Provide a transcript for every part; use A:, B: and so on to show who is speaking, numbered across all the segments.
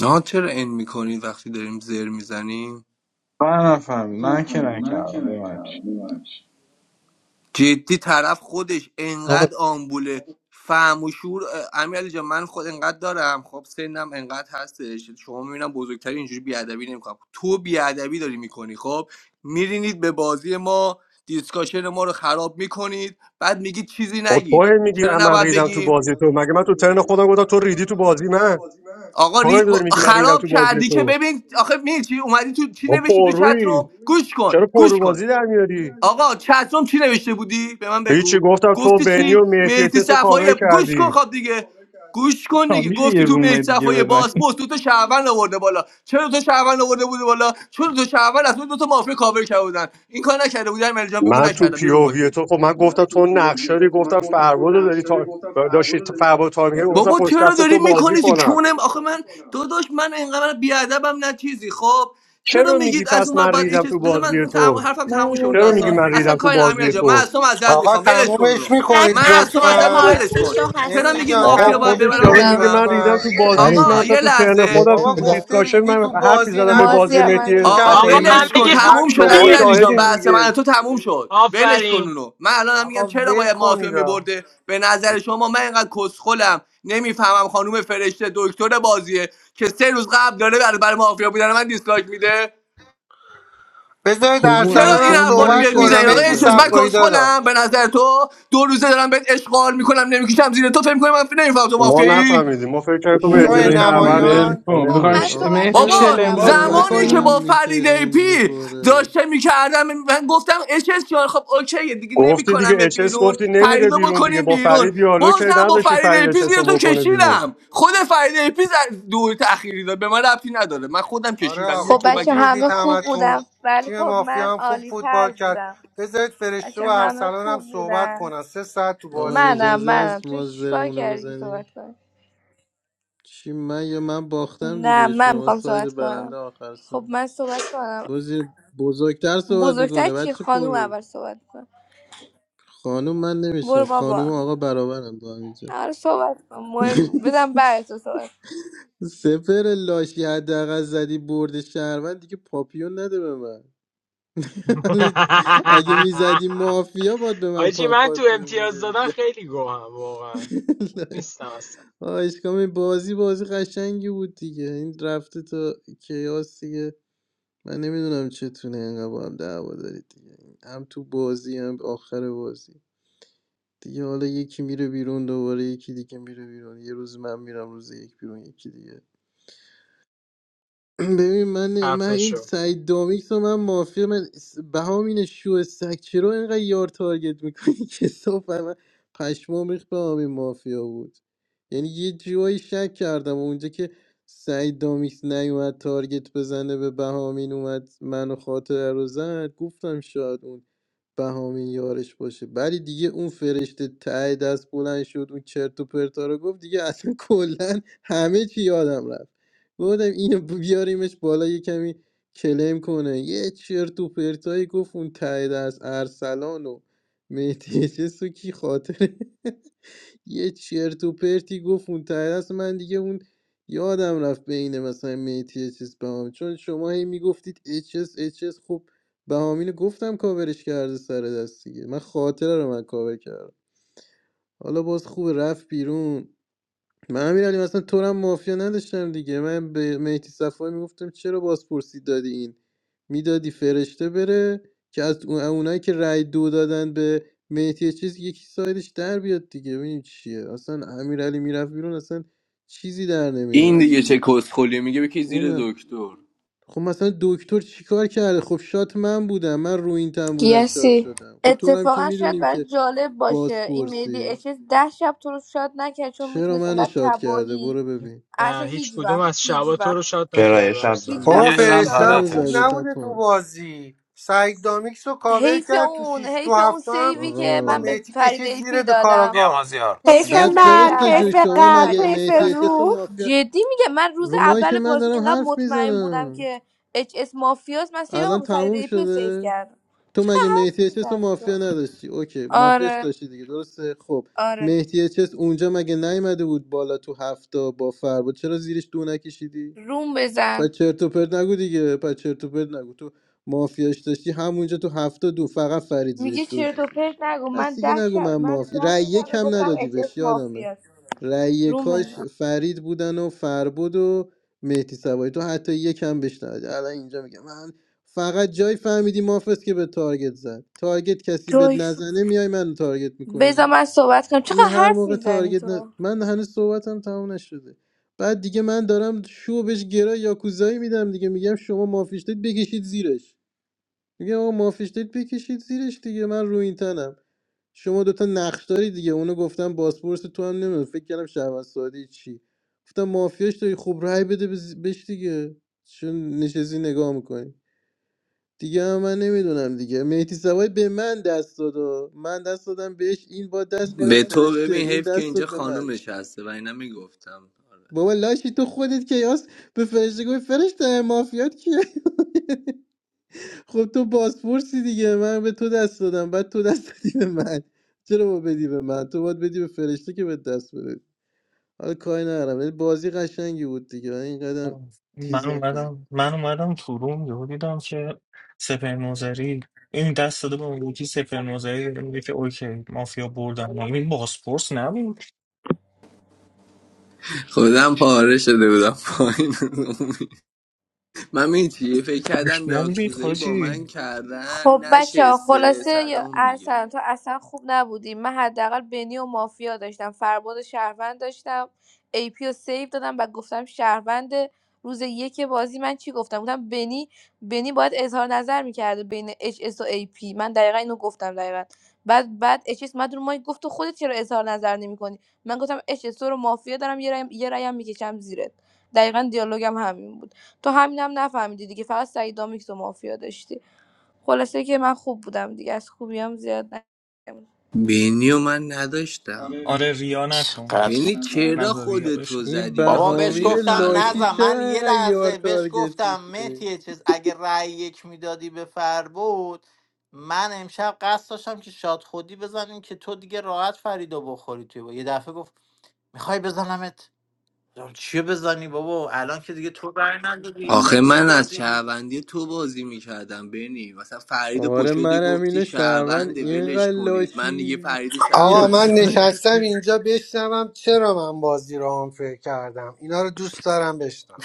A: نه چرا ان میکنی وقتی داریم زر میزنیم
B: Man, afam. Man, kena kardim. What?
A: جدی طرف خودش
C: آقا
A: انقدر آمبوله فهم و شور امیرعلی جان من خود انقدر دارم خب سنم انقدر هستش شما میبینم بزرگتری اینجوری بیادبی نمیکنم تو بیادبی داری میکنی خب میرینید به بازی ما دیسکاشن ما رو خراب میکنید بعد میگید چیزی
D: خب
A: نگید
D: تو
A: خب،
D: میگی
A: چرا
D: من
A: نباید
D: ریدم تو
A: بگیم
D: بازی تو مگه من تو ترن خودم گفتم تو ریدی تو بازی من
A: آقا
D: تو
A: ری...
D: هی داری میگی من ریدم
A: خراب
D: تو بازی
A: کردی که
D: تو
A: ببین آخه می چی اومدی تو چی
D: خب
A: نوشتی تو
D: پررویی
A: چتروم گوش کن
D: چرا
A: گوش
D: پررو
A: کن
D: بازی در میاری
A: آقا چتروم چی نوشته بودی به من
D: هیچی
A: بگو
D: گفتم تو
A: گفتی
D: بنی و
A: چی
D: مهدی
A: مهدی
D: احتس رو کاور
A: صفایی گوش کن
D: کردی
A: خب دیگه گوش کن
B: Come,
A: دیگه
B: biše
A: گفتی
B: yeh
A: تو
B: roomy
A: مهدی
B: dige
A: صفایی
B: bedane.
A: باسپورس دو تا شهروند آورده بالا چرا دو تا شهروند آورده بوده بالا چون دو تا شهروند از اون دو تا مافیا کاور کرده بودن این کار نکرده بودن مرجان بگو
D: من تو
A: نکردم بیا
D: پی
A: رو
D: او
A: ماش
D: وی
A: بگو
D: تو خب من گفتم تو نقشه داری گفتم فرباد رو داری تا داشتی فرباد تا میگه گفتم
A: بابا
D: پشت
A: چرا
D: دست
A: داری
D: تو بازی
A: میکنی تو
D: کنم
A: کونم آخه من داداش من اینقدر بیادبم نه چیزی خب چرا
D: چرا میگی
A: میگید از
D: پس
A: اون ور
D: من
A: باید ایش
D: ریدم تو
A: بذار من
D: بازی
A: اون تم...
D: تو
A: حرفم تموم
E: من رو
A: شد
D: چرا میگی
A: داستان
E: صحبت
D: من ریدم
A: اصلا
D: تو
A: کاری نه جا
D: بازی
A: جان من
D: تو
A: از تو معذرت
F: آقا
A: میخوام ولش کن
F: تمومش
A: اونو
G: And
F: میکنید
A: من از تو
G: after
A: معذرت میخوام
F: لطفا
A: ولش
G: party
A: کن
G: show has
A: چرا
F: مهدی
A: میگید
F: جان
D: آقا
A: مافیا باید
F: تمومش
D: خودش
A: ببرم
D: یارو
F: میکنی
D: میگه
A: بدونم
D: من ریدم
F: لطفا
D: تو
A: چ-
D: بازی من
A: آقا
C: فرید
D: حتی
A: یه
D: تو ترن
A: لحظه
C: یه
D: خودم
F: بابا
D: تو
C: دق-
F: گفته
D: دیسکاشن
F: ریدی
D: من
F: تو
D: حرفی
F: بازی
D: زدم به
E: مازی
D: بازی
F: نگفته ریدی
E: من
F: تو
D: مهدی
E: مد
A: آقا
H: آقا
F: کله
D: صفایی
F: من
A: ولش
F: که
H: همگی
A: کن
H: خوب
A: تموم
F: حرفی
A: شد
D: شماها
A: امیر
H: باشید
F: نزده
A: علی جان
D: شاهدین
F: که
A: بحث من
D: دیگه
A: تو تموم شد ولش کن
H: آفرین
A: اونو من الان میگم
F: آقا
A: چرا
F: ول
A: باید مافیا
F: کنید آقا.
A: میبرده به نظر شما من اینقدر کسخلم نمیفهمم خانوم فرشته دکتر بازیه که سه روز قبل داره برای, برای مافیا بودن من دیسلایک میده
F: بذارید
I: خب
A: خب
I: اون
A: چرا
F: ارسلان
A: این
I: اصلا
F: هم
A: حرفا رو
I: من
F: صحبت
A: میاد
I: شاد
F: کنم
A: میزنید آقا
F: مهدی
A: اچ
I: شدم
A: من
F: صفایی
I: اصلا.
A: کسخلم
F: داداش
A: به نظر تو دو روزه دارم بهت اشغال میکنم نمیکشم زیر تو فکر می‌کنی من نمیفهم تو
D: ما
A: مافیایی
D: نفهمیدیم ما فکر کردیم تو
B: Oh,
F: شو
D: مهدی رو شهروند داریم
F: نمایان
D: ما
B: welcome. Do
E: خب من
B: khamiš.
D: نمیدونستیم
I: آقا
E: صحبت
B: Amet
I: چرا
B: biše
A: بابا
I: تا
E: نکردم من
B: lembazi
I: نوبت
E: صحبت
A: زمانی
B: mikoni.
A: که
E: کنم
I: من
A: با
I: میشه
A: فریده
I: اند
A: پی
I: میخوره
A: داشته میکردم من گفتم اچس جان خب اوکیه دیگه
D: گفتی دیگه
A: نمیکنم
D: اچس
A: بیرون
D: گفتی نمیره
A: فریدو
D: بیرون دیگه
A: بکنیم
D: با
A: بیرون
D: فرید دیالوگ
A: بازم
D: کردی
A: با
D: نذاشتی فرید
A: فریده پی
D: اچس
A: زیر تو
D: رو بکنه بیرون
A: کشیدم خود فریده پی ز- دور تاخیری داد به من ربطی نداره من خودم
F: آره
A: کشیدم
F: آقا
E: خب
A: یکی من
F: خوب
E: بچه همه
F: بودید
A: کشیدم
E: خوب بودم
F: همتون
E: ولی
F: تیم
E: خب من
F: مافیا هم خوب
E: عالی تر
F: فوتبال کرد
E: بودم
F: بذارید فرشته و
E: بچه همه
F: ارسلان هم
E: خوب
F: صحبت
E: بودن
F: کنن سه ساعت تو
I: آقا
F: بازی
E: منم
F: بودن
I: اجازه
E: منم
I: است
E: توی
I: ما
E: چیکار
I: زرمونه
E: کردی که
I: بزنیم
E: صحبت کنم
I: چی من یا من باختم
E: نه
I: دیگه
E: من
I: شما
E: میخوام
I: ساید
E: صحبت
I: برنده
E: کنم
I: آخر سر
E: خب من صحبت کنم
I: بازی بزرگتر صحبت
E: بزرگتر
I: میکنه
E: چی
I: بچه
E: خانوم
I: پرو
E: اول صحبت کنم
I: خانوم من
E: برو
I: نمیشناس خانوم و
E: بابا
I: آقا برابرم با هم اینجا
E: آره صحبت کن مهم بدم بعد تو صحبت
I: سپر لاشی حداقل زدی برد شهروند دیگه پاپیون نده به من حالا اگه میزدی مافیا باید به من
H: آجی
I: پا
H: من تو
I: پاپیو
H: امتیاز دادن
I: میدادی
H: خیلی گوهم واقعا نیستم اصلا
I: آشکام بازی بازی قشنگی بود دیگه این رفته تا کیاس دیگه من نمیدونم چتونه اینقدر با هم دعوا دارید دیگه هم تو بازی هم آخر بازی دیگه حالا یکی میره بیرون دوباره یکی دیگه میره بیرون یه روز من میرم روز یک بیرون یکی دیگه ببین من من
H: خفه
I: این
H: شو
I: سعید دامیکس رو من مافیا من س- بهام اینه شو سگ رو اینقدر یار تارگت میکنی که صاف من پشمام ریخت به همین مافیا بود یعنی یه جایی شک کردم اونجا که سعید دامیکس نیومد تارگت بزنه به بهامین اومد منو خاطره رو زد گفتم شاید اون بهامین یارش باشه ولی دیگه اون فرشته ته دست بلند شد اون چرت و پرتا رو گفت دیگه اصلا کلا همه چی یادم رفت گفتم اینو بیاریمش بالا یه کمی کلم کنه یه چرت و پرتایی گفت اون ته دست ارسلان و مهدی چه سوکی خاطره یه چرت و پرتی گفت اون ته دست من دیگه اون یادم رفت بین مثلا مهدی اچس بهامی چون شما هی میگفتید اچس اچس خب بهامینو گفتم کاورش کرده سر دست دیگه من خاطره رو من کاور کردم حالا باز خوب رفت بیرون من امیرعلی مثلا تو رو هم مافیا نداشتم دیگه من به مهدی صفایی میگفتم چرا بازپرسی دادی این میدادی فرشته بره که از اون- اونایی که رای دو دادن به مهدی چیز یکی سایدش در بیاد دیگه ببینیم چیه اصلا امیرعلی میرفت بیرون اصلا چیزی در
A: این
I: نمیومد
A: دیگه
I: که
A: چه کسخلی میگه بکی زیر
I: اون
A: دکتر
I: خب مثلا دکتر چیکار کرده خب شات من بودم من رو این تن بودم شات
E: گیاسی
I: شدم خب تو رو هم که
E: اتفاقا شاید
I: میدونیم که
E: برای جالب باشه این مهدی
I: بازپرسی
E: اچس ده شب تو رو شاد نکرد چون
I: چرا
E: میدونست
I: من
E: انقدر
I: شات کرده
E: تباهی
I: برو ببین
E: اصلا
H: نه هیچ
E: هیچ
H: کدوم
E: وقت
H: از
E: هیچ
H: شبا تو رو
E: وقت
H: شاد
J: چرا یه
H: نکرده
J: شب
H: ارسلان.
J: زن
E: هیچ
K: Ye
F: بابا
I: برو
E: وقت تو
I: رو
E: رو
K: shab
I: این
E: شاد
I: تن
F: فرشتم
I: رو
K: zadaat e
E: نکرد
F: خوب
I: زده
K: sh.
F: نبوده تو
I: تپان
F: بازی سعید دامیکس رو کاور
E: حیف
F: کرد تو
E: اون
F: شیش تو
E: حیف اون
F: هفته هم
E: سیوی که
F: با
E: من
I: آقا
E: به
F: میتی
E: فرید
F: کشید زیر
E: ایپی
F: دو
E: دادم
F: کاراگاه
E: حیف
I: بعد
E: اون سیو
I: فرشته جون
E: اولی که من
I: شما
E: به
I: مگه
E: فرید ایپی
I: مهدی
E: دادم
I: اچس و
G: to.
I: مافیا
E: جدی میگم من روز
I: رو ماهی که
E: اول
I: من
E: بازی
I: دارم
E: اینقدر
I: حرف
E: مطمئن بودم
I: میزنم
E: که اچ اس مافیاس من سیوم
I: الان
E: به فرید
I: تموم
E: ایپی رو سیو
I: شده
E: کردم
I: تو مگه
E: چقدر حرف
I: مهدی اچس و
E: میزنی
I: مافیا
E: تو
I: نداشتی اوکی مافیاش
E: آره
I: داشتی دیگه درسته خب
E: آره
I: مهدی اچس اونجا مگه نیومده بود بالا تو هفته با فربود چرا زیرش دو نکشیدی
E: روم
I: و
E: بزن
I: چرت و پرت نگو دیگه پس چرت و پرت نگو تو مافیاش داشتی همونجا تو هفته دو فقط فرید
E: میگه
I: زیرش دو
E: چرت و
I: کشید
E: پرت نگو
I: پس
E: من
I: دیگه
E: ده
I: نگو
E: شب
I: من
E: من ده
I: مافی رأی یک
E: شب
I: هم
E: گفتم
I: ندادی
E: اچ
I: بهش
E: اس
I: یادمه
E: مافیاست
I: رأی
E: رو
I: یکاش
E: بزن
I: فرید بودن و فربود و مهدی سوایی تو حتی یک هم بهش ندادی الان اینجا میگم من فقط جای فهمیدی مافست که به تارگت زد تارگت کسی به
E: جوی
I: نزنه میای من تارگت میکنی
E: بزن
I: دیگه
E: من صحبت کنم
I: این
E: چقدر
I: هر
E: حرف
I: موقع
E: میزنی
I: تارگت ن...
E: تو
I: من هنوز صحبتم تمام نشده بعد دیگه من دارم شو بهش گرا یاکوزایی میدم دیگه میگم شما مافیشتید بکشید زیرش میگم آقا مافیشتید بکشید زیرش دیگه من رو این تنم شما دوتا نقش داری دیگه اونو گفتم باسپورس تو هم نمیدونم فکر کردم شهروند ساده چی گفتم مافیاش داری خوب رای بده بز- بهش دیگه چون نشستی نگاه میکنی دیگه هم من نمیدونم دیگه مهدی سوای به من دست داد و من دست دادم بهش این با دست میداد
A: به تو
I: فرشته
A: ببین
I: این
A: حیف که
I: دست
A: اینجا
I: داد به من
A: خانومش هسته و اینا میگفتم
I: بابا لاشی تو خودت کیاس به فرشته گفت فرشته مافیات کیه خب تو بازپرسی دیگه من به تو دست دادم بعد تو دست دادی به من چرا با بدی به من تو باید بدی به فرشته که به دست بده حالا کاری ندارم ولی بازی قشنگی بود دیگه اینقدر
L: من
I: چیز نکنید
L: اومدم من اومدم تو روم یهو دیدم که سپر نوزری این دست داده به اون یکی سپر نوزری داره میگه که اوکی مافیا بردن ما این باسپورس نبود
A: خودم پاره شده بودم پایین من می‌دونی چی فکر کردم
L: ما میگه
A: یاکوزایی با
L: خاجی
A: من کردن
E: خب بچه ها
A: نشسته
E: خلاصه یا-
A: سلام میگه
E: ارسلان تو اصلا خوب نبودی من حداقل بنی و مافیا داشتم فرباد و شهروند داشتم ای پی و سیف دادم و گفتم شهروند روز یک بازی من چی گفتم گفتم بنی بنی باید اظهار نظر میکرده بین اچ اس و ای پی من دقیقا اینو گفتم دقیقا بعد بعد اچ اس مدون ما گفت تو خودت چرا اظهار نظر نمیکنی من گفتم اچ اس رو مافیا دارم یه رایم یه رایم میکشم زیرت دقیقا دیالوگم همین بود تو همینم هم نفهمیدی دیگه فقط سعید دامیکس و مافیا داشتی خلاصه که من خوب بودم دیگه از خوبیام زیاد نگم
A: بینی و من نداشتم
L: آره ریا نکن
M: چقدر
A: بینی چرا
L: نظر ریا
A: خودتو
L: بشه
I: این
A: زدی به
M: بابا
A: خاطر
M: بهش
I: بهامیل
A: یه
M: گفتم
I: لاشی
A: فرباد
M: نزن
I: چرا
M: من یه
I: اینقدر یار
M: لحظه بهش
I: تارگت
M: گفتم
I: میکنی
M: متیه چیز اگه رأی یک میدادی به فر بود من امشب قصد داشتم که شاد خودی بزنیم که تو دیگه راحت فریدو بخوری توی با. یه دفعه گفت میخوای بزنمت گفتم چیه بزنی بابا الان که دیگه تو رأی ندادی
A: آخه
M: نکس
A: من از
M: دادی
A: شهروندی تو بازی میکردم بینی مثلا فرید
I: آره
A: پشده
I: منم
A: گفتی
I: اینو شهروند
A: شهرونده ولش
I: اینقدر
A: کنید من دیگه
I: لاشی
A: فرید
F: آقا
I: میاد
A: شهروند
F: من
A: شدم
I: تارگت
F: نشستم
I: نیست.
F: اینجا بشنوم چرا من بازی رو آنفر کردم اینا رو دوست دارم بشنوم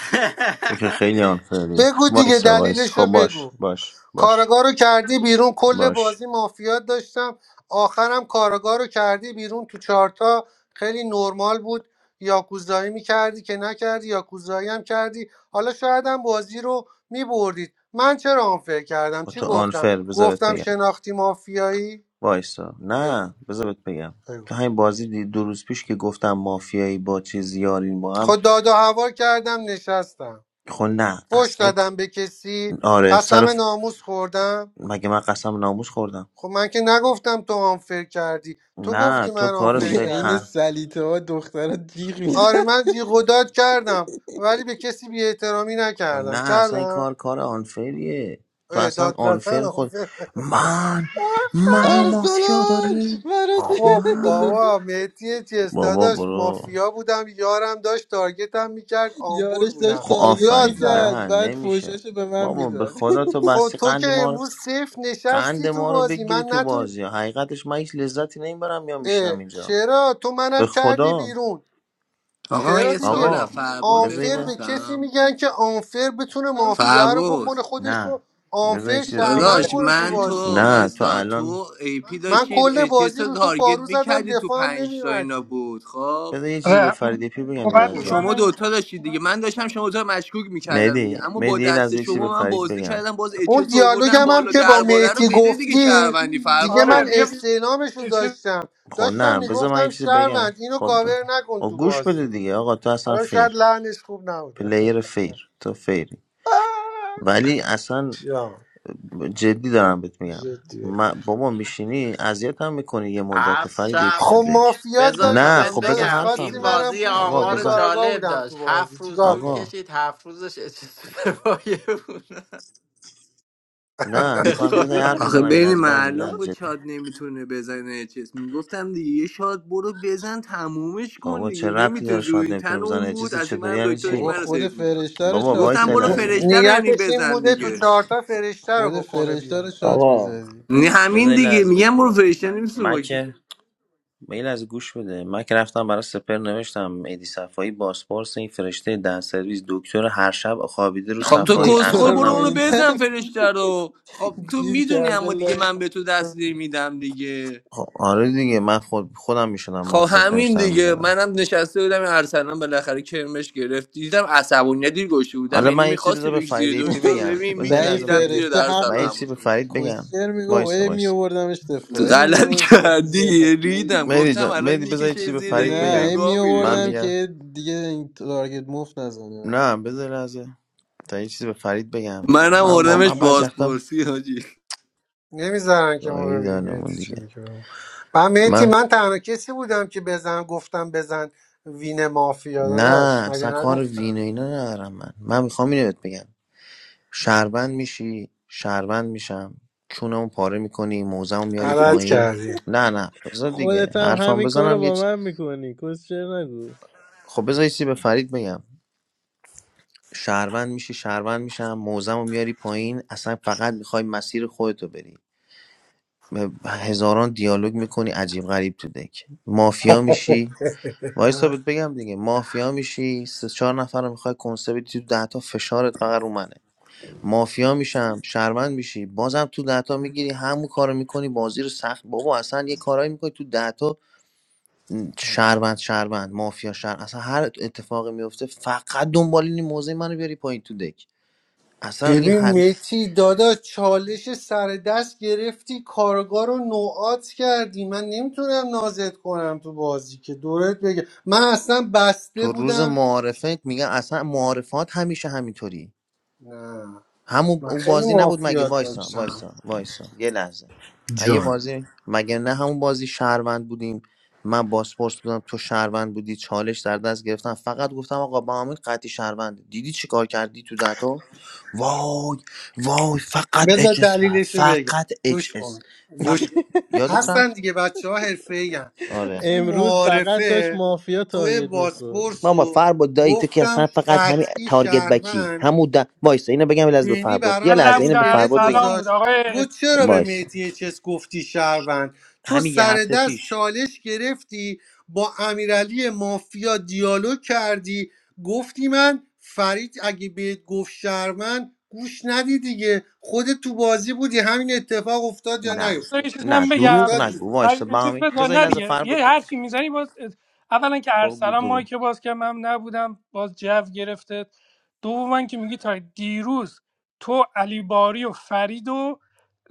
J: تو که خیلی آنفری
F: بگو دیگه
J: وایسا وایس
F: دلیلش
J: خب
F: رو بگو
J: باش باش باش
F: کارگاه رو کردی بیرون کل
J: باش
F: بازی مافیات داشتم آخرم کارگاه رو کردی بیرون تو چارتا خیلی نرمال بود یاکوزایی میکردی که نکردی یاکوزایی هم کردی حالا شاید هم بازی رو میبردید من چرا آنفر کردم
J: با
F: چی
J: تو
F: گفتم
J: آنفر بذار بهت
F: گفتم
J: بگم
F: شناختی مافیایی
J: وایسا
F: بگو
J: نه بذار بهت بگم
F: بگو
J: تو همین بازی دی- دو روز پیش که گفتم مافیایی با چیز یارین با هم
F: خود داد هوا کردم نشستم
J: خب نه
F: فش
J: اصلا این-
F: دادم به کسی
J: آره سر
F: قسم
J: ف-
F: ناموس خوردم
J: مگه من قسم ناموس خوردم
F: خب من که نگفتم تو آنفر کردی تو
J: نه
F: گفتی
J: تو
F: من
J: کارت
F: آنفر
J: خیلی
I: عین
J: ها
F: کردم
I: سلیته ها دخترها جیغ
F: آره
I: میزن
F: من جیغ و داد کردم ولی به کسی بی احترامی
J: خب
F: نکردم
J: نه اصلا این
F: کردم
J: کار کار آنفریه تو
F: اه،
J: اصلا
F: داد زدن
J: آنفر خود
F: آخه.
J: من منو مافیا
I: ارسلان
J: داری
I: مرا
F: خب
I: چه-
J: من
F: بابا مهدی چیز
J: بابا
F: داداش
J: برو
F: مافیا بودم یارم داشت تارگتم میکرد آمبول
I: یارش داشت
F: بودم
J: خب
I: تارگت
F: داد
J: آفرین
F: زدم
I: میکرد
J: نه
I: بعد
J: نمیشه
I: فوشاشو به من
J: بابا به
I: میداد
J: خدا تو
F: خب
J: بستی
F: تو که
J: قند ما رو
F: امروز صفر
J: قند
F: نشستی تو
J: ما رو
F: بازی
J: بگیری
F: من
J: تو
F: نتون
J: بازی حقیقتش من هیچ لذتی نمیبرم یا
F: اه،
J: میشینم اینجا
F: چرا تو
J: به
F: منم کردی
J: خدا
F: بیرون
A: آقا من
F: چرا
A: یه سوال
F: دیگه
A: از
J: آقا
A: فرباد
J: بذار یه
F: آنفر به کسی
A: بپرسم
F: میگن که آنفر بتونه مافیا رو
A: فرباد
F: بکنه خودش
J: نه
F: رو
J: بذار یه
F: آنفر
J: چیزت بگم
F: شهروند
A: داداش
F: کنه تو
A: من تو
F: بازی
J: نه تو
A: وایسا
J: الان
A: تو ای پی
F: من کل
A: داشتید چیز
F: بازی
A: رو
F: رو تو
A: تارگت
F: پارو زدم
A: میکردی تو
F: دفاع هم
A: پنج تا اینا
F: نمیومدی
A: بود خب
J: بذار یه چیزی به
N: آره
J: فرید پی بگم یه
N: صحبت
F: بگو
J: لحظه
N: میکنم
A: شما
F: دارم.
N: نمی‌کنم.
A: دوتا داشتید دیگه من داشتم شما دوتا رو مشکوک میکردم دیگه
J: مهدی
A: اما با
J: مهدی یه
A: دست
J: لحظه یه چیزی به
A: شما من
J: فرید
A: بازی
J: بگم
A: کردم باز
F: اون
A: اچس رو آوردم
F: دیالوگم هم
A: بالا
F: که با
A: درباره رو
F: مهتی
A: بده دیگه
F: گفتی
A: شهروندی فر
F: دیگه
N: آره
F: من
A: بود
N: دیگه
F: استعلامش رو
N: یه چیز
F: داشتم
J: خب
F: داشتم
J: نه بذار من یه
F: میگفتم
J: چیزی بگم
F: شهروند اینو
J: خب
F: کاور نکن
J: خب
F: تو
J: گوش بده
F: بازی
J: دیگه آقا تو اصلا
F: حالا شاید
J: فیر
F: لحنش خوب نبوده
J: پلیر فیر تو فیر ولی اصلا
F: یا
J: جدی دارم بهت میگم
F: جدی بگو.
J: من- بابا میشینی اذیت هم میکنی یه مدت
M: از
J: فرید ای پی
M: شب
J: تو
F: خب
J: دک
F: مافیات
M: بذار تا
J: نه
F: داشتم
M: بهت
J: خب بذار
F: داداش
M: بگم
J: حرفم
F: خواستی
M: این
J: بزنم
F: منم
M: بازی
F: پوش
J: آقا
F: کنی
M: آمار
J: بذار
F: کاراگاه
M: جالب
F: بودم
M: داشت
F: تو بازی
M: هفت روز
F: چیکار
M: طول
F: کنم
J: آقا
M: کشید هفت روزش اچه پایه بود
J: نه
M: به
J: میخوام یه ذره
M: خدا.
J: حرف
A: آخه
J: بزنم این
A: بین
J: از بام
A: معلوم
J: میگن
A: بود
J: جدی
A: شاد نمیتونه بزنه اچس میگفتم دیگه یه شاد برو بزن تمومش کن
J: بابا
A: دیگه
J: چه ربطی داره
A: نمیتونه روی
J: شاید
A: این
J: نمیتونه
A: تن
J: بزنه
A: اون بود
J: اجیس
A: از این
J: چطوری
A: منم
J: یعنی
A: دکترش
I: بابا
J: چی
A: من رو
I: خود
A: سیف میداد
I: فرشته رو
J: بابا
I: شات
J: وایس
A: میگفتم
J: یه
A: برو
J: لحظه
A: فرشته
I: میزدی
A: رو یعنی
F: نیتش این
A: بزن
F: بوده تو
A: دیگه
F: چهارتا فرشته رو
I: خود
F: بکنه
I: فرشته رو
F: بیرون
I: شات
J: آقا
I: میزدی
A: نه،
J: بذار
A: همین
J: یه
A: دیگه
J: لحظه بهت
A: میگم برو
J: میگم
A: فرشته نمیتونه
J: من
A: مایک بزنه.
J: که میل از گوش بده من که رفتم برای سپر نوشتم ایدی صفایی باسپورس این فرشته دن سرویس دکتر هر شب خوابیده رو
A: خب تو
J: صفایی
A: کسخل
I: دکتر
A: برو
I: رو
J: ارسلانم
A: اونو
J: رو
I: این
J: میکنه
A: بزن
I: تن
A: فرشته رو خب تو
I: گیر
A: میدونی
I: کرده
A: اما دیگه
I: لای
A: من به تو
I: دکتر
A: دستگیر میدم دیگه
J: خب آره دیگه من خود خودم میشدم
A: خب
J: مافیا
A: همین
J: فرشته رو
A: دیگه
J: میزدم
A: منم نشسته بودم این ارسلان بالاخره کرمش گرفت دیدم عصبانیت دیر گوشه بودم
J: حالا
A: یعنی
J: من یه چیزی
A: میخواستی
J: بذار به
A: بکش
J: فرید
A: زیر
J: ای پی
A: دکتر
J: بگم
A: ببین
J: بذار
I: نه این
J: لازم
A: میکشیدم زیر
J: میدی؟
I: فرشته
A: در
J: من
A: سلا
J: یه
I: حقش
J: چیزی به
A: همونجا
I: بود
J: فرید بگم
I: کوسچر میگو
J: وایسا
I: ای
J: وایسا
I: میوردم اشتفا
A: تو
I: ای
A: غلط
I: میوردم تا زر نزن.
A: کردی ریدم
J: مهدی
A: گفتم
J: جان
A: الان
J: مهدی بذار یه
A: میکشه
J: چیزی به
A: زیر
J: فرید
A: این
I: نه
J: بگم
I: ای
A: بگاه میری
J: من
I: میوردم
A: حاجی
J: میگم
I: که دیگه این تارگت مفت نزنه
J: نه بذار لحظه تا یه چیزی به فرید بگم
A: منم
J: من
F: بگو
A: آدمش
J: واقعا
F: داداش.
J: بعضی وقتا
A: بازپرسی حاجی
F: نمیذارن که ما
J: گاهی
F: ببینیم مهدی
J: دانمون
F: چی
J: دیگه
F: میگه به ما من مهدی
J: من
F: من تنها کسی بودم که بزن گفتم بزن وین مافیا داداش
J: نه
F: مگه
J: اصلا کار وین
F: نگفتم
J: و اینا ندارم من من میخوام اینو بهت بگم شهروند میشی شهروند میشم چونمو پاره میکنی موزمو میاری
F: غلط
J: پایین
F: کردی
J: نه نه بذار دیگه
I: خودت هم
J: حرفم
I: همین کارو
J: بزنم یه
I: با
J: چ...
I: من میکنی کوسچر نگو
J: خب بذار یه چیزی به فرید بگم شهروند میشی شهروند میشم موزمو میاری پایین اصلا فقط میخوای مسیر خودتو بری به هزاران دیالوگ میکنی عجیب غریب تو دک مافیا میشی وایسا بهت بگم دیگه مافیا میشی سه چهار نفر رو میخوای کنسه بدی تو ده تا فشارت فقط رو منه مافیا میشم شهروند میشی بازم تو دهتا میگیری همون کارو میکنی بازی رو سخت بابا اصلا یه کارایی میکنی تو دهتا م، شهروند شهروند مافیا شهر اصلا هر اتفاقی میفته فقط دنبال این موضع منو بیاری پایین تو دک اصلا این
F: ببین
J: هر
F: مهدی دادا چالش سر دست گرفتی کارگاه رو نوعات کردی من نمیتونم نازت کنم تو بازی که دورت بگه من اصلا بسته
J: تو روز
F: بودم
J: معارفت میگن اصلا معارفات همیشه همینطوری
F: نه
J: همون
F: من
J: او
F: خیلی
J: بازی نبود مگه
F: معافیات
J: وایسا
F: داشتم
J: وایسا وایسا یه لحظه ها، یه
F: جان
J: بازی مگه نه همون بازی شهروند بودیم من باسپورس بودم تو شهروند بودی چالش در دست گرفتم فقط گفتم آقا با همین قطعی شهروند دیدی چی کار کردی تو دهتا وای وای فقط
F: بذار
J: اچ اس
F: دلیلش رو بگم
J: فقط اچ
F: گوش
J: اس
F: کن
J: فقط
F: گوش کن
J: یادت
F: هستن
J: رفت
F: دیگه بچه ها حرفه
J: آره
F: تو
I: امروز فقط داشت
F: معارفه
I: مافیا
F: تو
I: تارگت میخورد
F: باسپورس
J: بابا
F: رو
J: فرباد دایی تو که اصلا
F: گفتم
J: فقط همین
F: قطعی
J: تارگت بکی
F: شهروند
J: همون د... وایسا اینو بگم یه لحظه به
F: بینی
J: فرباد
F: برا
J: یه
N: من
F: من
J: لحظه اینو
N: نبودم
J: به
N: هر
F: اسکلت
J: فرباد بگم
N: سلام بود
F: گذاشت
N: آقای
F: گفت چرا به
J: وایسا
F: مهدی چس گفتی شهروند تو
J: همین یه
F: سر
J: هفته پیش
F: دست چالش گرفتی با امیرعلی مافیا دیالوگ کردی گفتی من فرید اگه بهت گفت شهروند گوش ندی دیگه خودت تو بازی بودی همین اتفاق افتاد یا
J: نه
N: فرید، یه
F: نیفتاد
N: چیز
J: نه
N: من
F: داداش
N: بگم
J: دروغ
F: افتاد
J: نگو
F: دیگه
J: وایس
N: فرید این چیز
J: بامین
N: بگم.
J: بذاری
N: نه
J: یه لحظه
N: دیگه
J: فر
N: یه هر
J: بود
N: چی میزنی باز اولا که
J: خب گو
N: ارسلان مایی
J: برو
N: که باز که من نبودم باز جو گرفته دوما که میگی تا دیروز تو علی باری و فرید و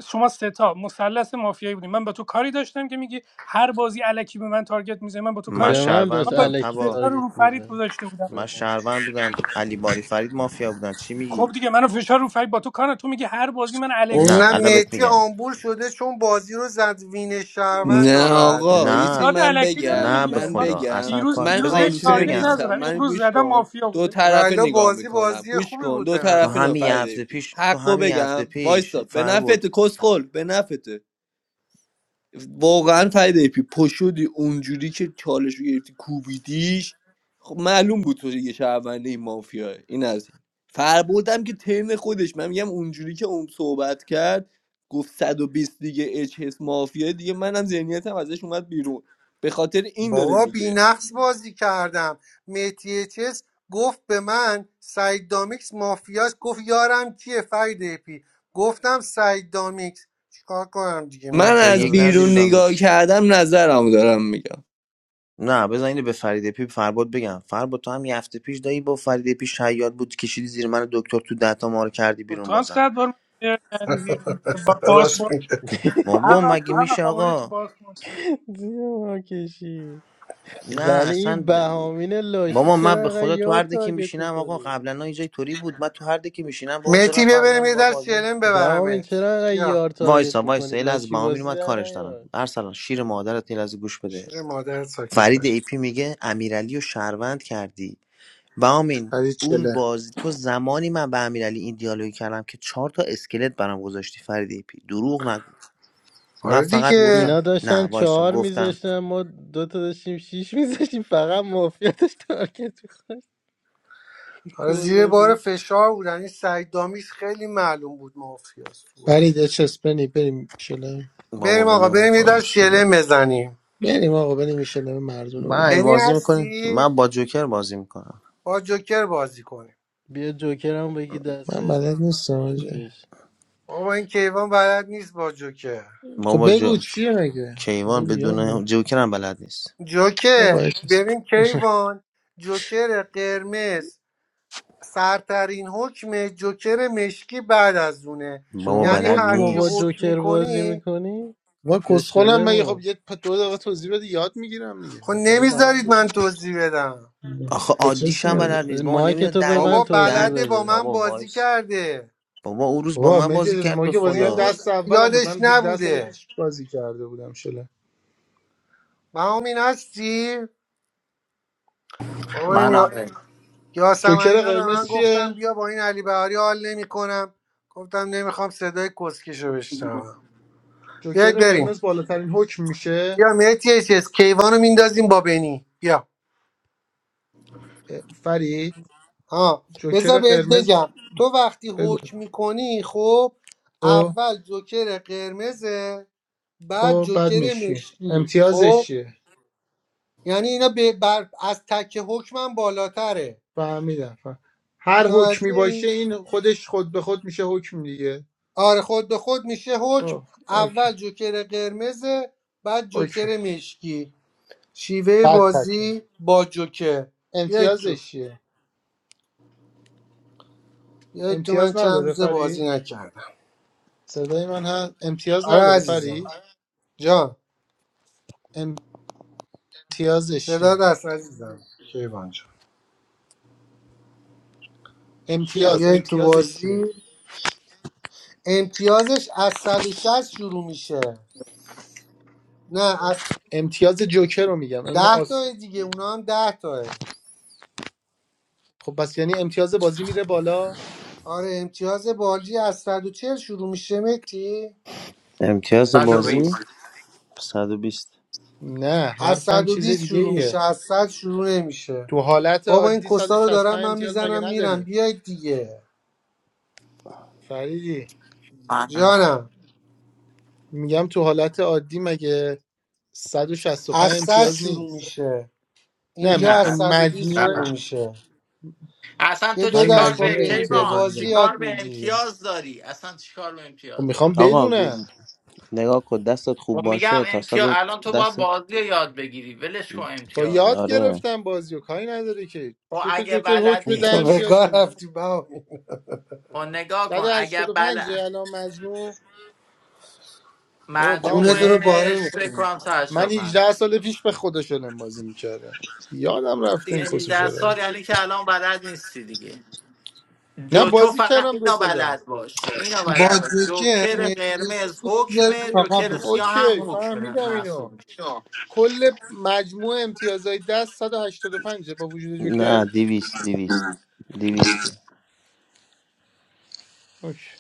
N: شما ستا مثلث مافیایی بودیم من با تو کاری داشتم که میگی هر بازی الکی به من تارگت میزنی من با تو
J: من
N: کاری
I: به
N: داشتم.
I: من
J: شهروند
I: داشت
N: من با
J: بودم
I: الکی
J: تبا
N: فشار رو
I: تارگت
N: رو فرید
I: میزن
N: گذاشته بودم
J: من
I: به من
J: شهروند بودم علی باری فرید مافیا بودن چی
N: خب
J: میگی
N: دیگه منو فشار رو فرید با تو کار تو میگی هر بازی من الکی
J: نه
F: نه
J: الان
N: تارگت
J: بهت
F: مهدی
J: میگم
F: آمبول شده چون بازی رو زد وین شهروند
A: نه آقا
F: ناراحته
A: یه چیزی
J: نه
N: یاد
A: من
N: الکی داره
A: بگم
J: نه به
N: میگیره
A: من
N: من
J: خدا
A: بگم
J: اصلا
N: دیروز
J: کار
A: من
N: دیروز
J: بذار یه
N: بهش
J: چیزی
A: آنفر
N: تارگت
J: بگم
A: نیستم
N: نزدم
A: من
N: امروز
A: گوش
N: زدم
A: کن
N: مافیا
A: دو
N: بوده
A: طرفه
F: ولی
A: نگاه
F: بازی
A: میکنم
F: بازی
A: گوش
F: خوبی
A: کن
F: بود
A: دو
F: به
J: تو
A: طرفه
F: نظر
A: نه
J: همین یه هفته
A: فرید پی
J: پیش تو
A: حقو
J: همین یه هفته
A: بگم
J: پیش
A: وایسا به
J: فر
A: نفت
J: بود
A: کسخل به نفته. واقعا فرید ایپی پشودی اونجوری که چالش رو گرفتی کوبیدیش خب معلوم بود تو یه شهرونده این مافیا این از این فربردم که ترن خودش من میگم اونجوری که اون صحبت کرد گفت 120 دیگه اچ اس مافیا دیگه منم ذهنیتم ازش اومد بیرون به خاطر این داره
F: بابا
A: میگه
F: بینقص بازی کردم مهدی چس گفت به من سعید دامیکس مافیاس گفت یارم کیه فرید اپی گفتم سعید دامیکس چیکار کنم دیگه
J: با
A: من
F: مهدی
J: چرا
A: از
J: یک ندی به
A: بیرون
F: داداش
A: نگاه
J: دامیکس
A: کردم نظرم دارم میگم
J: نه بذار اینو به فرید پی فرباد بگم فرباد تو هم یه هفته پیش دایی با فرید پی شیاد بود کشیدی زیر من دکتر تو دهتا ما رو کردی
N: خب
J: بیرون
N: تو هم
J: بازم
N: صد بار من کردی بیرون با
F: راست
N: پاسپورت
F: میگه
J: بابا
N: هر وقت
J: مگه
N: هر
J: میشه
N: وقت آوردی تو
J: آقا
N: پاسپورت
I: زیر ما کشید
J: نه
I: ولی این
J: اصلا د-
I: بهامین لاشی
J: بابا من
I: چرا
J: به
I: انقدر
J: خدا تو
I: یار
J: هر دکی
I: تارگت
J: میشینم آقا
I: میکنی
J: قبلا یه جای توری بود من تو هر دکی میشینم بابا دو
F: مهدی
J: نفر
F: ببریم
J: میان
F: یه
J: با
F: در
J: بازی می-
F: شلم
I: بهامین
F: ببرمت
I: چرا انقدر
F: یا
I: یار تارگت
J: وایسا
I: میکنی
J: وایسا یه لحظه
I: لاشی
J: بهامین
I: بازی
J: اومد
I: در
J: کارش دارم
I: نیار
J: ارسلان شیر مادرت یه لحظه گوش بده
F: شیر مادرت ساکت
J: فرید
F: باش
J: ای پی میگه امیرعلی و شهروند کردی بهامین
C: فرید
J: اون
C: چله
J: بازی تو زمانی من به امیرعلی این دیالوگ کردم که چهار تا اسکلت برام گذاشتی فرید ای پی دروغ نگو من
F: آره
J: فقط
F: دیگه
J: گفتم
I: اینا
J: نه
I: داشتن
J: وایسا
I: چهار
J: گفتم
I: میذاشتن ما دوتا داشتیم شیش میذاشتیم فقط مافیا داشت تارگت میخواد
F: آره زیر
I: کل
F: بار
I: دیگه
F: فشار بودن این سعید دامیکس خیلی معلوم بود مافیاس تو بازی
C: فرید یه چس بنی بریم شله
J: بابا
F: بریم آقا
J: ولمون
F: بریم یه در
J: کن.
F: شلم بزنیم
C: بریم آقا بریم این شله مردونه
J: من
C: بزنیم
F: بنی
J: بازی میکنی
F: هستی
J: من با جوکر بازی میکنم
F: با جوکر بازی کنیم
I: بیا جوکرم بگی
C: من
I: دستت
C: بلد نیستم آجه
I: بکش.
F: بابا این کیوان بلد نیست با جوکر
C: خب
J: بابا جو...
C: بگو چیه مگه خب
J: کیوان
C: بگو یا
J: بدون جوکر هم بلد نیست
F: جوکر
C: بابا یه چیز.
F: ببین کیوان جوکر قرمز سرترین حکم جوکر مشکی بعد از اونه
J: بابا
I: شما
F: یعنی
J: بلد
I: حکم رو
F: هرچی
I: با
J: نیست
F: حکم
I: جوکر بازی
F: میکنی
I: میکنی
C: ما
I: یا
C: کسخولم مگه خب
I: شلمو
C: یه پ- دو دقیقه توضیح بده یاد میگیرم دیگه
F: خب
C: مگه حالا برام
F: نمیذارید من
C: بزن
F: توضیح بدم
J: آخه
C: یه
J: عادیش هم
C: میاد
J: بلد نیست بابا
I: مایک
J: نمیدونه
I: تو
J: دلو
I: ببند
F: بابا
I: توضیح
J: دل
F: بلده با
I: بده
F: من
J: بابا
F: بازی
J: وایس
F: کرده
J: بابا اون روز با
C: بابا
J: من
C: مهدی
J: بازی
C: جز
J: کرد
C: ما
J: به
C: که بازی کردن
F: اون
J: خدا
F: روز
C: دست اولم بود
F: یادش
C: من 17 سال
F: نبوده
C: پیش بازی کرده بودم شله
F: مهامین هستی؟ بابا
C: خب.
M: من
F: این
M: آره
C: جوکر
F: یاسمنینا به
C: قرمز
F: من
C: چیه
F: گفتم بیا با این علی بهاری حال نمیکنم گفتم نمیخوام صدای کسکش رو بشنوم بیاید
C: جوکر
F: بریم
C: قرمز بالاترین حکم میشه
F: بیا مهدی اس کیوان رو میندازیم با بنی بیا
C: فرید
F: ها بذار
C: جوکر
F: بهت
C: قرمز
F: بگم تو وقتی
C: بگو
F: حکم میکنی خب
C: خب
F: اول جوکر قرمزه بعد
C: خب بد
F: جوکر
C: میشی
F: مشکی
C: امتیازش
F: خب
C: چیه
F: یعنی اینا به بر از تک حکمم بالاتره
C: فهمیدم فهم. هر حکمی
F: متوجه
C: باشه این خودش خود به خود میشه حکم دیگه
F: آره خود به خود میشه حکم
C: خب اوکی
F: اول جوکر قرمز بعد
C: اوکی
F: جوکر مشکی شیوه
C: بعد تکه
F: بازی با جوکر بیای تو
C: امتیازش چیه
F: بیای تو من
C: امتیاز
F: چند
C: نداره
F: روز بازی
C: فرید
F: نکردم
C: صدای من هست امتیاز
F: آره
C: نداره فرید
F: عزیزم جان
C: امتیازش
F: صدا
C: چیه
F: دست عزیزم کیوان جان
C: امتیاز
F: بیای تو
C: امتیازش چیه
F: بازی امتیازش از 160 شروع میشه نه از
C: امتیاز جوکر رو میگم این
F: ده
C: آس
F: تا دیگه اونا هم ده تاه
C: خب پس یعنی امتیاز بازی میره بالا
F: آره امتیاز بالجی از صد و چهل شروع میشه متی
C: نه
J: امتیاز
C: دیگه بابا.
M: 120
J: بازی صد و بیست
C: نه
F: از
C: حرفم چیز
F: 120
C: دیگه
F: شروع میشه
C: ایه
F: از 100 شروع نمیشه
C: تو حالت
F: بابا این
C: عادی
F: کسا رو دارم
C: 165
F: من
C: امتیاز مگه
F: میزنم میرم
C: نداری
F: بیاید دیگه
C: فریدی
M: من آره.
F: جانم
C: میگم تو حالت عادی مگه صد و شصت و
F: از
C: پنج
F: 100
C: امتیاز
F: شروع
C: نیست
F: میشه
C: نه
F: اینجا از
M: نه
C: ام-
F: 120
M: نه
C: مجموعه
F: شروع میشه
M: اصلا
F: یه
M: تو
F: دو
C: من
F: دست
M: چیکار
F: با
M: به
C: مجموع
F: بینی به
C: امتیازا
M: کیوان
F: بازی
C: میگم
M: چیکار
F: یاد
M: به
F: میگیری
M: امتیاز داری اصلا چیکار به
C: خب
M: امتیاز
C: میخوام
M: داری
J: آقا گو-
C: بدونم
J: نگاه کن دستت خوب
M: خب میگم
J: باشه تا صد
M: امتیاز
J: و
M: الان تو باید
J: دستت
M: بازی رو یاد بگیری ولش کن
C: با
M: امتیاز رو.
C: یاد
J: آره
C: گرفتم بازی و کاری نداره که
M: خب
C: دو تا
M: اگه
C: جوکر حکم ده
M: بلدی
F: به کار
C: امتیازم بود.
F: رفتی با
M: خب نگاه کن اگه
C: 185 پنج
M: بلد
C: الان مجموع بابا
F: خونتون
C: بهمن،
F: رو
C: من
F: باره
M: مجموعش فکر
F: میکنی
M: کنم
C: من
M: 185
C: 18 سال پیش به خودشونم بازی میکردم یادم
M: خب
C: رفته
M: دیگه
C: این
M: 18
C: کسو
M: سال یعنی که الان بلد نیستی دیگه
C: نه
M: جو تو
C: بازی
M: فقط
C: کردم دو
M: اینا
C: سه
M: بلد
C: دست
M: باش اینا
F: با
M: بلد باش
F: جوکر
M: جوکر قرمز
F: نتفلیکس رو بذارید
M: حکمه جوکر
F: فقط
M: سیاه هم
C: اوکی
M: حکمه
C: فهمیدم اینو
M: محسوب میشه
C: کل مجموع امتیازهای دست 185 با وجود
J: نه
C: جوکر
J: دیویست دیویست دیویست
C: اوکی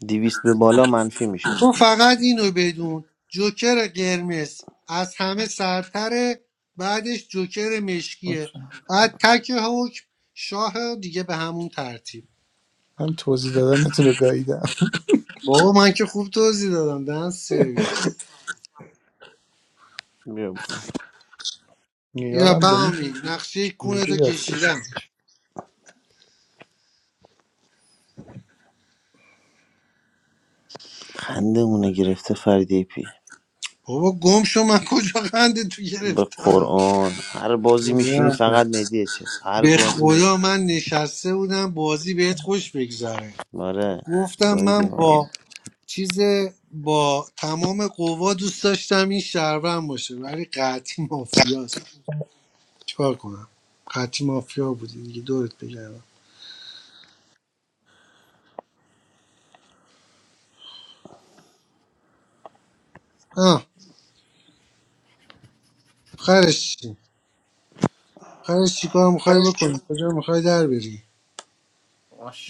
J: دیویست به بالا منفی میشه
F: تو فقط اینو بدون جوکر قرمز از همه سرتره بعدش جوکر مشکیه
C: اوکی
F: بعد تک حکم شاه دیگه به همون ترتیب
C: من توضیح دادنتون رو گاییدم
F: بابا من که خوب توضیح دادم دن سرویس
J: بیا بالا
F: یا
C: میارم بنی
F: بهامی نقشه کونتو
C: کیویدی دستش
F: کشیدم
C: بود.
J: خنده اونه گرفته فریدی پی
F: بابا گم شو من کجا قنده تو
J: به
F: گرفتم
J: قرآن هر بازی میشینی فقط مهدی چیز هر
F: به
J: بازی
F: خدا
J: میدی
F: من نشسته بودم بازی بهت خوش بگذره
J: آره
F: گفتم من
J: گاییدیم آره
F: چیز با تمام قوا دوست داشتم این شهروند باشه ولی قطعی مافیاست چیکار کنم قطعی مافیا بودی دیگه دورت بگردم آه خرش چی خرش چیکار میخوای
C: پنج چی؟
F: بکنی کجا میخوای در بری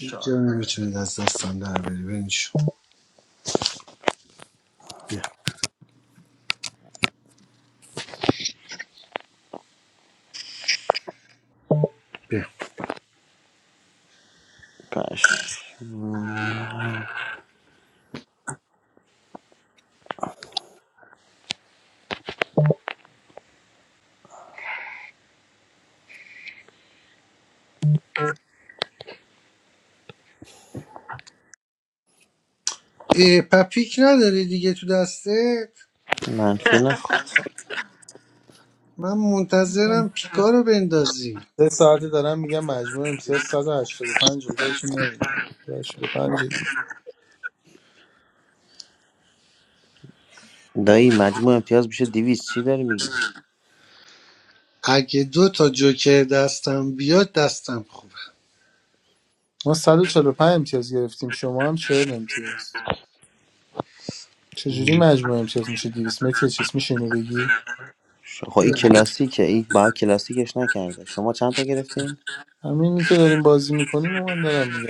F: هیچ جا نمیتونی از دستم در بری برین شو. بیا بیا
J: کاش مم.
F: اه، پپیک نداری دیگه تو دسته
J: منفی نخورد
F: من
C: من
F: منتظرم پیکا رو بندازی
C: سه ساعته دارم میگم مجموع امتیاز 185 خودتون نمیدونم 185 دیگه
J: دایی مجموع امتیاز میشه دیویز چی داری میگی
F: اگه دو تا جوکر دستم بیاد دستم خوبه
C: ما 145 امتیاز گرفتیم شما هم 40 امتیاز چجوری مجموع امتیاز میشه 200 متر چیز میشه اینو بگی
J: خب این کلاسیکه این با کلاسیکش نکرده شما چند تا گرفتین
C: همینی که داریم بازی میکنیم و من دارم میگم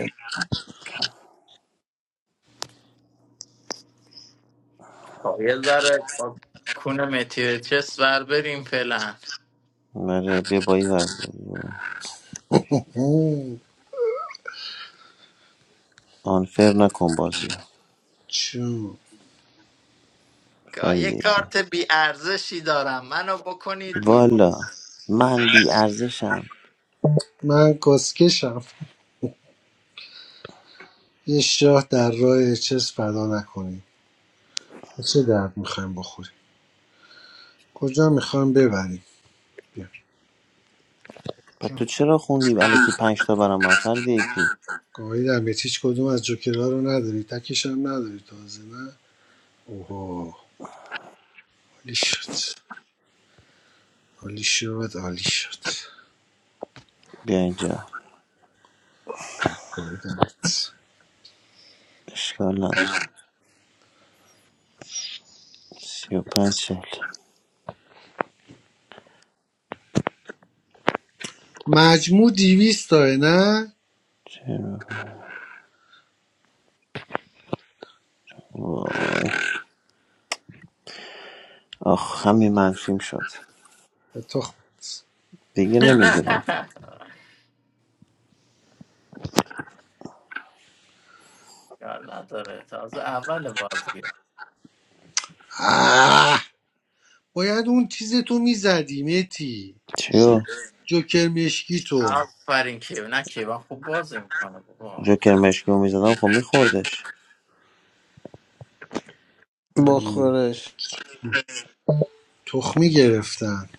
M: خب، یه ذره با کون متیوچس ور بریم فعلا
J: آره بیا بایی ور بازی.
F: اوه،
J: آنفر نکن بازیو
F: چون.
M: که
J: فرید
M: یه
J: ای
M: کارت بی ارزشی دارم منو بکنید بیرون
J: والا من بی ارزشم
F: من کسکشم یه شاه در راه چیز فدا نکنیم به چه درد میخوایم بخوریم کجا میخوایم ببریم بیا
J: و تو چرا خوندی علیکی پنج تا برام من فرید ای پی
F: گاهی در میت هیچ کدوم از جوکرها رو نداری تکش هم نداری تازه نه اوه عالی شد عالی شد عالی شد
J: بیا اینجا
F: دمت.
J: اشکال نداره سی و پنج چهل
F: مجموع دیویست داره نه
J: چرا؟ وای آخ همین منفیم شد
F: به تخمت
J: دیگه نمیگیرم
M: کار نداره تازه اول بازی
F: آه! باید اون چیز تو میزدی متی
J: چیو
F: جوکر مشکی تو
M: آفرین کیوان نه کیوان خوب بازی میکنه بابا
J: جوکر مشکی رو میزدم خب میخوردش
F: م،
I: بخورش
F: تخمی گرفتن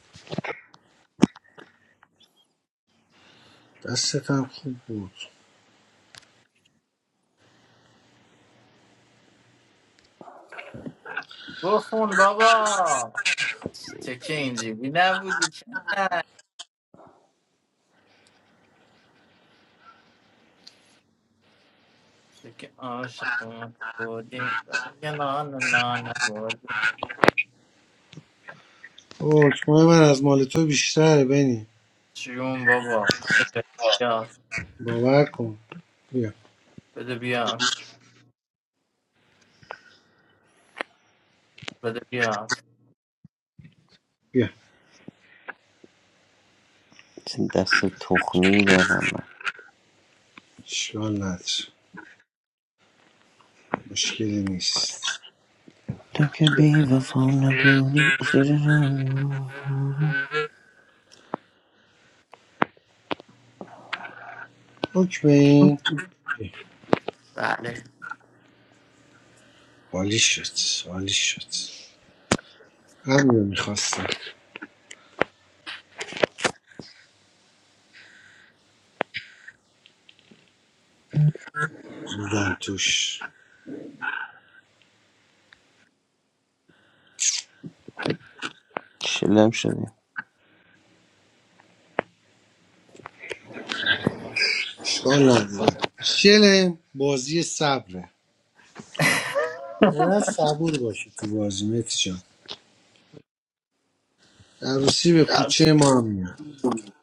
F: دستت هم خوب بود
M: بخون بابا تو که اینجوری نبودی که تو که عاشق من بودی یه نان نان بودی
F: حکم من از مال تو بیشتره بنی
M: جون بابا بده بیاد
F: باور کن بیا
M: بده بیاد بده بیاد
F: بیا
J: چه دست تخمی دارم من
F: اشکال نداره مشکلی نیست
J: تو که بی وفا نبودی زیر رو
F: حکم این
M: بله
F: عالی شد عالی شد همین رو میخواستم بودم توش
J: شلم شدی
F: اشکال نداره شل بازی صبره باید صبور باشی تو بازی متی جان عروسی به کوچه ما هم میاد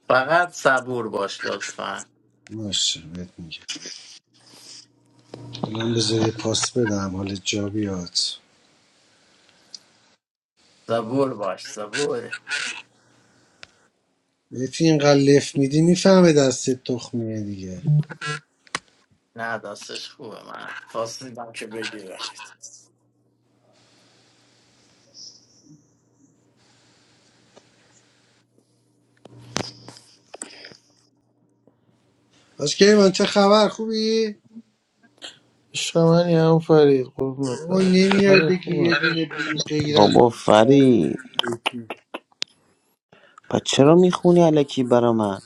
M: فقط صبور باش لطفا
F: باشه بهت میگم من بذار پاس بدم حال جا بیاد
M: صبور باش صبور
F: متی اینقدر لف میدی میفهمه دستت تخمیه دیگه
M: نه دستش خوبه من فاصلیدم که بگیره
F: من چه خبر خوبی؟
C: عشق منی هم فرید قربونت
F: وای
C: برم
F: نمیاد
C: آره
F: بگی
C: خوبم
F: یه دونه بی غیرت
J: بابا فری پس چرا میخونی علکی برا من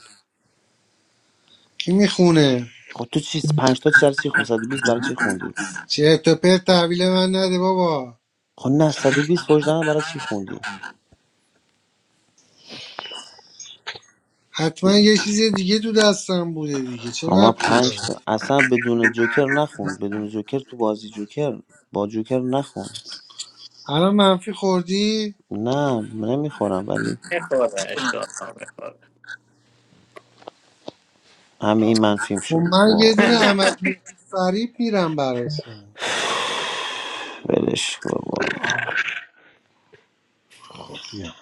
F: کی میخونه؟
J: خب تو چیز پنج تا چرا چی خون 120 برای چی خوندی
F: چرت و پرت تحویل من نده بابا
J: خب نه 120 وجدان برای چی خوندی
F: حتما یه چیز دیگه تو دستم بوده دیگه چه
J: اما
F: ربطی داره
J: پنج تا اصلا بدون جوکر نخون بدون جوکر تو بازی جوکر با جوکر نخون
F: الان منفی خوردی؟
J: نه نمیخورم ولی
M: میخوره اشتاد میخوره
J: همه این منفیم
F: خب
J: شد
F: من یه
J: وا
F: دونه عملیات فریب میرم براشون
J: ولش کن بابا
F: بیا.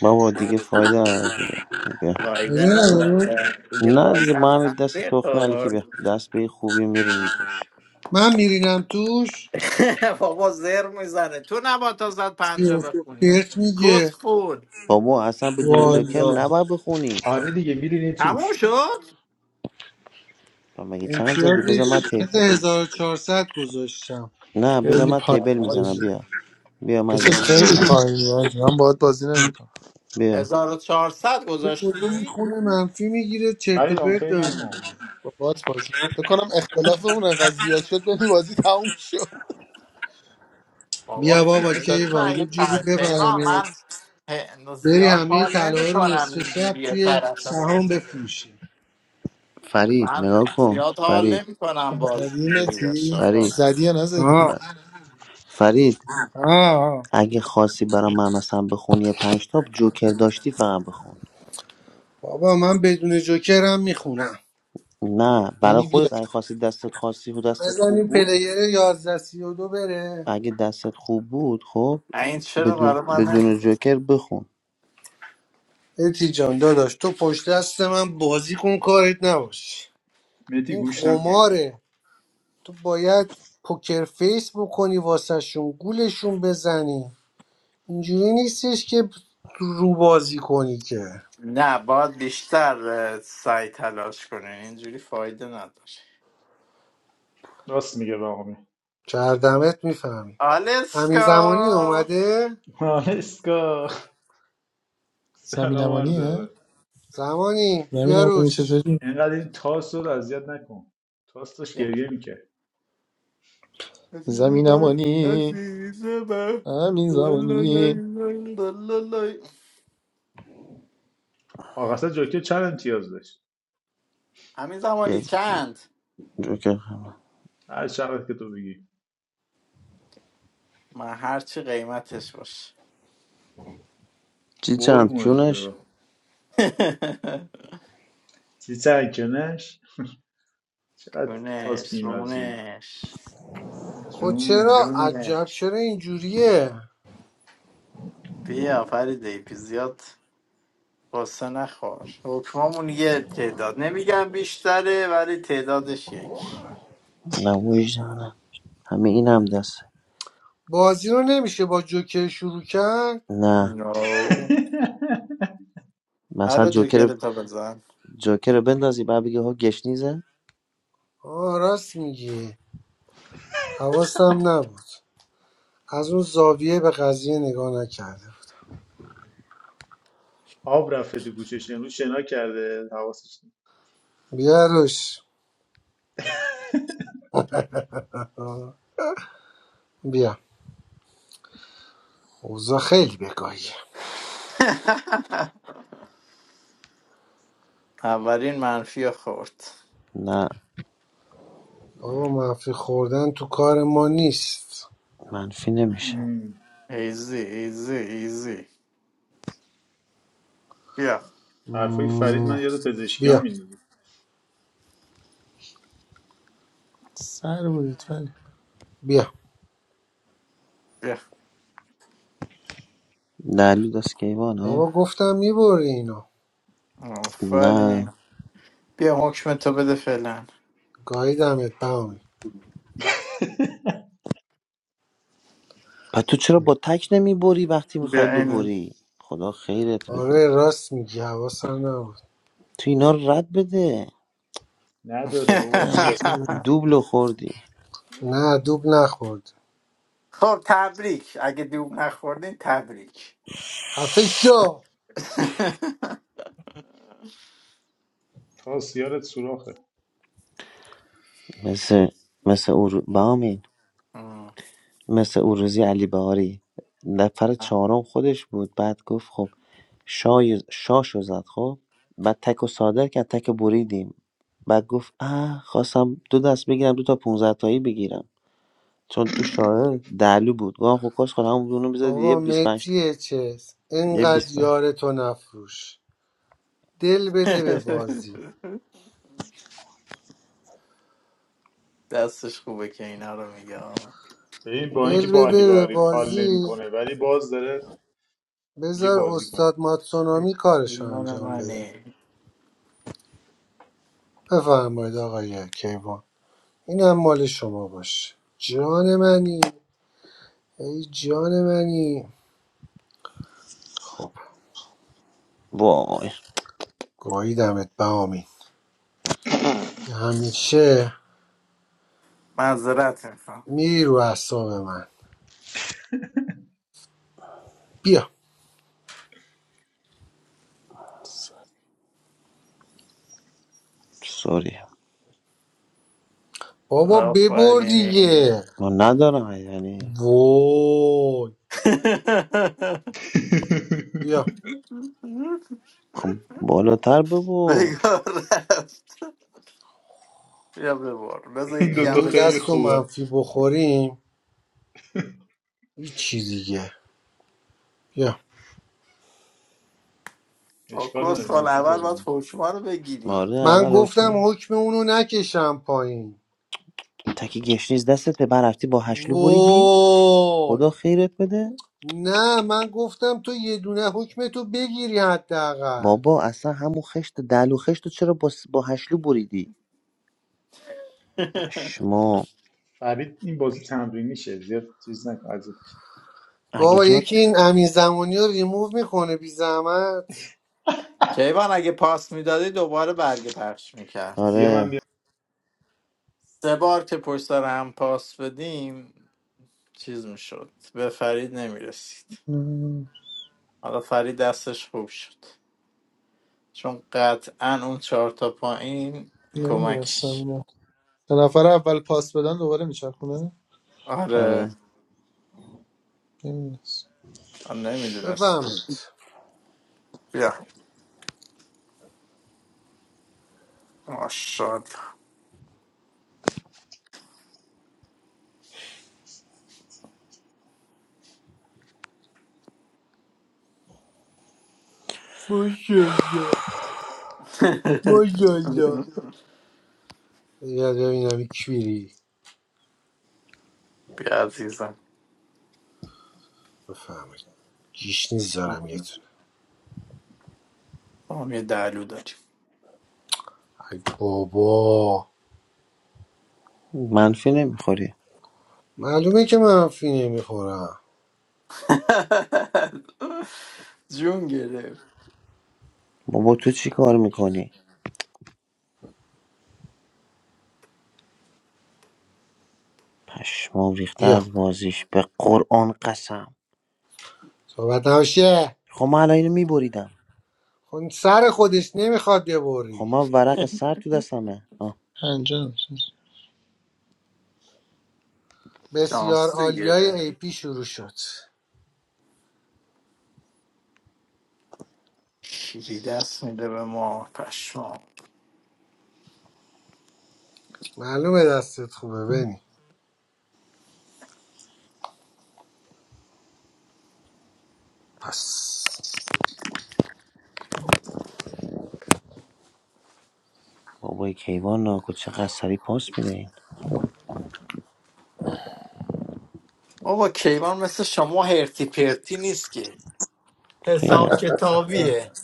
J: بابا دیگه فایده نداره دیگه بیا
M: فایده
F: آره، آره.
M: نداره دیگه
J: نه
M: باز
J: دیگه
M: هم
J: با همین دست
M: منفی
J: تخم علیکی
M: خورد
J: بیا دست به این خوبی میرینی توش
F: من میرینم توش
M: بابا زر میزنه تو نبا تا زد پنجا
F: چرت و
M: بخونی
F: پرت
M: کس
F: میگه
M: خون
J: بابا اصلا بدون جوکر
F: والا
J: نباید بخونی
O: آره دیگه میرینی
M: تموم
O: توش
M: شد
J: تو مگه چند زدی
F: امتیازش
J: بذار من تی...
F: مثل 1400 گذاشتم
J: نه بذار
C: خیلی
J: من تیبل
C: پایینی
J: میزنم
C: بازی
J: بیا بیا من
C: چیز
J: زدم
C: خیلی پایینی حاجی. من باید بازی نمیکنم
J: بیا
M: هزار و چهارصد
F: به کدوم
M: گذاشتی
F: خونه منفی میگیره چرت
O: فرید
F: و پرت داره.
C: با بات بازی فکر کنم اختلافمون انقدر زیاد شد یعنی بازی تموم شد
M: بابا
F: بیا
C: منفی
F: بابا
C: 300
M: خیلی
F: کیوان یه
C: چهارصد.
M: ضعیف
F: جوری
M: تیما
F: ببرمت
M: من ه-
F: بری
M: زیاد
F: همه
M: حال نمی
F: طلاها رو
M: کنم
F: نصف شب
M: اینجوری
F: توی
M: طرف
F: سهام
M: بازی
F: بفروشی
J: فرید
M: من
J: نگاه کن
M: زیاد
J: فرید
M: حال نمی کنم باز
C: زدی
M: اینجوری باشه
C: متی
M: آقا
J: فرید
C: زدی یا نزدی
F: آه
J: ف- فرید
F: آه
J: اگه خواستی برای من مثلا بخونی یه پنج تاب جوکر داشتی فقط بخون
F: بابا من بدون جوکرم میخونم
J: نه برای
C: یعنی بیا
J: خودت اگه خواستی دستت خواستی و دستت خوب
F: بزنیم
J: بود
F: پلیر یازده سی و دو بره
J: اگه دستت خوب بود خب
M: این چرا
J: بدون
M: برای من
J: بدون جوکر بخون
F: اتی جان داداش تو پشت دست من بازی کن کارت نباش
O: مهدی
F: این
O: گوش نکن
F: قماره تو باید پوکر فیس بکنی واسه شون گولشون بزنی اینجوری نیستش که رو بازی کنی که
M: نه باید بیشتر اه، سعی تلاش کنین اینجوری فایده نداره
O: راست میگه واقعا
F: چردمت میفهمی همین زمانی
M: آلسکا
F: اومده
O: آنسکا سلام عرض
C: زمینمانیه
O: ادب.
F: زمانی
C: زمینمانی
F: بیاروش
C: چطوری
O: اینقدر این تاس رو اذیت نکن تاس داشت
M: بیا
O: گریه میکرد
M: عزیز من
C: زمینمانی
M: عزیز من
C: همین زمانی
M: لالالای، لالالای.
O: آقا اصلا جوکر چند امتیاز داشت
M: همین زمانی
J: یه
M: چند
J: جوکر
O: هر چقدر که تو بگی
M: من هرچی قیمتش باشه
J: چی چند
O: قرمونت
J: کیونش
O: برم چی چند کنش چقدر تاس
M: کونش
O: بیمزی
M: رونش
F: خود
O: جون
F: چرا عجب
M: جونش
F: چرا اینجوریه
M: بیا فریده پی زیاد قصه نخور حکمامون یه تعداد نمیگم بیشتره ولی تعدادش یک
J: نه وجدانه همه این هم دست
F: بازی رو نمیشه با جوکر شروع کرد
J: نه
M: نو
J: مثلا
M: هر
J: جوکر
M: جوکر تا بزن
J: جوکر رو بندازی بعد بگی ها گشنیزه
F: آه راست میگی حواسم نبود از اون زاویه به قضیه نگاه نکرده
O: آب رفته تو گوشش امروز شنا کرده حواسش نیست.
F: بیاروش بیا اوضاع خیلی بگاهی
M: اولین منفی رو خورد
J: نه
F: بابا منفی خوردن تو کار ما نیست
J: منفی نمیشه
M: ایزی ایزی ایزی بیا
O: حرفای فرید من
F: مم،
O: یاد پزشکیان
F: بیا
O: میندازه
C: سر بودید فرید
F: بیا
M: بیا
J: دلو دست کیوان ها
F: بابا گفتم میبری اینا
J: نه
M: آفرین بیا حکم تو بده فعلا
F: گاییدمت بهمن
J: و تو چرا با تک نمیبری وقتی میخوای
M: بیا این
J: ببری خدا خیرت بده
F: آره راست میگی حواسم نبود
J: تو اینا رو رد بده
O: نداره بابا
C: جمعی
O: این
C: که بود.
J: دوبلو خوردی
F: نه دوب نخورد
M: خب تبریک اگه دوب نخوردین تبریک
F: خفه شو
O: تاس یارت سوراخه
J: مثل مثل او رو- بامین
M: آه.
J: مثل او روزی علی بهاری نفر چهارم خودش بود بعد گفت خب شای شاشو زد خب بعد تک و صادر کرد تک و بریدیم بعد گفت اه خواستم دو دست بگیرم دو تا 15 تایی بگیرم چون تو شاه دلو بود گفتم خب کاش خودم اونو میزد یه
F: بابا
J: 25
F: متیه چس
J: یه
F: اینقدر
J: 25
F: یارتو نفروش دل بده به بازی
M: دستش خوبه که اینا رو میگه آه.
O: ببین با اینکه
F: دل
O: با علی
F: بده به
O: بهاری کال
F: بازی
O: نمیکنه ولی باز داره یه
F: بذار
O: بازی کنه
F: استاد ماتسونامی کارشو
M: جنان
F: انجام بده
M: منی
F: بفرمایید آقای کیوان اینم مال شما باشه جان منی ای جان منی خب
J: وای
F: گاییدمت بهامین که همیشه
M: معذرت میخوام
F: میری رو اعصاب من بیا
C: سر.
J: سوری
F: بابا ببر
M: آفرین
F: دیگه
J: ما ندارم یعنی
F: وای بیا
J: خب بالاتر ببر
M: نگار رفت بیا ببار بذار
O: این
M: یکی
F: یعنی
M: هم
O: دوتا
F: این
O: خیلی
M: بکنم
F: دست و
O: خوبه
F: منفی بخوریم هیچی دیگه بیا
O: اشکال
M: آکوس
O: نداره
M: خال
O: من
M: اول
O: تو
M: باید حکما رو بگیری
J: آره
F: من
J: اول
F: گفتم
J: حکم
F: حکم اونو نکشم پایین
J: تکی گشنیز دستته برفتی با هشلو بریدی
F: وای
J: خدا خیرت بده
F: نه من گفتم تو یه دونه حکم تو بگیری حداقل
J: بابا اصلا همون خشت دلو خشت رو چرا با, س- با هشلو بریدی پشما
O: فرید این بازی تمرینی تمرینیشه زیاد چیز نکن اذیتش.
J: اگه
F: بابا
J: جا
F: یکی این امین زمانی رو ریموو میکنه بی زحمت
M: کیوان اگه پاس میدادی دوباره برگ پخش میکرد
O: بیا من
J: آره
M: سه بار که پشت سر هم پاس بدیم چیز میشد به فرید نمیرسید حالا فرید دستش خوب شد چون قطعا اون چهار تا پایین
C: نمیدونستم
M: کمکش
C: سه نفر اول پاس بدن دوباره میچرخونه
M: آره
J: آره
C: نمیدونم
M: من نمیدونست
F: بفهمید
M: بیا ماشاءالله
F: ماشاءالله ماشاءالله یه از ببینم یک بیری
M: بیا عزیزم
F: بفهمید گیش نیز دارم یه دونه
M: ما هم یه دلو داریم
F: ای بابا
J: منفی نمیخوری
F: معلومه که من فی نمیخورم
M: جون گرفت
J: بابا تو چی کار میکنی پشما ریخته
F: بیا
J: از بازیش به قرآن قسم
F: صحبت نباشه
J: خب من الان اینو میبریدم
F: خون سر خودش نمیخواد
J: خب
F: ببری
J: من ورق سر تو دستمه
C: پنجم
F: بسیار
M: شانس
F: عالیای ای
M: گرفت
F: پی شروع شد
M: شیری دست میده به ما پشمام
F: معلومه دستت خوبه بنی پس
J: بابای کیوان ناکو چقدر سریع پاس میده این
M: بابا کیوان مثل شما هرتی پرتی نیست که حساب
J: قینت
M: کتابیه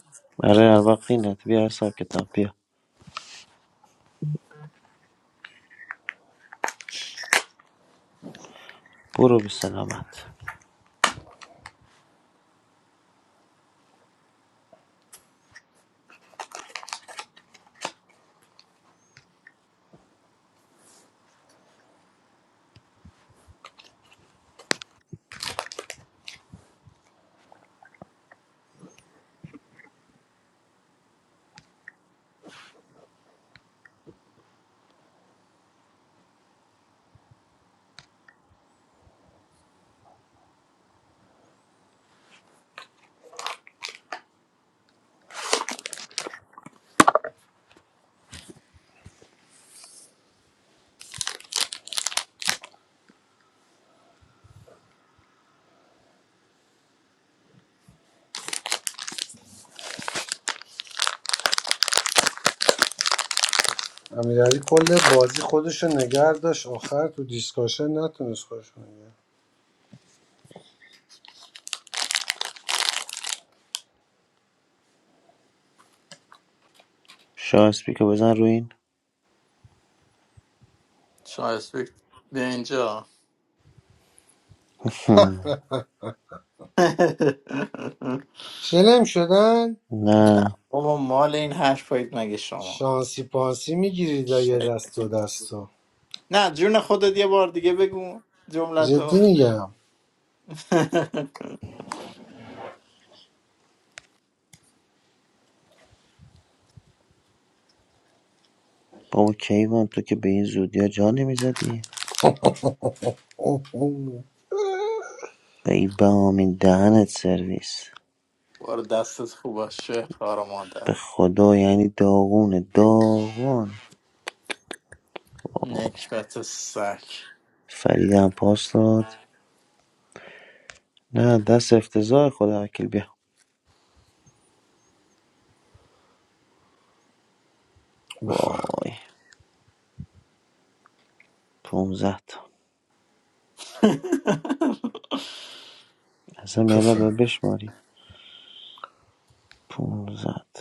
J: آره هر وقت قینت بیا حساب کتاب بیا برو به سلامت
F: امیرعلی کل بازی خودشو نگر داشت آخر تو دیسکاشن نتونست خودشو نگه
J: شاه اسپیکو بزن رو این
M: شایست به اینجا
F: شلم شدن
M: نه
J: نه
M: بابا مال این حرفایید مگه شما
F: شانسی پانسی میگیرید یه دست و دستا
M: نه جون خودت یه بار دیگه بگو
F: جدی
M: جملتو
F: میگم
J: بابا کیوان تو که به این زودی ها جا نمیزدی
F: اوه، اوه.
J: به این بهامین دهنت سرویس
M: بار دستت خوب باشه خار مادر
J: به خدا یعنی داغونه داغون وای
M: نکبت سک
J: فرید هم پاس داد نه دست افتضاح خدا وکیل بیا
F: بفهم
J: وای پونزد تا اصلا یالا با
F: بفهم
J: بشماریم پونزد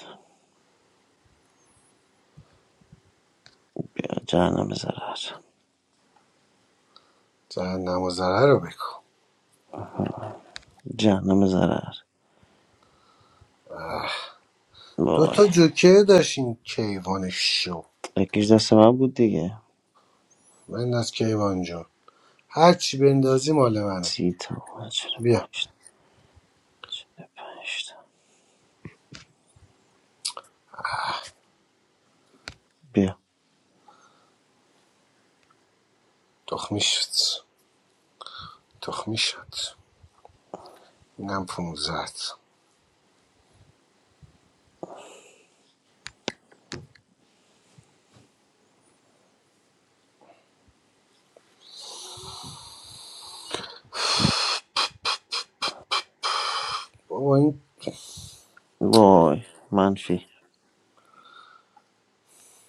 J: یا جهنم ضرر
F: جهنم و ضرر رو بکن
J: جهنم ضرر
F: دو
J: وای
F: تا جوکر داشتین کیوان شو
J: یکیش دست من بود دیگه
F: بنداز کیوان جون هر چی بندازی مال منه
J: سی تا چرا
F: بیا
J: پشت پشت بیا
F: تخمی شد تخمی شد اینم پونزت بابا این
J: وای منفی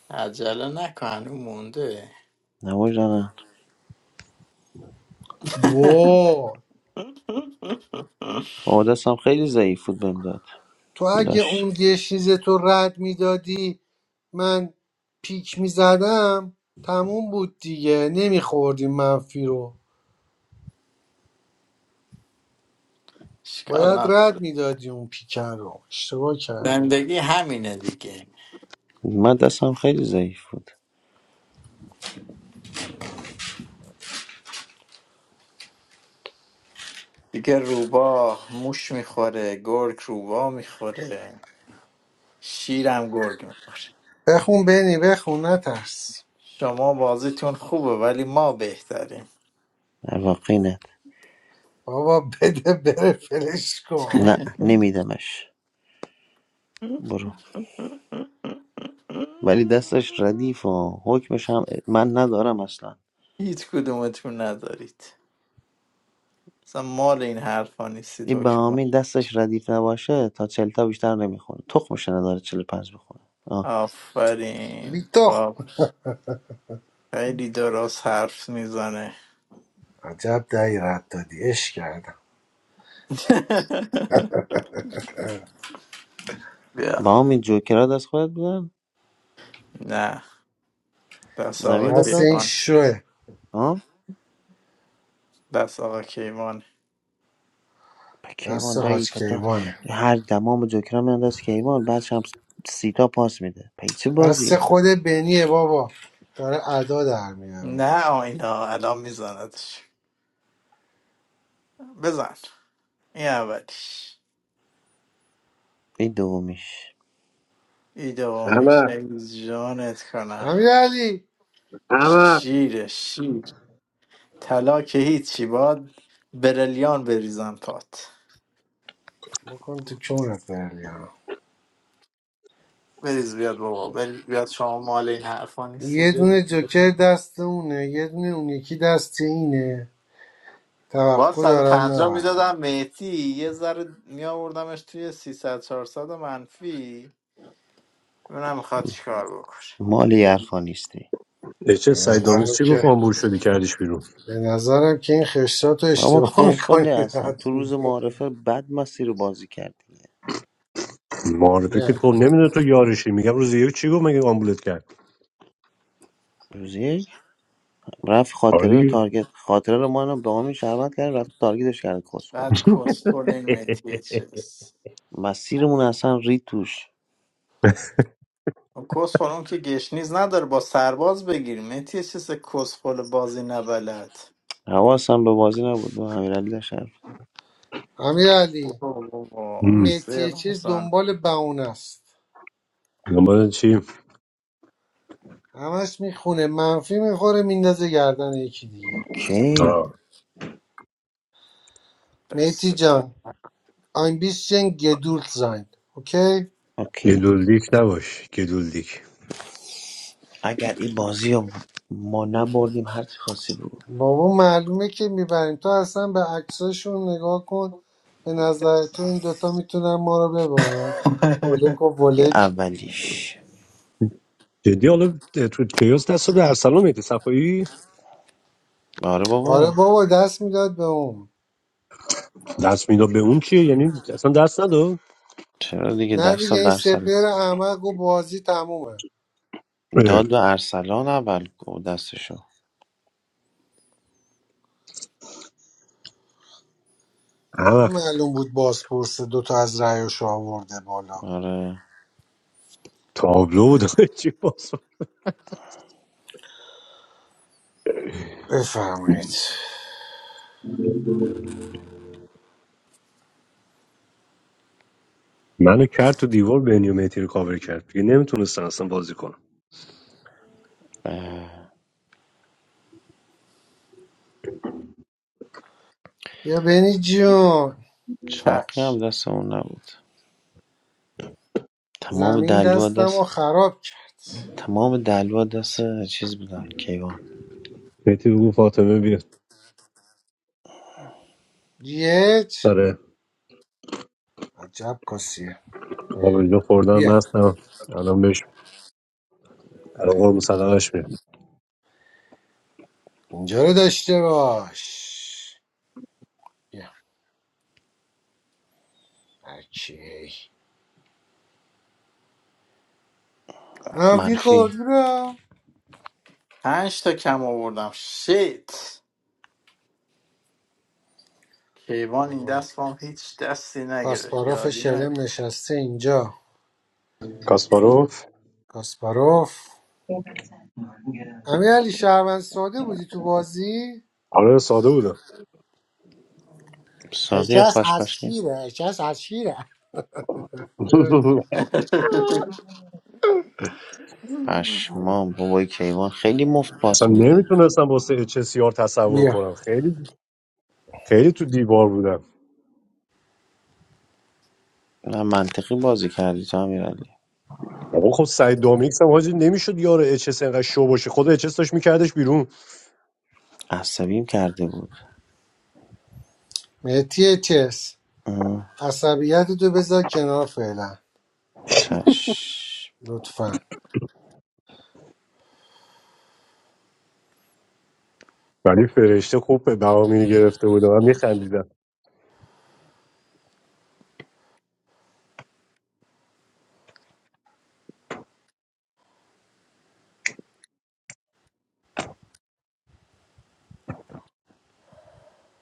M: عجله نکن هنوز مونده
J: نباش دارن
F: وا
J: بابا دستم خیلی ضعیف بود بهم داد
F: تو اگه
J: لاش
F: اون یه چیز تو رد میدادی من پیک میزدم تموم بود دیگه نمیخوردی منفی رو
M: اشکال
F: باید رد
M: نداره
F: میدادی اون پیکر رو اشتباه کردی
M: زندگی همینه دیگه
J: من دستم خیلی ضعیف بود
M: دیگه روبا موش میخوره گرگ روبا میخوره شیرم گرگ میخوره
F: بخون بنی بخون نترس
M: شما بازیتون خوبه ولی ما بهتریم
J: واقعی نه
F: بابا بده بره فلش کن
J: نه نمیدمش برو ولی دستش ردیف و حکمش هم من ندارم اصلا
M: هیچ کدومتون ندارید اصلا مال این حرفا نیستید
J: این
M: حکم
J: بهامین دستش ردیف نباشه تا چلتا بیشتر نمیخونه تخمش نداره چل پنج بخونه آه.
M: آفرین
F: بیتخ
M: با خیلی درست حرف میزنه
F: عجب دهی رد دادی اش کردم
M: بیا
J: با همین جوکرات از خودت بودن
M: نه دست آقا
J: زمین
F: دست
J: بدن
F: این
M: کیوان
F: شوه
J: ها
M: دست آقا کیوان
J: به
F: دست
J: کیوان دایی
F: حاج
J: به
F: کیوانه
J: هر دمام جوکرا میانداز کیوان بعدش هم سیتا پاس میده پی چه
F: دست
J: بازیه
F: خود بنیه بابا داره ادا در میاره
M: نه آینا الان میزندش بزن این اولیش
J: این دومیش
M: این دومیش
D: همه
M: ای جانت
F: امیر
M: کنم
F: علی
D: همه
M: شیر شیر طلا که هیچی باد بریلیان بریزن پات
F: بکن تو چونت برلیان
M: بریز بیاد بابا بریز بیاد شما مال این حرفا
F: یه
M: نیستید
F: دونه جوکر دست اونه یه دونه اون یکی دست اینه
M: با
F: توقع دارن
M: 150
F: نبرن
M: میدادم مهدی یه ذره می توی 300 400 منفی اونم میخواد چیکار بکنه
J: مالی حرفا نیستی
F: به
D: اچس سعید دامیز
F: نظرم
D: چی گفت
F: که
D: آمبول شدی کردیش بیرون
F: به نظرم که این خشتات رو
J: بابا
F: اشتباه
J: کسخلی
F: میکنی
J: هستن
F: رد
J: تو روز
F: میدی
J: معارفه بد مسیر رو بازی کردی
D: معارفه که خب نمیدونه تو یارشی میگم روز یک چی گفت مگه آمبولت کرد
J: روز یک رفت
D: آره
J: خاطره رو
D: دیگه
J: تارگت خاطره رو ما هم به همین شربت کردیم رفت تارگتش کرد کسخل
M: بعد کسخل این مهدی چیز
J: مسیرمون اصلا رید توش
M: خب کسخل اون که گشنیز نداره با سرباز بگیر مهدی چیز کسخل بازی نبلد
J: حواسم به بازی نبود و امیرعلی داشت حرف.
M: اوه،
F: امیرعلی
M: بابا،
F: این
D: هم.
M: سه
F: مهدی چیز
M: نزن
F: دنبال بهونه است
D: دنبال چی
F: همش میخونه منفی میخوره میندازه گردن یکی دیگه
J: اوکی
F: مهدی
M: دست تا.
F: جان ein bisschen geduld sein اوکی
J: اوکی
D: گلولدیک نباش گلولدیک
J: اگر این بازی رو ما نبردیم هر چی خواستی بگو
F: بابا معلومه که میبریم تو اصلا به عکساشون نگاه کن به نظر تو این دوتا میتونن ما رو ببرن ولک و
J: این
F: ولک
J: اولیش
D: جدی حالا تو کیاس دست به ارسلان مهدی صفایی
J: آره
F: آره
J: بابا
F: بابا دست میداد به اون
D: دست میداد به اون چیه یعنی اصلا دست نداد
J: چرا دیگه
F: نه
J: دست
F: دیگه این
J: درصد
F: سپر احمق و بازی تمومه
D: اه،
J: داد به ارسلان اول گفت دستشو
D: همه
F: این معلوم بود بازپرس دوتا از رأیاشو آورده بالا
J: آره
D: تابلو بود چی باز
F: بفرمایید
D: منو کرد تو دیوار بنیو مهدی رو کاور کرد دیگه نمیتونستن اصلا بازی کنم
J: اه،
F: یا بنی جون
J: چاقی
M: کفش
J: هم دست اون نبود تمام
F: زمین
J: دلوا
F: دستم و
J: دست
F: خراب کرد
J: تمام دلوا دست چیز بودن کیوان
D: مهدی بگو فاطمه بیا
F: گیج
D: آره
F: عجب کسیه
D: آبجو خوردم
F: بیا
D: مستم الان بهش الان قرم صدقش میاد
F: اینجا رو داشته باش بیا هرکی منفی
J: منفی
F: خورد برا
M: پنج تا کم آوردم شیت کیوان این
F: بابا
M: دست با هم هیچ دستی نگرفت
F: کاسپاروف
M: یادی
F: شلم نشسته اینجا
D: کاسپاروف
F: کاسپاروف امیر علی شهروند ساده بودی تو بازی
D: آره ساده بودم
J: ساده یا
F: اچس از
J: خاشقاشی
F: شیره اچس از شیره
M: چی
J: پشمام بابای کیوان خیلی مفت
D: اصلا
J: پاس میده
D: نمیتونستم واسه HCR تصور
F: بیا
D: کنم خیلی خیلی تو دیوار بودم
J: نه منطقی بازی کردی تو امیرعلی
D: آقا خب سعید دامیکس هم حاجی نمیشد یار اچ اس انقدر شو باشه خود اچ اس داشت میکردش بیرون
J: عصبیم کرده بود
F: مهتی چس
J: اه،
F: عصبیت تو بذار کنار فعلا
J: چشم
F: لطفا
D: ولی فرشته خوب به بهامینی گرفته بود من میخندیدم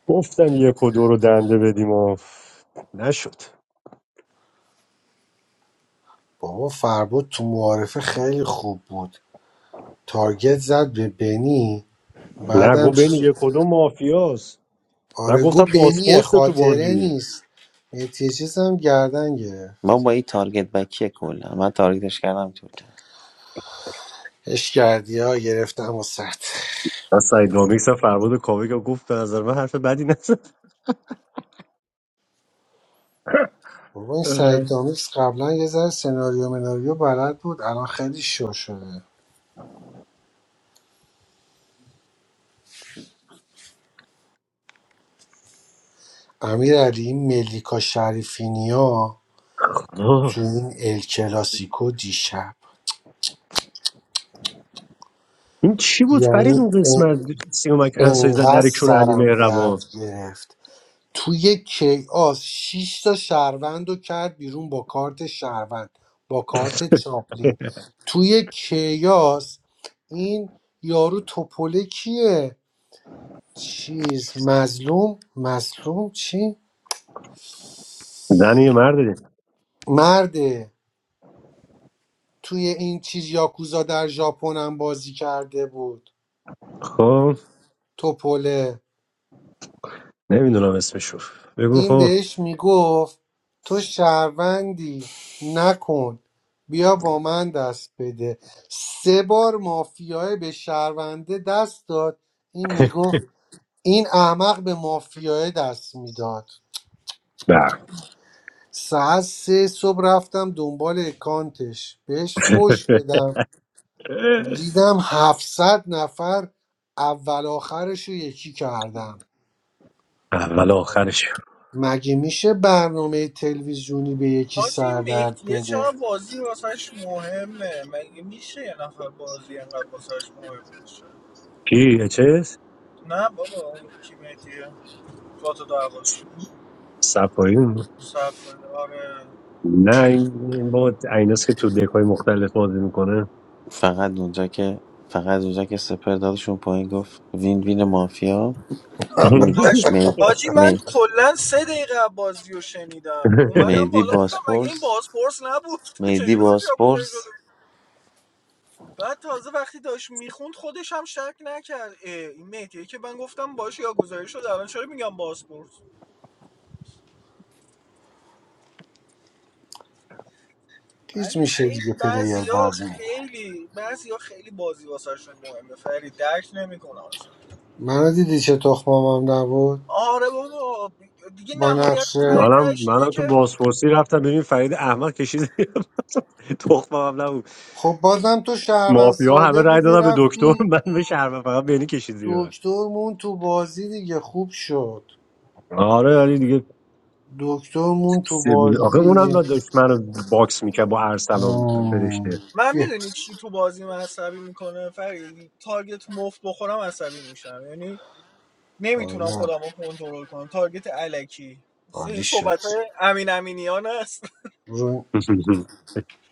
D: گفتم یک و دو رو دنده بدیم و نشد
F: بابا فربد تو معارفه خیلی خوب بود تارگت زد به بنی
D: نگو
F: بعدم
D: بین
F: چیز
D: یک و دو مافیاست من
F: آره گو
D: گفتم
F: بنیه
D: باسپورس تو
F: خاطره
D: بازی
F: نیست مهدی چیز هم گردن گرفت
J: ما با این تارگت بکیه کلا من تارگتش کردم اینطور کرد
F: اش کردی ها گرفتم و
D: من سعید دامیکس هم فرمود کاوه که گفت به نظر من حرف بدی نزد
F: بابا این
D: اه.
F: سعید دامیکس قبلا یه ذره سناریو مناریو بلد بود الان خیلی شو شده امیر علی این ملیکا شریفینیا
D: آه.
F: تو این ال کلاسیکو دیشب
D: این چی بود فرید
F: یعنی
D: اون
F: ان-
D: قسمت سیومک انسایی زد
F: انقدر
D: در کون علی
F: سرم
D: مهربان
F: درد گرفت توی کیاس شش تا شهروند رو کرد بیرون با کارت شهروند با کارت چاپلین توی کیاس این یارو توپله کیه چیز مظلوم مظلوم چی
D: زن یه مرده
F: مرده توی این چیز یاکوزا در ژاپن هم بازی کرده بود
D: خب
F: توپله
D: نمیدونم اسمشو بگو
F: این
D: خب
F: بهش میگفت تو شهروندی نکن بیا با من دست بده سه بار مافیای به شهرونده دست داد این میگفت این احمق به مافیای دست میداد
D: نه
F: ساعت سه صبح رفتم دنبال اکانتش بهش فوش بدم دیدم 700 نفر اول آخرش رو یکی کردم
D: اول و آخرش
F: مگه میشه برنامه تلویزیونی به یکی
L: حاجی این
F: سردرد
L: مهدیه
F: بده
L: چقدر بازی واسش مهمه مگه میشه یه نفر بازی انقدر واسش مهم باشه
D: کی چیز
L: نه بابا اون کی مهدیه تو تو دعواش
D: صفایی بود.
L: صفحه آره
D: نه این با ایناست که تو دکای مختلف بازی میکنه
J: فقط اونجا که فقط اونجا که سپر دادشون پایین گفت وین وین مافیا می
L: پشم
J: می
L: حاجی من
J: می
L: کلا سه دقیقه از بازی رو شنیدم اومدم
J: میدی
L: بالا گفتم مگه این
J: باسپورس
L: بازپرس نبود
J: میدی
L: چجوری با یاکوزایی
J: باسپورس
L: شده بود؟ بعد تازه وقتی داشت میخوند خودش هم شک نکرد اه، این مهدیه که من گفتم باش یاگوزایی شده الان چرا میگم بازپرس
F: گیج
L: ولی
F: میشه دیگه
L: خیلی
F: پلیر
L: بعضیا
F: بعضی
L: خیلی بعضیا خیلی بازی واسهشون مهمه فرید درک نمیکنم اصلا
F: منو دیدی چه تخمامم نبود
L: آره بابا دیگه
F: با
L: نهایت تای
F: نقشه
D: منم
L: تهش اینه
D: منم
L: که
D: تو بازپرسی رفتم ببین فرید احمد کشید زیر من. تخمم هم نبود
F: خب بازم تو شهروند
D: مافیا همه
F: ساده
D: رای
F: بودی
D: دادن به دکتر
F: رفتی
D: من به شهر فقط بینی کشید زیر من
F: دکتر مون تو بازی دیگه خوب شد
D: آره آره دیگه
F: دکتر مون تو
D: سبیل آخه
F: بازی
D: اونم داشت منو باکس میکرد با ارسلان
F: آه.
D: فرشته
L: من
F: یه.
L: میدونی چی تو بازی من عصبی میکنه فرید تارگت مفت بخورم عصبی میشم یعنی نمیتونم
F: آره
L: خودم رو کنترل کنم تارگت علکی مثل
F: عالی
L: این
F: شد
L: صحبت امین امینیان است
F: رو,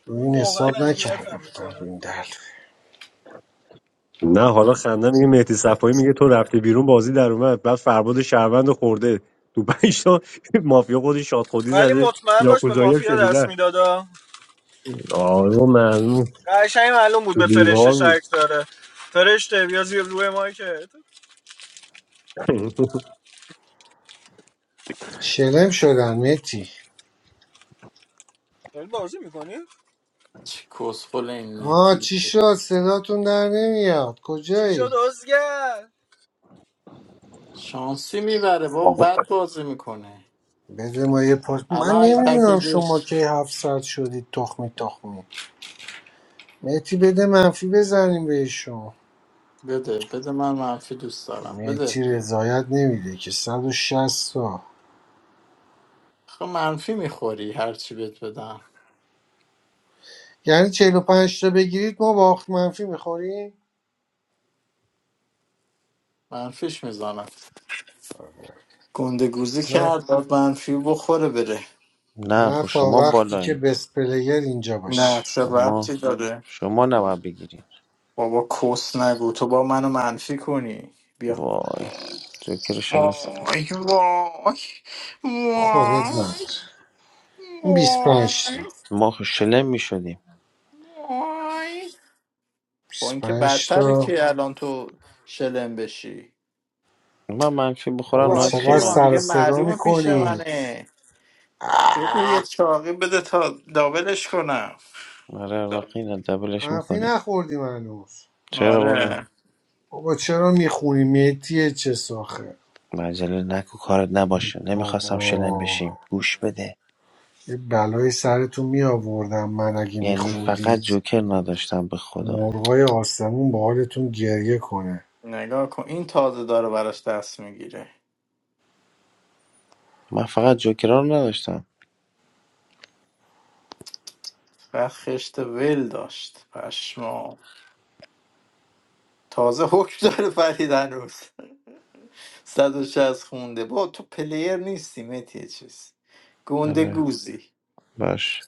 F: رو
L: اون
F: این
L: واقعا
F: حساب نکرده
L: اذیتم
F: بودم رو
L: میکنه
F: این دل
D: نه حالا خندن میگه مهدی صفایی میگه تو رفته بیرون بازی در اومد بعد فرباد شهروند خورده تو پنج تا مافیا خودش شاد خودی
L: ولی
D: زده
L: مطمئن باش به
D: یاکوزایی هم
L: مافیا دست
D: شنیدن
L: میدادا
D: آره معلوم
L: قشنگ معلوم بود
D: تو
L: به فرشته
D: دیوار بود
L: شک داره فرشته بیا زیر روی مایکت
F: شلم شدن متی
L: داری بازی میکنی
M: کسخل این
F: آه
M: میتی
F: چی شد صداتون در نمیاد
L: چی شد
F: کجایی
L: ازگر
M: شانسی میبره بابا بعد بازی میکنه
F: بده ما یه پاس من
M: الان اگه
F: نمیدونم شما
M: تکلیفش
F: کی هفتصد شدید تخمی تخمی مهتی بده منفی بزنیم بهشون
M: بده بده من منفی دوست دارم
F: مهتی
M: بده
F: رضایت نمیده که 160 تا
M: خب منفی میخوری هرچی بهت بدم
F: یعنی چهل و پنج تا بگیرید ما باخت منفی میخوریم
M: منفیش میزنم گنده گوزی
F: نه
M: کرد بعد منفی بخوره بره
J: نه
F: نه
J: خب
F: تا
J: شما
F: وقتی که
J: بالایی
F: بست پلیر اینجا باشه
M: نه چه
J: شما
M: ربطی داره
J: شما نباید بگیریم
M: بابا کس نگو تو با منو منفی کنی بیا
J: وای جوکر شما
M: وای وای
F: خب نداره
M: وای
F: این 25
M: وای
F: تا
J: ما خب شلم میشدیم
M: وای خب
F: بیست و
M: این که
F: پنج
M: بدتره
F: تا
M: که الان تو شلم بشی
J: من منفی بخورم
F: بابا
M: بابا حاج
J: نهایتش یه
F: چقدر
M: کیوان
F: سر و
M: دیگه
J: منفی
F: صدا
M: معلومه پیش
F: میکنید
M: منه بده یه چاقی بده تا دابلش کنم
J: آره واقعا دبلش
F: منفی
J: میکنی
F: نخوردیم هنوز
J: چرا بابا
M: آره
F: بابا چرا میخونی میتیه چه ساخه
J: با عجله نکن کارت نباشه نمیخواستم شلم
F: بابا
J: بشیم گوش بده
F: یه بلای سرتون می آوردم من اگه
J: یعنی فقط
F: میخوندی
J: جوکر نداشتم به خدا
F: مرغای آسمون با حالتون گریه کنه
M: نگاه کن این تازه داره براش دست میگیره
J: من فقط جوکرها رو نداشتم
M: و خشت ول داشت پشما تازه حکم داره فرید هنوز 160 خونده با تو پلیر نیستی متی چیز گنده
J: آره
M: گوزی
J: باش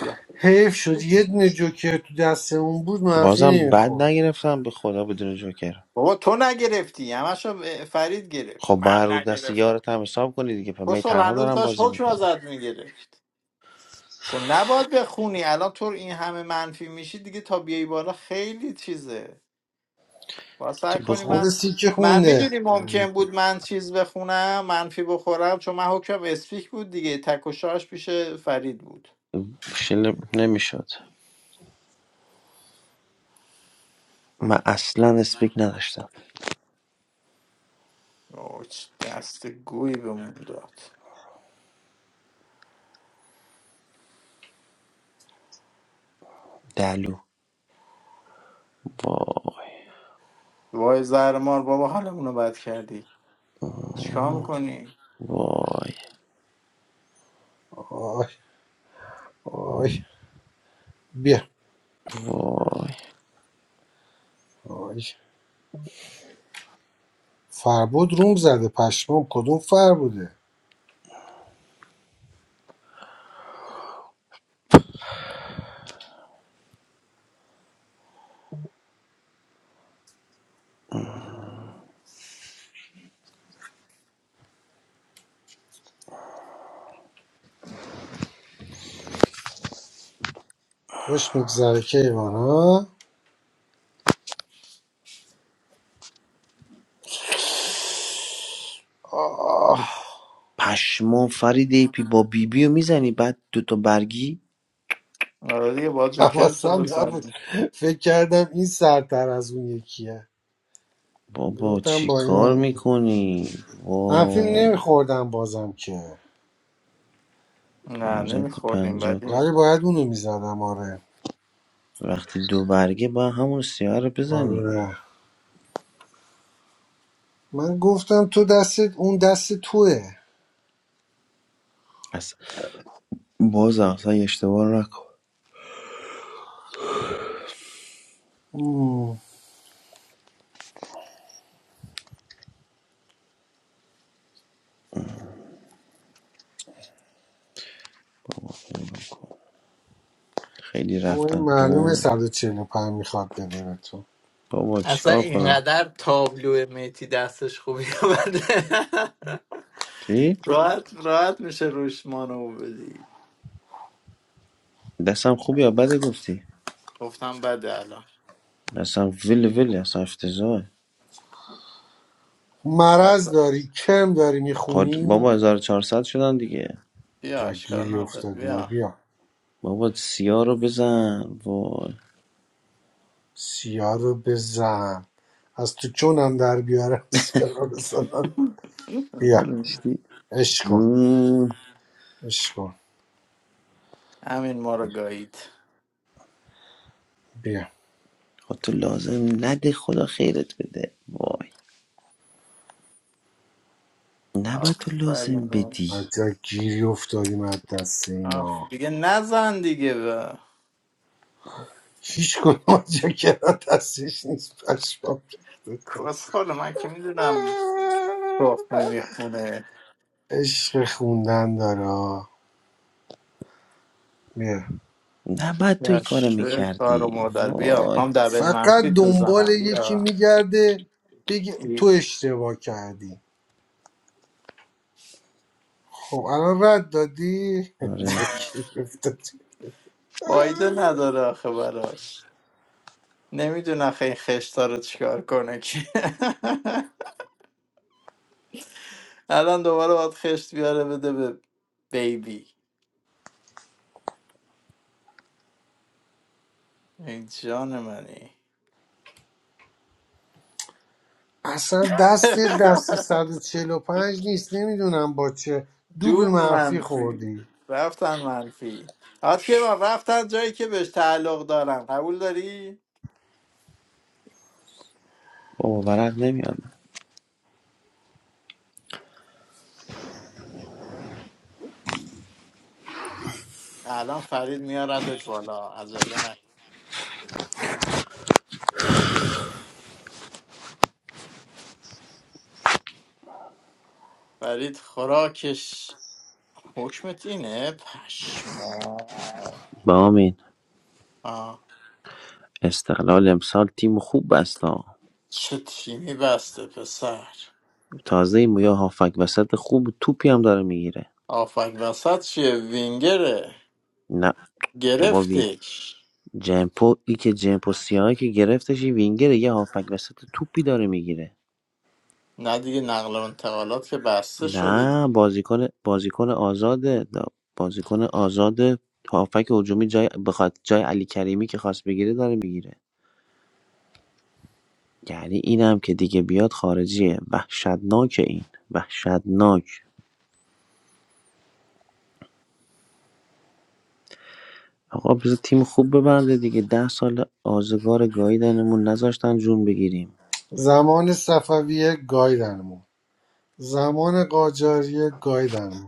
M: بیا.
F: حیف شد یه دونه جوکر تو دستمون بود منفی
J: بازم بد
F: نمیخورد
J: نگرفتم به خدا بدون جوکر
M: بابا تو نگرفتی همشو ب- فرید گرفت
J: خب با
M: من
J: هر رو دست
M: نگرفتم
J: یارت هم حساب کنی دیگه پس من
M: کسول
J: تنها
M: هنوز
J: دارم
M: داشت
J: بازی
M: حکم
J: میکنم
M: ازت میگرفت و نباید بخونی الان تو این همه منفی میشی دیگه تا بیای بالا خیلی چیزه باید سعی
J: تو
M: کنی
F: صد
J: بخون
M: من
F: سیکه
M: من
F: خونده
M: میدونی ممکن بود من چیز بخونم منفی بخورم چون من حکم اسپیک بود دیگه تک و شاش پیش فرید بود
J: شلم نمیشد من اصلا اسپیک نداشتم
M: آه، چه دست گویی بهمون داد
J: دلو وای
M: وای زهر مار بابا حالمونو بد کردی چیکار میکنی؟
J: وای
F: آی آی بیا
J: وای
F: آی فربود روم زده پشمام کدوم فر بوده خوش میگذره کیوان ها آه
J: پشمام فرید ایپی با بیبی رو میزنی بعد دوتا برگی
M: آره دیگه با جوکر تو
F: حواسم نبود
M: بزنی
F: فکر کردم این سرتر از اون یکیه
J: بابا
F: گفتم
J: چی
F: با
J: کار
F: اینم
J: میکنی؟
F: هم فیلم
J: وای
F: نمیخوردم بازم که
M: نه
J: پونزد پنجات
M: نمیخوردیم بدی
F: ولی باید اونو میزدم آره
J: وقتی دو برگه با همون سیاه رو بزنی
F: آره من گفتم تو دستت. اون دست توه
J: اصلا باز اصلا اشتباه نکن
F: اوم.
J: خیلی
F: اون
J: رفتن
F: معلومه
J: وای
F: 145 میخواد بده به تو
J: بابا
M: اصلا
J: چیکار کنم
M: اینقدر تابلو میتی دستش خوبی بده
J: چی؟
M: راحت راحت میشه روش مانو بدی
J: دستم خوبی یا بده گفتی
M: گفتم بده الان
J: دستم ویل ویل اصلا افتضاح
M: حتی
F: مرض داری کم داری
J: خود
F: میخونی
J: بابا 1400 شدن دیگه
M: بیا
F: جا
M: اشکال
F: گیری
M: نداره
F: افتادی و
M: بیا
F: بیا
J: بابا سیاه رو بزن وای
F: سیاه رو بزن از تو چونم در بیارم سیاه رو بزن بیا
J: نداشتی
F: عشق کن
J: زون
F: عشق کن
M: همین ما رو گایید
F: بیا
J: خود تو لازم نده خدا خیرت بده وای نباید تو لازم
M: آفرین
J: بدی
F: از جا گیری افتادیم از دست اینا
M: آف دیگه نزن دیگه به
F: هیچ کنم از جا کرا دستش نیست پشمام ریخته
M: کسخال من که میدونم تخمی میخونه
F: عشق خوندن داره آه. بیا.
J: نباید تو این
M: یا
J: کارو
M: شوی کار و
J: میکردی
M: مادر بیا
J: وای
M: هم دبل
F: فقط
M: منفی تو
F: دنبال
M: زنم
F: یکی
M: بیا
F: میگرده بگه
M: ای،
F: تو اشتباه کردی خب الان رد دادی جا
J: آره
F: کرا افتادی.
M: فایده نداره آخه براش نمیدونه آخه این خشتا رو چیکار کنه که الان دوباره باید خشت بیاره بده به بیبی این جان منی
F: اصلا دست دست صد و چهل و پنج نیست نمیدونم با چه دوبل
M: دوبل
F: منفی
M: منفی
F: خوردی
M: رفتن منفی آت که من رفتن جایی که بهش تعلق دارن قبول داری؟
J: بابا ورق نمیاد
M: الان فرید میاردت بالا عجله نکن فرید خوراکش حکمت اینه پشما
J: با امین
M: آه.
J: استقلال امسال تیم خوب بست ها.
M: چه تیمی بسته پسر
J: تازه این مویا هافک وسط خوب توپی هم داره میگیره
M: آفک وسط چیه وینگره
J: نه بابا وی
M: گرفتش
J: جمپو ای که جمپو سیاهی که گرفتش این وینگره یه هافک وسط توپی داره میگیره
M: نه دیگه نقل و انتقالات که بسته شده
J: نه بازیکن بازیکن آزاده دا- بازیکن آزاده هافک هجومی جای بخواد جای علی کریمی که خواست بگیره داره میگیره یعنی اینم که دیگه بیاد خارجیه وحشتناکه این وحشتناک آقا بذار تیم خوب ببنده دیگه ده سال آزگار گاییدنمون نذاشتن جون بگیریم
F: زمان صفویه گایدنمون زمان قاجاریه گایدنمون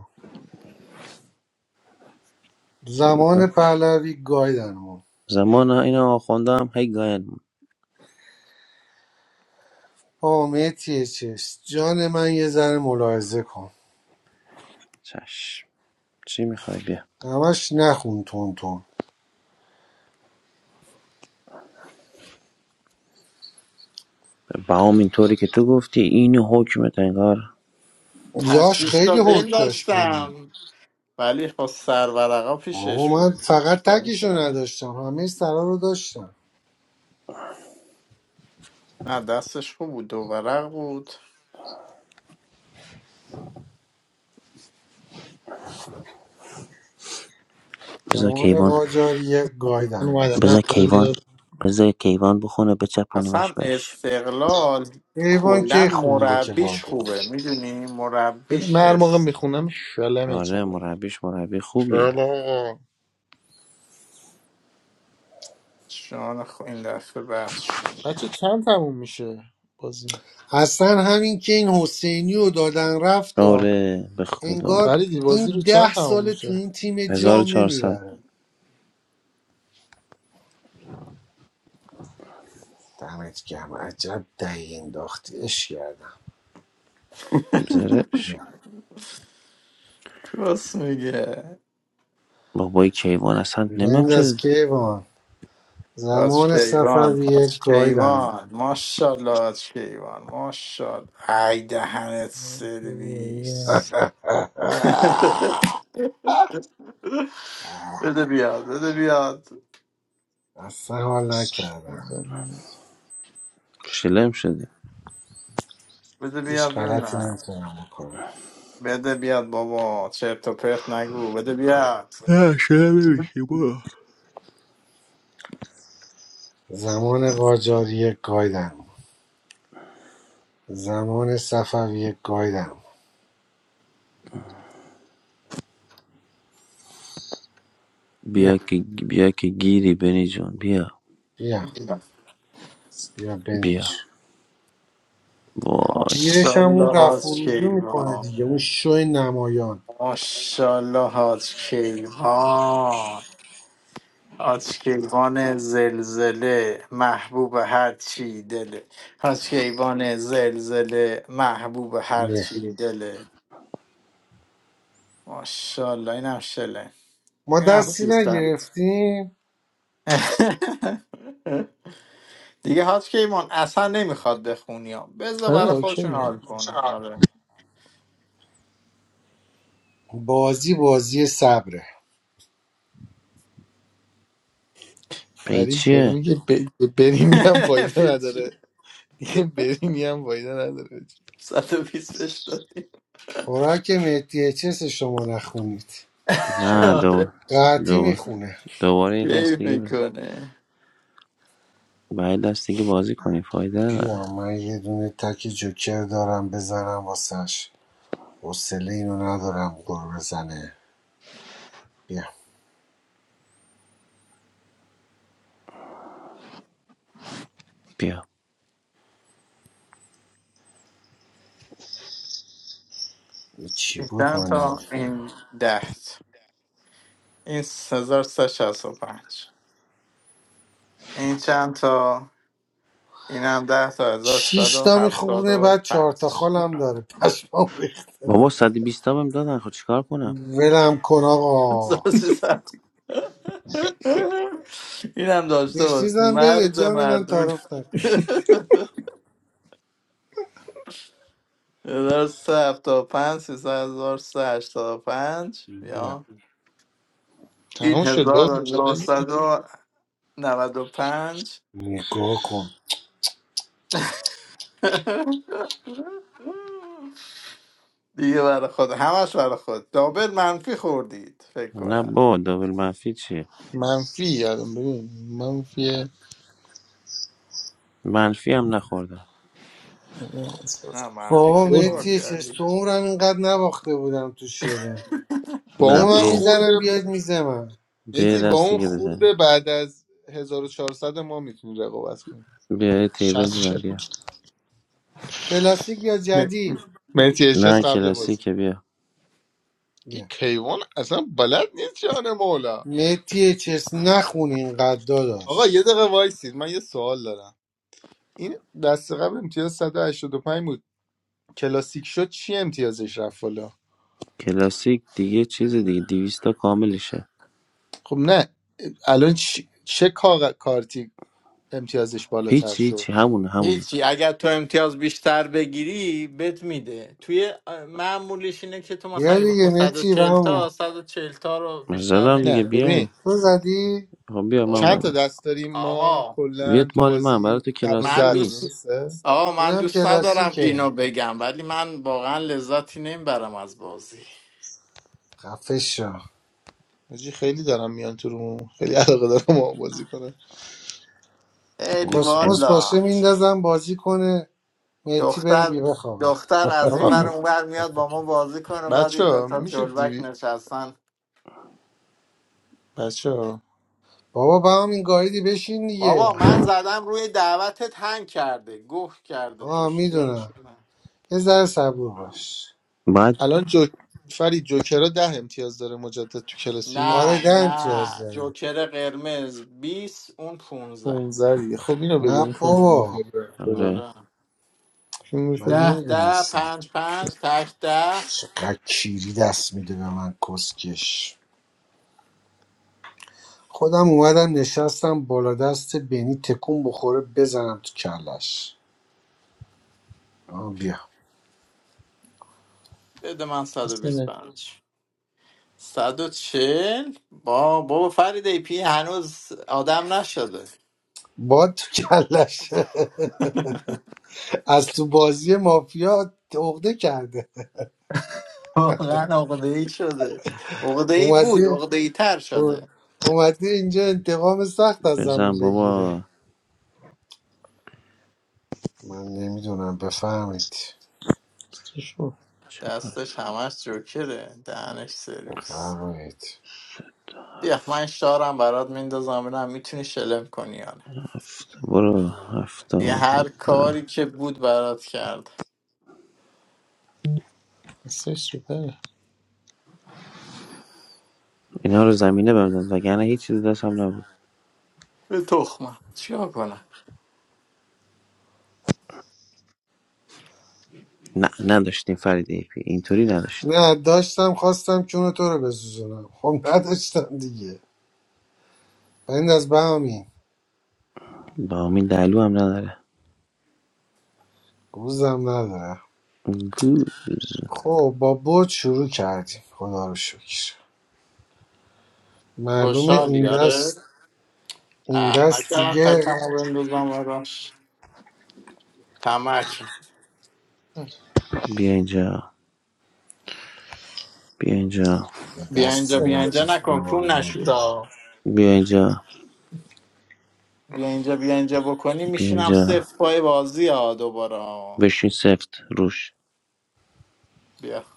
J: ز-
F: زمان پهلوی گایدنمون
J: زمان این آخونده هم هی گاین
F: آه مهدی چست جان من یه ذره ملاحظه کن
J: چشم چی میخوای بیا
F: همش نخون تون تون
J: بهام اینطوری که تو گفتی این حکمت انگار
F: یاش
M: تشویش
F: خیلی
M: تا دل
F: حک داشت بینی
M: داشتم ولی خب سر ورقا
F: آقا
M: پیشش
F: من
M: بود
F: فقط
M: چیکار
F: تکشو
M: کردم؟
F: نداشتم همه سرا رو داشتم
M: نه دستش خوب بود دو ورق بود
J: بذار
F: زمان
J: کیوان
F: قاجاری
C: من
F: گایدنمون
C: اومدم نه
J: بذار
C: اومدم یه
J: کیوان
C: دقیقه.
J: بذار کیوان بخونه بچپونیمش
M: اصلا
J: بش
M: استقلال
F: ایوان
M: کلا
F: که خونده که
M: مربیش
F: بادو
M: خوبه میدونی
C: بده.
M: مربیش
C: من هر موقع
M: بس
C: میخونم شلمتون
J: آره
C: میکنم
J: مربیش مربی
C: شلم
J: خوبیه
M: شان خو این دفعه بحث شد
C: بچه چند تموم میشه بازی
F: اصلا همین که این حسینی رو دادن رفت آه.
J: آره به خدا
F: انگار
C: فریدی بازی
F: این
C: رو
F: ده
C: چند تموم
F: سال تو
C: میشه
F: این تیم
J: هزار و
F: جام
J: چهارصد
F: نمیبره دمت گرم عجب دهی انداختی اش کردم
J: زرش
M: کس میگه
J: بابای کیوان اصلا نمیم
F: بنداز
J: شده
F: کیوان
M: حاج
F: زمان سفر
M: کیوان
F: یه
M: حاج
F: گایدنم
M: کیوان ماشاءالله حاج کیوان ماشالله ای دهنت سرویس بده بیاد بده بیاد
F: اصلا حال نکردم
J: شلم شدیم
M: بده
F: هیچ
M: بیاد
F: غلطی
M: ببینم
F: نمیتونم بکنم
M: بده بیاد بابا چرت و پرت نگو بده بیاد
J: نه شلم نمیشی برو
F: زمان قاجاریه گایدم زمان صفویه گایدم بیا
J: بیا که بیا که گیری بنی جون بیا
F: بیا بیا
J: بیا
F: بنیچ
J: وای
F: گیرش هم اون
M: ماشاءالله حاج
F: رفروجو میکنه
M: کیوان
F: دیگه اون شو نمایان
M: ماشاءالله حاج کیوان آشکیوان زلزله محبوب هر چی دله آشکیوان زلزله محبوب هر
F: نه.
M: چی دله ماشاءالله این هم شله
F: ما
M: این هم
F: دستی
M: سیستم
F: نگرفتیم
M: دیگه حاج کیمان اصلا نمیخواد بخونی ها بذار
C: آره
M: برای خودشون
C: اوکی
M: حال کنن آره
F: بازی بازی صبره
J: پی
C: فرید یارو میگه ب- برینی هم فایده
M: بیا چی؟
C: نداره دیگه برینی هم فایده نداره
M: 120 بهش دادیم
F: خوراک مهدی چس شما نخونید
J: نه
C: شلم
J: دو
M: آره
F: قطعی
J: دو
F: میخونه
J: دوباره یه دست
M: کیف
J: دیگه بزن
M: میکنه
J: باید دست دیگه بازی کنی فایده نداره
F: بیا من یه دونه تک جوکر دارم بزنم واسش حوصله اینو ندارم گل بزنه بیا
J: بیا
F: این چی بود
M: چند
F: من نمی-
M: تا این دهت این 1365 این چند تا این هم ده تا هزار صد
F: شیش
M: و
F: تا
M: هفتاد
F: میخونه
M: و
F: بعد چهار
M: پنج
F: تا خالم داره پشمام ریخت.
J: بابا صد و بیست تا بهم دادن خب چیکار کنم
F: ولم کن آقا
M: هزار سیصد. این هم داشته باش
F: بشنیزم بده
M: مرد
F: جان من
M: مردون
F: تعارف نکن
M: هزار سه هفتاد و پنج سیصد هزار سه هشتاد و پنج
F: بیا
M: یا این
C: تموم شد بابا
M: هزار و
C: بیشتر
M: نهصد و نود و پنج
F: نگاه کن
M: دیگه برای خود همش برای خود دابل منفی خوردید فکر
J: نه
M: کنم
J: با دابل منفی چیه
C: منفی یادم ببین منفی
J: منفی هم نخوردم
M: نه منفی
F: بابا
M: که
F: مهدی چه
M: خوردی
F: تو عمرم اینقدر نباخته بودم تو شله
C: با
J: نه
F: بیا
C: اون
F: من
J: بیا
C: خورده
F: میزنم بیاد میزه من
J: بیا یه
C: مسی با
J: دست
C: اون
J: دیگه بزنیم
C: خورده بعد از 1400 ما میتونی رقابت کنی
J: بیا یه تیبل
C: 60 40
J: زدم بیا
F: کلاسیک یا جدید
C: مسی اشس
J: نه
C: قبل بازی
J: کلاسیکه بیا
C: این
F: بیا
C: کیوان اصلا بلد نیست جان مولا
F: متی چس نخون اینقدر
C: آقا یه
F: داداش
C: دقیقه وایسید من یه سوال دارم این دست قبل امتیاز 185 بود کلاسیک شد چی امتیازش رفت بالا
J: کلاسیک دیگه چیز دیگه 200 کاملشه
C: خب نه الان چی- چه کاغ- کارتی امتیازش بالاتر
J: هیچی
C: شد
J: هیچی همونه همونه
M: هیچی اگر تو امتیاز بیشتر بگیری بهت میده توی اه، معمولیش اینه که تو مثلا
F: بیا
M: اگه
F: دیگه
M: بخوای صد و
F: مهدی
M: چهل
F: همین
M: تا صد و چهل تا رو
J: من
M: بیشتر
J: زدم دیگه
C: نه
M: نمیتونی بدی.
C: ببین
J: بیاین
F: تو زدی
J: خب بیا من
C: چند تا
M: بابا
J: اومدم
C: دست داریم ما
M: آقا
J: بیاد
C: کلا تو
J: مال من برای
C: بازی
J: تو کلاسیک
M: من
C: دوازده تا
M: دوست
J: نیست
C: درسته
M: آقا من
F: اینم
M: دوست ندارم اینو
F: کلاسیکه
M: بگم ولی من واقعا لذتی نمیبرم از بازی
F: خفه شو
C: حاجی خیلی دارم میان تو روم خیلی علاقه دارم ما بازی کنم
M: خیلی
J: بابا چیزه
F: کسموس باشه
M: والا
F: میندازم بازی کنه متی بره بی
M: دختر
F: بخوابه
M: دختر از این
C: آقا
M: ور اون ور میاد با ما بازی کنه بعد
C: بچه
M: این دوتا
C: میشه
M: جلبک
C: دیوی
M: نشستن
C: بچه ها
F: بابا به همین گایدی بشین
M: بابا
F: دیگه
M: من زدم روی دعوتت هنگ کرده گوه کرده
F: آه
M: توش چیارش
F: میدونم
M: کنم؟
F: یه ذره صبور باش
J: بعد
C: الان جو... فرید جوکرا ده امتیاز داره مجدد تو
F: آره
M: نه
C: کلاسیک
F: ده امتیاز
M: نه
F: داری
M: جوکر قرمز 20 اون پونزه
C: 15 دیگه خب اینو بگو
F: نه
C: این 15
F: بابا
C: امتیاز رفته بالا
J: آره
M: آره
C: چی
F: من
C: میشه
M: ده ده
F: نمیدونستم
M: پنج پنج تک ده
F: چقدر کیری دست میده به من کسکش خودم اومدم نشستم بالا دست بنی تکون بخوره بزنم تو کلش آه بیا
M: بده من
C: اسمه
M: 125 140 با بابا فرید ای پی هنوز آدم نشده
F: باد تو کلش از تو بازی مافیا عقده کرده
M: واقعا عقده ای شده عقده ای بود
F: اومده
M: عقده ای تر شده
F: اومده اینجا انتقام سخت از زمون
J: بزن
F: بگیره
J: بابا
F: من نمیدونم بفهمید
C: استشو
J: چهار تا،
M: دستش همش جوکره دهنش سرویس
F: بفرمایید
M: بیا من شارم برات میندازم ببینم میتونی شلم کنی یا نه
J: هفت برو هفته
M: یه
J: و
M: هر
J: دوزن.
M: کاری که بود برات کرد
C: استشو بله
J: اینا رو زمینه ببندن وگرنه هیچی تو دست هم نبود
M: به تخمم چیکار کنم
J: نه نداشتیم فرید ای پی اینطوری نداشتیم
F: نه داشتم خواستم چون تو رو بسوزونم خب نداشتم دیگه بند از بهمین
J: با امین دلو هم نداره
F: گوزم نداره
J: گوز
F: خب با بود شروع کردیم خدا رو شکر معلومه این
M: خوشحالی آره
F: دست این
M: اه
F: دست
M: نکردم
F: دیگه
M: تکمو بندازم براش تمرکه
J: بیا اینجا بیا اینجا
M: بیا
F: دست
M: اینجا بیا اینجا
F: ردیف به
M: نکن
F: ما
M: کون نشود
F: نمیدونم
M: آه.
J: بیا اینجا
M: بیا اینجا بیا اینجا بکنی
J: بیا
M: میشینم
J: اینجا
M: صفر پای بازی ها دوباره آه.
J: بشین سفت روش
M: بیا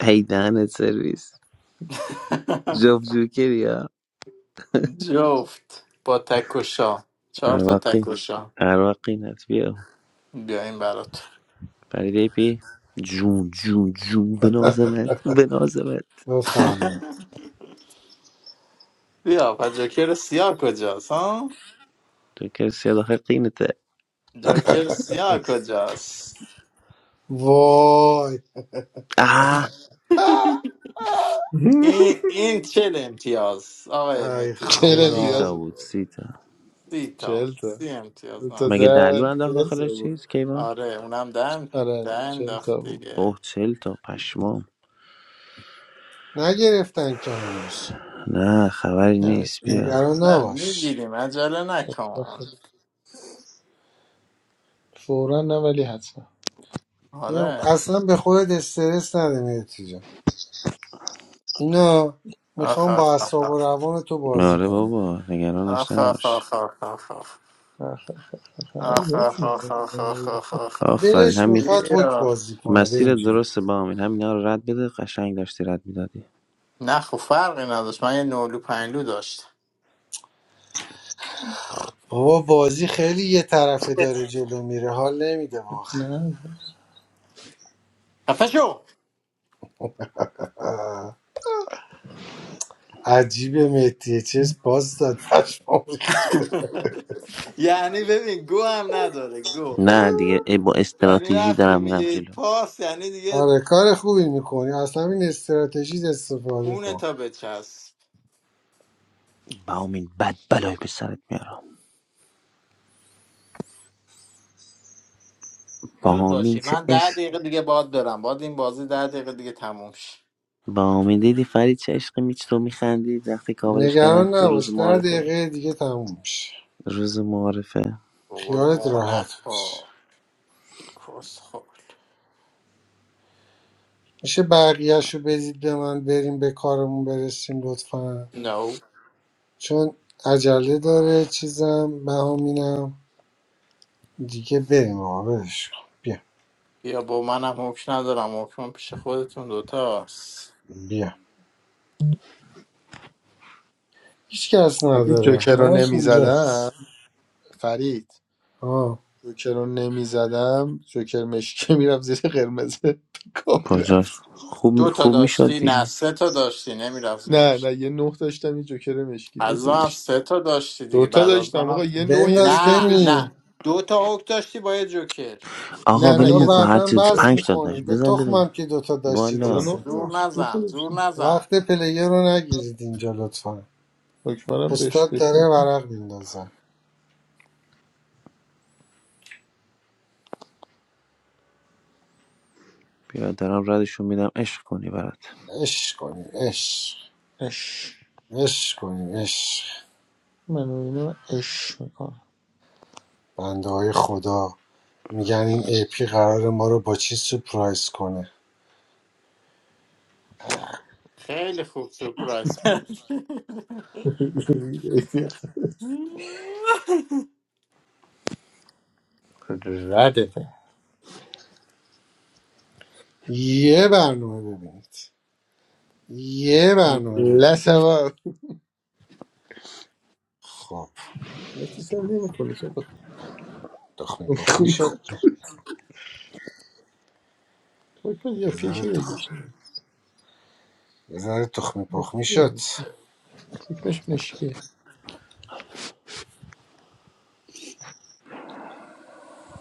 J: ای دهنت سرویس جاب جوکری ها
M: جفت با تکوشا چهار تا
J: عراقی
M: تکوشا
J: عراقی نت بیا
M: بیاین برات
J: فریده پی جون جون جون بنازمت بنازمت
F: بفرمایید
M: بیا پس جوکر سیاه کجاست ها
J: تو کسی داخل قینته
M: جوکر سیاه کجاست
F: وای
J: اه
M: این این چل امتیاز آقای
F: ای
M: مهدی
C: چهل
J: سی
M: چیز
C: امتیاز
F: خدا
J: تا
C: بود
J: بود
C: واقعا.
J: سی تا
M: سی تا
C: چهل تا
M: سی
C: دو
M: امتیاز نه
C: تا
J: مگه
M: سی
J: دلو
M: امتیاز.
C: ده
J: انداخت
C: چهل تا
J: داخلش
C: بود
J: چیز کیوان
M: آره اونم دن
C: آره
M: دن
C: چل تا
M: داخت
C: بود
M: دیگه
J: اوه چل تا پشمام
F: نگرفتن که هنوز
J: نه خبری
C: نه
J: نیست بیا
F: نگران
M: نه
F: نباش
M: میگیریم عجله نکن
C: فورا نه ولی حتما
F: یه-
M: آره
F: اصلا به خودت استرس نده میتی جان اینا
M: آخ
F: میخوام
M: آخ
F: با
M: آخ
F: اعصاب و روان تو بازی
J: آره
F: کنم
J: بابا نگرانش
M: آخ آخ
J: نباش
M: آخ آخ آخ آخ.
C: نه خبر
M: آخ، آخ، آخ،
C: درسته.
M: آخ، آخ، آخ، آخ، آخ، آخ.
J: آفرین
F: دلش
J: همین
F: میخواد حک
M: بیا
F: بازی کنه
J: مسیر
F: ببین جون.
J: درست با همین همینا رو رد بده قشنگ داشتی رد میدادی
M: نه خب فرقی نداشت من یه نولو پنلو داشتم
F: بابا بازی خیلی یه طرفه داره جلو میره حال نمیده
C: نه
M: خفه شو
F: واقعا عجیبه مهدیه چش باز داد پشمام ریخت.
M: یعنی ببین گو هم نداره گو
J: نه دیگه ای با
M: یعنی
J: استراتژی
M: وقتی
J: دارم میرم
M: میگه
J: جلو
M: پاس یعنی دیگه
F: آره کار خوبی میکنی اصلا این استراتژیت استفاده
M: کونه
F: کن
M: تا بچسب
J: بامین بد بلایی به سرت میارم
M: زود
J: بامین
M: باشی
J: چه
M: من ده
J: عشق
M: دقیقه دیگه باد دارم باد این بازی ده دقیقه دیگه تموم شد
J: بامین دیدی فرید چه عشقی میچ تو میخندی وقتی کاورش کردم
F: نگران
J: تو
F: نباش
J: روز
F: در
J: معارفه
F: دقیقه دیگه تموم میشه
J: روز معارفه
M: بابا
F: خیالت
M: گو
F: راحت باش
M: نخور کس
F: میشه بقیهش رو بدید به من بریم به کارمون برسیم لطفا
M: نو
F: چون عجله داره چیزم بهامینم دیگه بریم آقا ولش کن. بیا
M: بیا با منم حکم ندارم حکم پیش خودتون دوتاست
F: بیا هیچ کس
C: اگه
F: نداره
C: جوکر رو
F: همش
C: نمیزدم
F: اینجاست
C: فرید
F: آه
C: جوکر رو نمیزدم جوکر مشکی میرفت زیر قرمز کا
J: کجاش
C: میرفت
J: خوب
M: دو تا
J: خوب میشد
M: داشتی نه
J: دیگه
M: سه تا داشتی نمیرفت
C: نه
M: زیرش.
C: نه یه نه داشتم یه جوکر مشکی دو
M: از
C: تا
M: من
C: داشتم
M: سه تا داشتی
C: دو
M: دیگه
C: تا
M: بعد از
C: داشتم آقا
M: منم
C: یه نه یه
F: بنداز
C: جوکر
M: نه
F: بریم
M: نه
C: مشکی
M: دو تا هوک داشتی با یه جوکر
J: آقا
C: نه
J: ولی
C: نه
F: حالا
C: یه
J: مکو
C: دونه
J: هر
F: بعدا
J: چیز
C: نه
F: بس
J: پنج تا
C: داشتم
F: میکنی
J: داشت
F: به
J: بزن بره
F: تخمم که دوتا داشتید یا
C: خدا
J: والا
C: نه
M: زور
F: ستا
C: داشت دو تا
M: نزن زور
C: داشتم
M: نزن
F: وقت پلیر رو نگیرید اینجا لطفا
C: حکمرم بهش
F: استاد داره
C: بکنم
F: ورق میندازه
J: بیا دارم ردشون میدم عشق کنی برات
F: عشق کنیم عشق
C: اش
F: عشق کنیم عشق
C: منو اینو اش می‌کنم.
F: بنده های خدا میگن این ایپی قرار ما رو با چی سپرایز کنه
M: خیلی خوب سپرایز
C: ردته
F: یه برنامه ببینید یه برنامه ببینید
C: لسوا
F: خب
C: متی چرا نمیخونی تو بخون
F: تخمی
C: تو
F: پخمی
C: میخونی خوب
F: شد
C: حکمت یا
F: یه ذره
C: پیشه یا
F: تخ...
C: گوشه
F: یه ذره تخمی پخمی میشد.
C: مشکیه حکمش مشکیه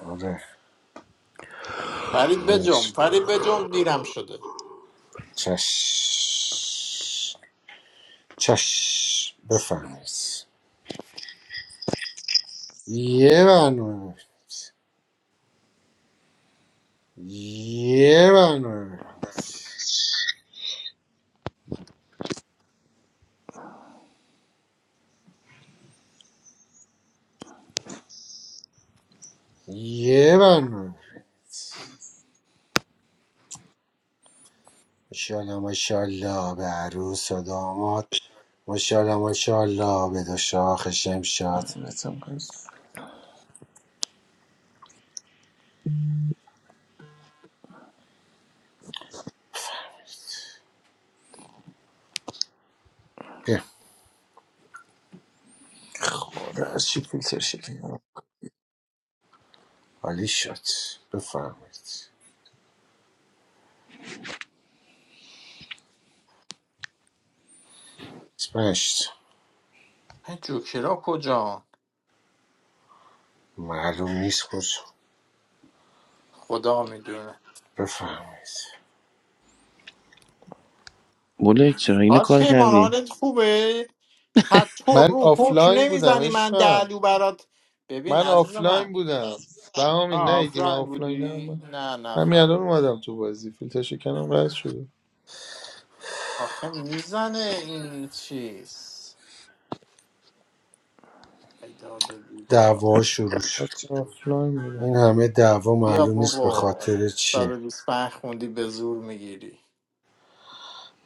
F: آره
M: فرید بجم
F: ولش.
M: فرید بجم دیرم شده
F: چش چشم بفرمایید یه برنامه بود. یه برنامه یه برنامه ماشاءالله ماشاءالله به عروس و داماد ماشاءالله ماشاءالله به دو شاخ شمشاد
C: نتم
F: بیا،
C: خوره از چی فیلتر شکلی
F: عالی شد بفرمایید اسمش
M: این جوکرا کجا
F: معلوم نیست کجا
M: خدا میدونه
F: بفرمایید
J: بولک چرا اینو
M: آج
J: کار
M: کیبان
J: کردی
M: حالت خوبه پتو
C: من
M: رو حکم
C: آفلاین بودم
M: نمیزنی من
C: عشقم
M: دلو برات ببین
C: من
M: عزیز
C: آفلاین
M: من
C: بودم بهامی
M: ها
C: نهیدی من
M: آفلاین
C: آفلاین هم
M: بودی
C: من
M: نه
C: همین
M: نفهمیدم
C: الان اومدم تو بازی فیلتر شکنم قطع شده
M: آخه میزنه این چیز ایداد بیداد
F: دعوا شروع
C: من
F: شد
C: آفلاین بودم
F: این همه دعوا
M: بیا
F: معلوم نیست به
M: بابا
F: خاطر چیه
M: 125 خوندی به زور میگیری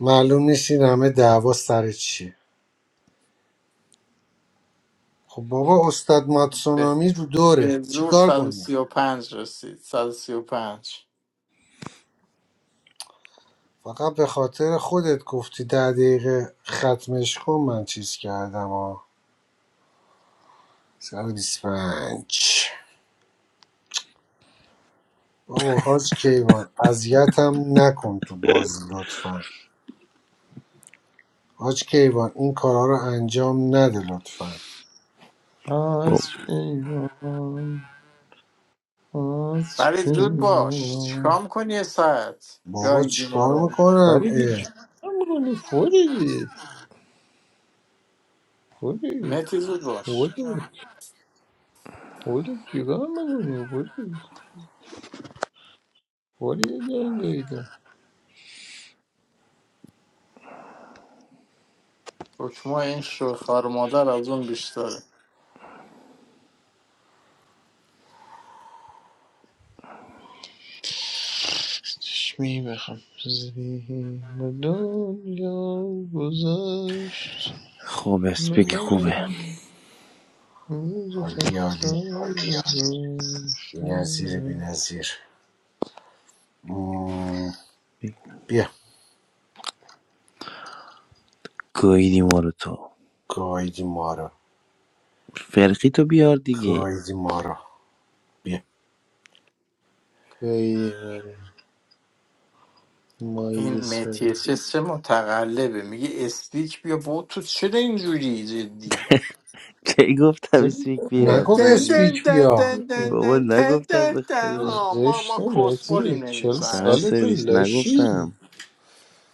F: معلوم نیست این همه دعوا سر چیه خب بابا استاد
M: به,
F: ماتسونامی رو دوره
M: به زور
F: چیکار کنیم
M: 135 رسید 135
F: فقط به خاطر خودت گفتی ده دقیقه ختمش کن من چیز کردم ها سر 25 بابا حاج کیوان اذیتم نکن تو بازی لطفا حاج کیوان این کارا رو انجام نده لطفا
J: خب
C: از کیوان از
M: ولی زود باش
C: کیوان
M: چیکار کنی یه ساعت
F: بابا
M: گایدی ما
F: چیکار
M: رو
F: میکنم
C: فرید جیگاه
F: اه.
C: میکنی فرید فرید
M: متی زود باش
C: فرید فرید جیگاه میکنی فرید فرید انگایده
M: حکمه این شوخار مادر از اون بیشتره
C: چشمی بخم زیم دنیا گذشت
J: خوب اسپیک
F: عالی
C: نمال
J: خوبه
C: میز
F: عالی عالی.
C: فقط
F: بی‌نظیره
C: نشنم
F: بی‌نظیر مم، بیا
J: گویدی ما رو تو
F: گایدی ما رو
J: فرقی تو بیار دیگه
F: گایدی ما رو بیا
C: قیمه مایی
M: این
C: سر
M: متی چه متقلبه میگه استیک بیا با تو چرا اینجوری جدی
J: کی گفتم سیک بیا
M: دن
F: نگفت
M: دن دن
F: اسپیک
M: دن
F: بیا
M: دن
J: بابا
M: دن دن
J: نگفتم
M: دن
J: به
M: دن.
J: خدا
M: آه، ما
C: زشته
M: ما
C: مهتی
M: کسخلیم
C: چل
J: دهن
M: نمیفهمیم
C: سالت
J: سرویس
C: لاشی
J: نگفتم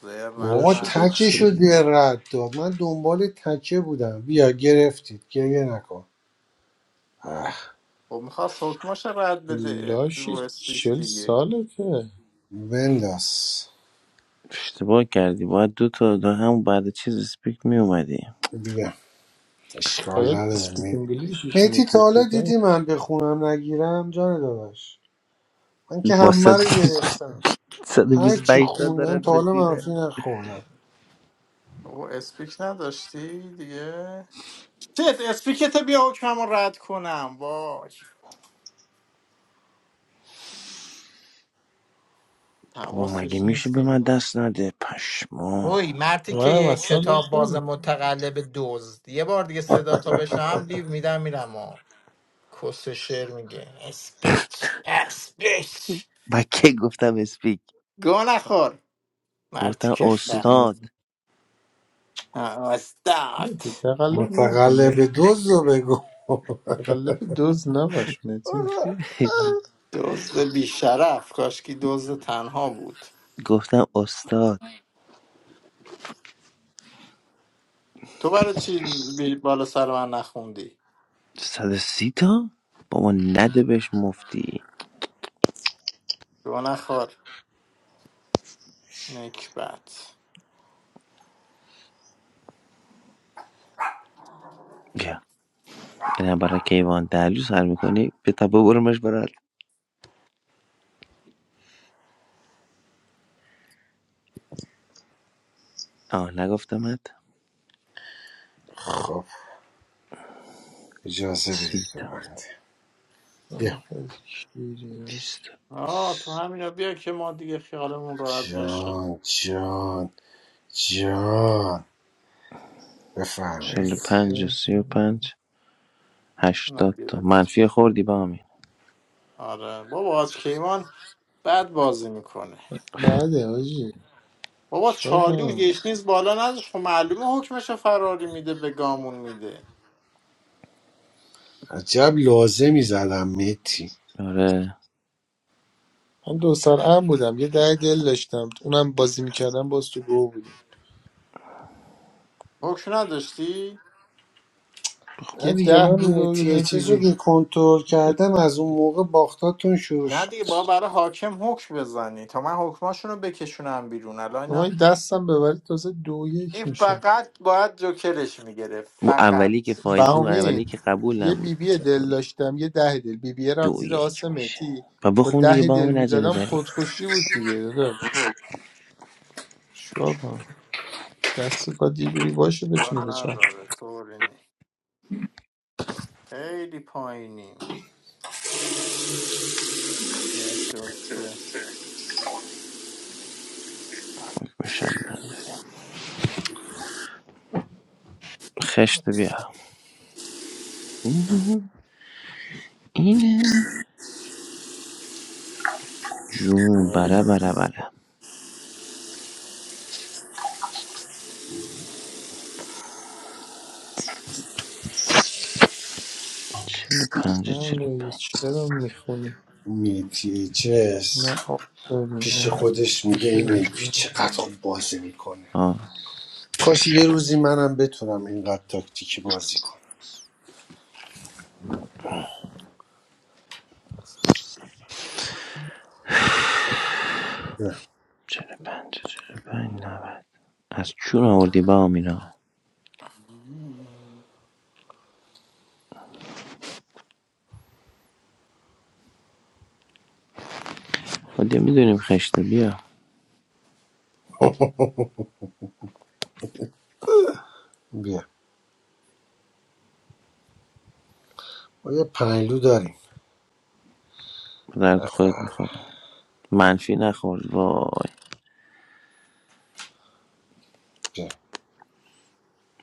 M: زر
F: آقا
C: لاشی
M: نزن
C: تو
F: تکش
J: دیگه
F: رو
J: دیگه.
F: در رد داد من دنبال تکه بودم بیا گرفتید گریه نکن اه،
M: خب میخواست حکماش رد بده
C: لاشی
M: رو اسپیک
C: چل
M: دیگه
C: ساله که
F: بنداز
J: اشتباه کردی باید دو تا دو هم بعد چیز اسپیک می اومدی
F: بیا اشکال
C: باید
F: نداره
C: اسپیک
F: می
C: انگلیشش
F: میتی تا
C: میکردی
F: حالا
C: دار
F: دیدی من به خونم نگیرم جان داداش من که
J: با
F: همه رو گرفتم هر چی
J: 125 تا
F: خوندم
J: دارن
F: تا حالا منفی
J: بتوینه
F: نخوردم
M: او اسپیک نداشتی دیگه چت اسپیکت بیا حکمم رو رد کنم وای
J: بابا مگه
M: حواسش
J: میشه
M: نیست
J: به
M: که
J: من دست نده پشما
M: اوی مرتی که
C: منم
M: یه
C: اصلا
M: کتاب باز
C: رفتم
M: متقلب دزد یه بار دیگه صدا تا بشنم لیو میدم میرم و کس شعر میگه اسپیچ اسپیچ
J: با کی گفتم اسپیک
M: گو نخور مرتی
J: گفتم
C: گفتی
M: کفتن
C: دیگه
J: استاد
C: میتی
M: استارت
C: تقلب نکن
F: متقلب
C: میتی
F: دزد بگو
C: تقلب دوز نباش میتی
M: دزد بیشرف کاشکی دزد تنها بود
J: گفتم استاد
M: تو برای چی بی- بالا سر من نخوندی
J: 130 تا بابا نده بهش مفتی
M: تو نخور نکبت
J: یه نفر رو کیوان دهلو سر میکنی به تبا برمش برات آه نگفتمت
F: خب اجازه بدید
J: سی تا
F: ببندیم بیا
J: بیست تا
M: آه تو همینا بیا که ما دیگه خیالمون راحت باشه
F: جان جان جان
J: چل و
F: بفرمایید
J: پنج و سی و پنج
M: نه
J: هشتاد تا
M: گرفت
J: منفی خوردی با همین
M: آره بابا از کیوان بد بازی میکنه
C: بعده حاجی
M: بابا
C: چیکار
M: چالو
C: کنم
M: گشنیز نیز بالا نداشت خب معلومه حکمشو فراری میده به گامون میده
F: عجب لازمی زدم متی
J: آره
C: من دو سرعم بودم یه ده دل داشتم اونم بازی میکردم باز تو گو بودیم
M: حکم نداشتی
F: نه
C: یه
F: دیگه
C: ده
F: من
C: بود و یه
F: متی
C: دونه
F: اچس رو
C: بیوی
F: که کنترل کردم از اون موقع باختاتون شروع
M: نه
F: شد
M: دیگه با برای حاکم حکم بزنی تا من حکماشون رو بکشونم بیرون الان
C: اما
M: اینا
C: این دستم ببرید تازه دو
M: این
C: یک میشه
M: فقط باید جوکرش میگرفت
J: او
M: فقط
J: اولی که فاید او اولی
C: بهامی
J: که قبول
C: یه
J: نبود
C: بیبی
J: دو
C: دل
J: یک
C: داشتم یه ده دل بیبی رفت
J: دو
C: زیر آس
J: یک میشه
C: مهدی
J: و
C: با
J: بخون دیگه
C: ده
J: با
C: دل
J: همین عجله
C: میزدم
J: داری
C: خودکشی بود دیگه داداش چیکار کنم دست باید یه جوری باشه بتونی
M: اشکال
C: به چرخ
M: نداره طوری نی خیلی پایینیم یک دو سه
J: میشم نه خشت بیا اوه، اینه جون بره بره بره چل و پنج چل و پنج
C: چرا میخونی
F: متی اچس
C: نه آفرین
F: پیش
C: نه
F: خودش میگه این
C: جوکر.
F: متی چقدر خوب بازی میکنه
J: آه
F: کاش یه روزی منم بتونم اینقدر تاکتیکی بازی کنم بیا
J: چل و پنج چل و پنج از چون آوردی با آمینا؟ خودت میدونیم خشته بیا
F: بیا ما یه پنلو داریم
J: به درد خودت میخوره منفی نخور وای
F: بیا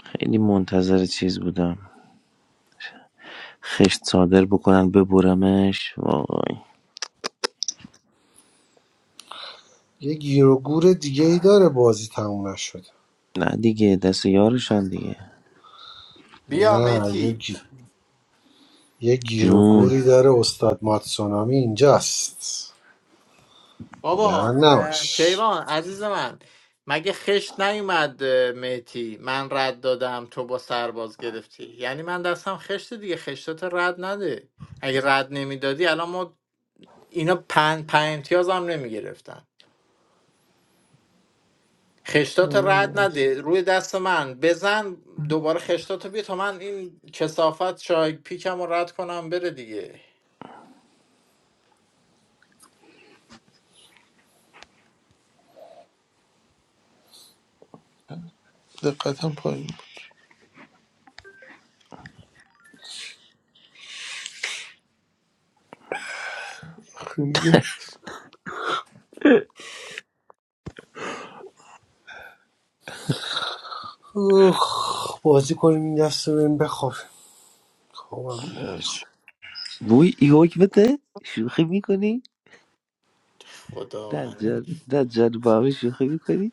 J: خیلی منتظر چیز بودم خشت صادر بکنن ببرمش وای
F: یه گیر و گور دیگه ای داره بازی تموم نشده
J: نه دیگه دست یارشن دیگه
M: بیا
F: نه یه
M: متی
F: گی... یه گیر و
J: جون
F: گوری داره استاد ماتسونامی اینجاست نگران
M: بابا اه،
F: نباش
M: کیوان عزیز من مگه خشت نیومد متی من رد دادم تو با سرباز گرفتی یعنی من دستم خشت دیگه خشتات رد نده اگه رد نمیدادی الان ما اینا پنج پنج امتیاز هم نمی گرفتن خشتات رد
C: ام،
M: نده روی دست من بزن دوباره خشتاتو بیا تا من این کسافت شای پیکم رو رد کنم بره دیگه
C: دقتم پایین بود. خب دیگه.
F: اوخ بازی کنیم این دست رو بریم بخوابیم خوابم میاد.
C: هرچی.
J: وای ای حکمته شوخی میکنی
M: خداوند
J: دجال دجال با همه شوخی میکنی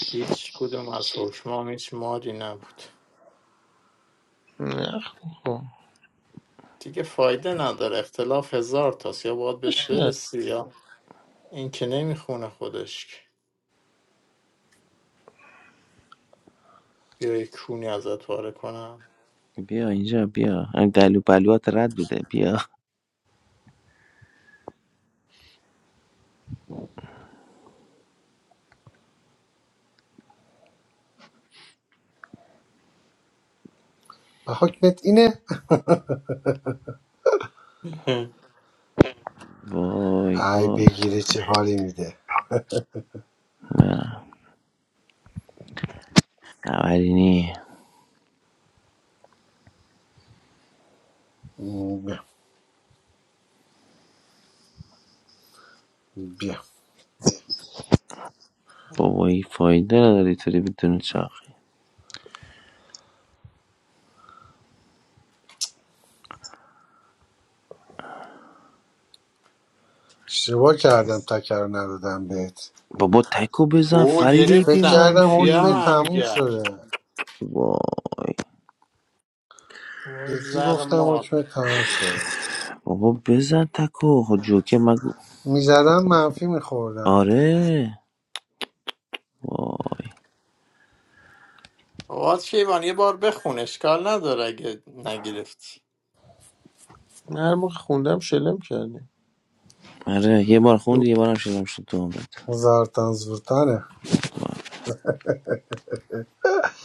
M: هیچ کدوم از حکمام هیچ ماری نبود
C: نه خب.
M: دیگه فایده نداره اختلاف هزار تاست یا باید بهش
C: باشه.
M: برسی یا این که نمیخونه خودش که. بیا یک کونی ازت پاره کنم
J: بیا اینجا بیا این دلو بلوات رد بوده بیا
F: و حکمت اینه
J: وای
F: ای
J: وای
F: بگیره چه حالی میده
J: نه اولینی
F: م، بیا بیا
J: بابایی فایده نداری توری بدون چاق
F: اشتباه کردم تکر رو ندادم بهت
J: بابا تکو بزن
M: او
J: فرید ای
F: فکر
M: گرفتم
F: کردم
M: بیا
F: حکم
J: منفی
M: هم
F: تموم
M: گشت
F: شده
J: وای
M: وای
F: جدی
M: زر
F: گفتم
M: مار
F: حکم تموم شده
J: بابا بزن تکو خب جوکه مگو
F: میزدم منفی میخوردم
J: آره وای
M: آقا شیبان یه بار بخون اشکال نداره اگه نگرفتی
C: من هر موقع خوندم شلم کردیم
J: آره یه بار خوندی
C: دو
J: یه بارم شدم شد تو عمرت
F: زارتان زورتانه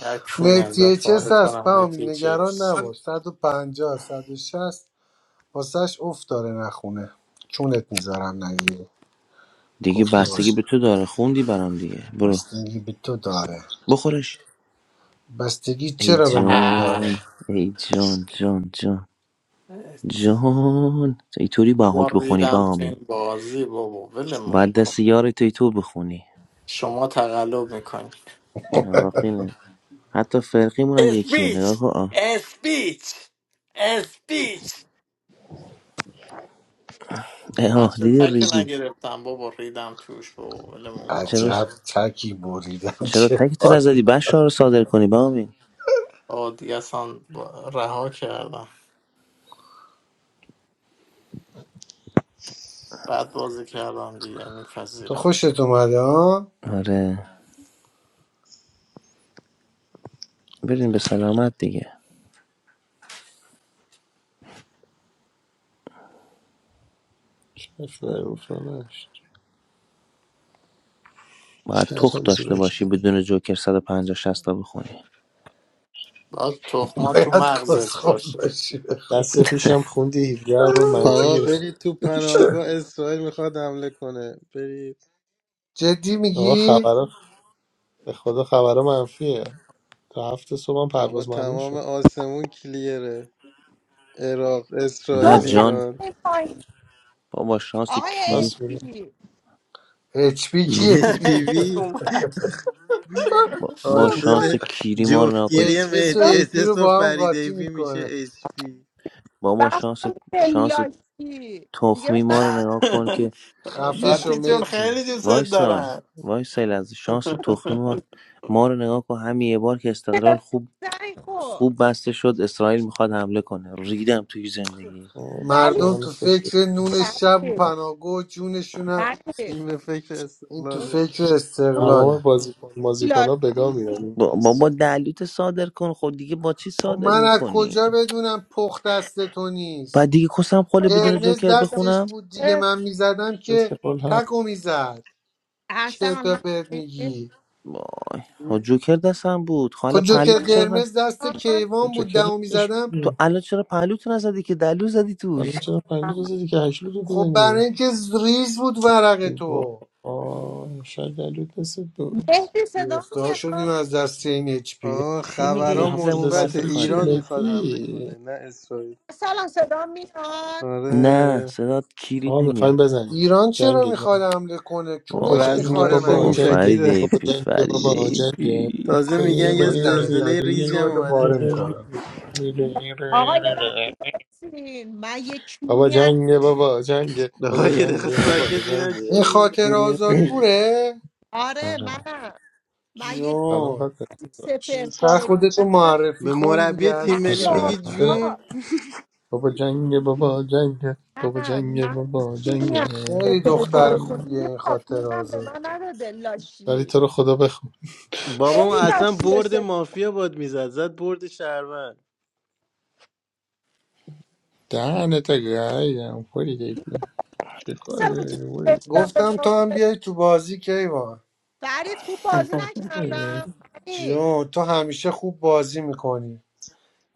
M: یه کونی
F: مهدیه
M: ازت
F: چس
M: پاره
F: هست
M: کنم
F: بهامی نگران
M: تیچرز
F: نباش 150 160 واسهش افت داره نخونه چونت میذارم نگیری
J: دیگه
F: گفته
J: بستگی
F: باشه
J: به تو داره خوندی برام دیگه برو
F: بستگی به تو داره
J: بخورش
F: بستگی
J: ای
F: چرا به من
M: آه
F: داره
J: جان ای جان جان جان جان اینطوری با حک بخونی با
M: ریدم تو این
J: آمین
M: بازی بابا ولمون
J: باید دست
M: کن
J: یار توی تو بخونی
M: شما تقلب میکنی
J: رفیقینت حتی فرقیمون هم یکیه نگاه
M: اسپیچ
J: کن آه,
M: اسپیچ اسپیچ
J: اه
M: من
J: آه،
M: چه
J: دیدی
M: تک رو
J: ریدی
M: نگرفتم بابا ریدم توش بابا ولمون کن
J: چرا
F: عجب تکی بریدم
J: چرا
F: چه
J: تکتو
F: حالی
J: نزدی بشار رو صادر کنی بامین
M: آه دیگه اصلا با- رها کردم بعد بازی کردم دیگه
F: تو
M: میپذیرم
F: خوشت اومده ها
J: آره برین به سلامت دیگه
C: نفر گفتم نشت
J: باید تخت
C: کردم
J: داشته
C: زورکی
J: باشی بدون جوکر 150 60 تا بخونی
M: باید تخما تو
F: باید
M: مغزت
F: کسخور
M: باشه
F: باشی
C: دست پیشم خوندی 17 بار منفی
I: آقا
C: گرفتی
I: برید تو پناهگاه اسرائیل میخواد حمله کنه برید
F: جدی
C: آقا
F: میگی
C: خبرها به خدا خبرها منفیه تا هفت صبح هم
I: آقا
C: پرواز ممنوع
I: تمام
C: شد
I: آسمون کلیره عراق
J: نه
P: دو
I: اسرائیل
C: آره
P: ساعت
J: جان
I: ایران
P: این پایین
J: بابا با شانس
P: آقای
J: کیری
C: راست میگه
P: ایکی
F: اچ پی کیه
I: یک پی
M: این
I: وی
M: اومد
J: با, با
P: این
J: شانس
I: حاصل
J: کیری ما رو نگاه کن
I: جفتگیری
F: اچ اس و
I: مهدی
P: خدا
F: ای پی رو
I: احساس و
F: با هم
I: فرید
F: قاطی
I: ایفی میشه
F: میکنه
I: اچ پی
J: بابا شانس
P: بخون به
J: شانس
P: لاکی دیگه
J: تخمی
P: به
J: ما
P: من
J: رو نگاه کن که
F: خفه شو
M: خاطی
P: لاکی
M: جون
F: متی
M: خیلی دوست
J: وایسا
M: دارم
J: وایسا از شانس تخمی ما ما رو نگاه کن همین یه بار که استقلال خوب
P: سعی خور
J: خوب بسته شد اسرائیل میخواد حمله کنه ریدم توی زندگی
P: ولی
F: مردم
C: سهان
F: تو
C: فکر
F: فکر نون شب و
P: ولی
F: پناهگاه و جونشونن
P: ولی
I: این به فکر
F: این تو
I: استقلاله
P: اون
F: فکر
P: اون
F: استقلاله
C: تمام بازیکن بازیکن ها
P: لاکی
C: بگاه
P: میشه
C: میرن این
J: با- بابا
C: پس
J: دلیلتو صادر کن خود دیگه با چی
F: خب
J: صادر
F: من از
J: میکنی
F: کجا بدونم پخت دست تو نیست
J: بعد دیگه کسم خاله
P: رو
J: بدون
P: نقش
F: قرمز
J: جوکر
P: پشت
F: دستش
J: بخونم
F: بود دیگه
P: خودشه.
F: من میزدم
C: دید که
F: که
C: قول هم
F: تکو میزد چه
P: اصلا هم
F: تا پرت
P: هستی
F: میگی
J: وای ها جوکر دستم بود
F: خب
J: خاله
F: جوکر
P: صدا
J: پهلوتو چرا
P: میاد
J: نه
F: قرمز دست کیوان
C: کجا
F: بود دمو
C: کلش
F: میزدم
J: تو
C: بود؟
J: الان چرا پهلوتو نزدی که دلو زدی توش
C: حالا چرا پنجه تو زدی که هشلو رو
F: خب برای
C: بزنی
F: اینکه ز- ریز بود ورق
C: ای
F: تو
C: بابا شاید دلوت دست بود
P: مهدی صدا
F: گرفتار شدیم
P: میاد
F: از دست این اچ پی
I: آه
J: چی میگه
C: یه
I: خبرها
J: این
C: هفلو
J: زبون
C: دست
I: مثبت
J: بس
C: بود چی
I: ایران
J: خاطره
I: میخواد حمله
C: مگی
I: کنه نه اسرائیل
P: اصلا صدا میاد
J: نه
I: آره
J: صدات کیری
C: آقا میخوایم
J: نمیاد
C: بزنیم
F: ایران چرا
C: جنگ
F: میخواد حمله کنه
J: وای
C: بابا
F: چونش
C: جنگ
F: میخوره
I: رزمایش
C: بابا
J: بابا
F: مگه
C: جنگ
I: موشکی
J: فرید
I: داره
C: بابا
J: ایپی
C: جنگ
J: فرید
C: بابا جنگ
J: ایپی
I: تازه میگن
P: بله.
C: بابا
I: یه
F: وای
C: جنگ
F: دمت
I: زلزله
F: نگیری
I: ریزی هم
F: چوبتو
I: اومده
F: پاره
I: تهران
F: میکنم
P: آقا یه لحظه
C: بابا
P: بایستین. من یه کیونی از
C: جنگ بابا جنگ
I: آقا یه دقیقه
C: بابا
I: ساکت
C: جنگ
I: بینم چی
F: این
I: میگه
F: خاطر آزاد پوره
P: آره
J: آره
P: منم من یه
C: سلام
F: جون
C: خاطر
P: چیزی سپر
F: زودتر
P: پاره
F: خودتو
P: کنم
F: معرفی
I: به
F: کن
I: مربی
F: دیگه
P: من
I: تیم ملی
J: پس
F: عزیزم
J: بده
I: میگی
J: خواهر.
C: خاطره
I: جون
P: مافیا
C: بابا جنگ بابا جنگ بابا
P: نه
C: جنگ
P: من
C: بابا جنگ
P: میدونم
F: خیلی
P: سپر
F: دختر
P: پاره
F: خوبیه
P: کنم یه
F: این خاطر
P: پاپیونم به
F: آزاد
P: من
F: رو
P: نداده
C: ولی
P: لاشی
C: تو رو خدا بخون
I: بابام
P: خیلی
I: اصلا
P: لاشیه
I: برد
P: سپر
I: مافیا باد میزد زد برد شهروند
C: دهنت گایم خوری دیگه
P: مثلا چیزی بچتم به
F: گفتم تو
P: ما
F: هم بیای تو بازی کیوان
P: فرید خوب بازی نکردم فرید
F: جون تو همیشه خوب بازی میکنی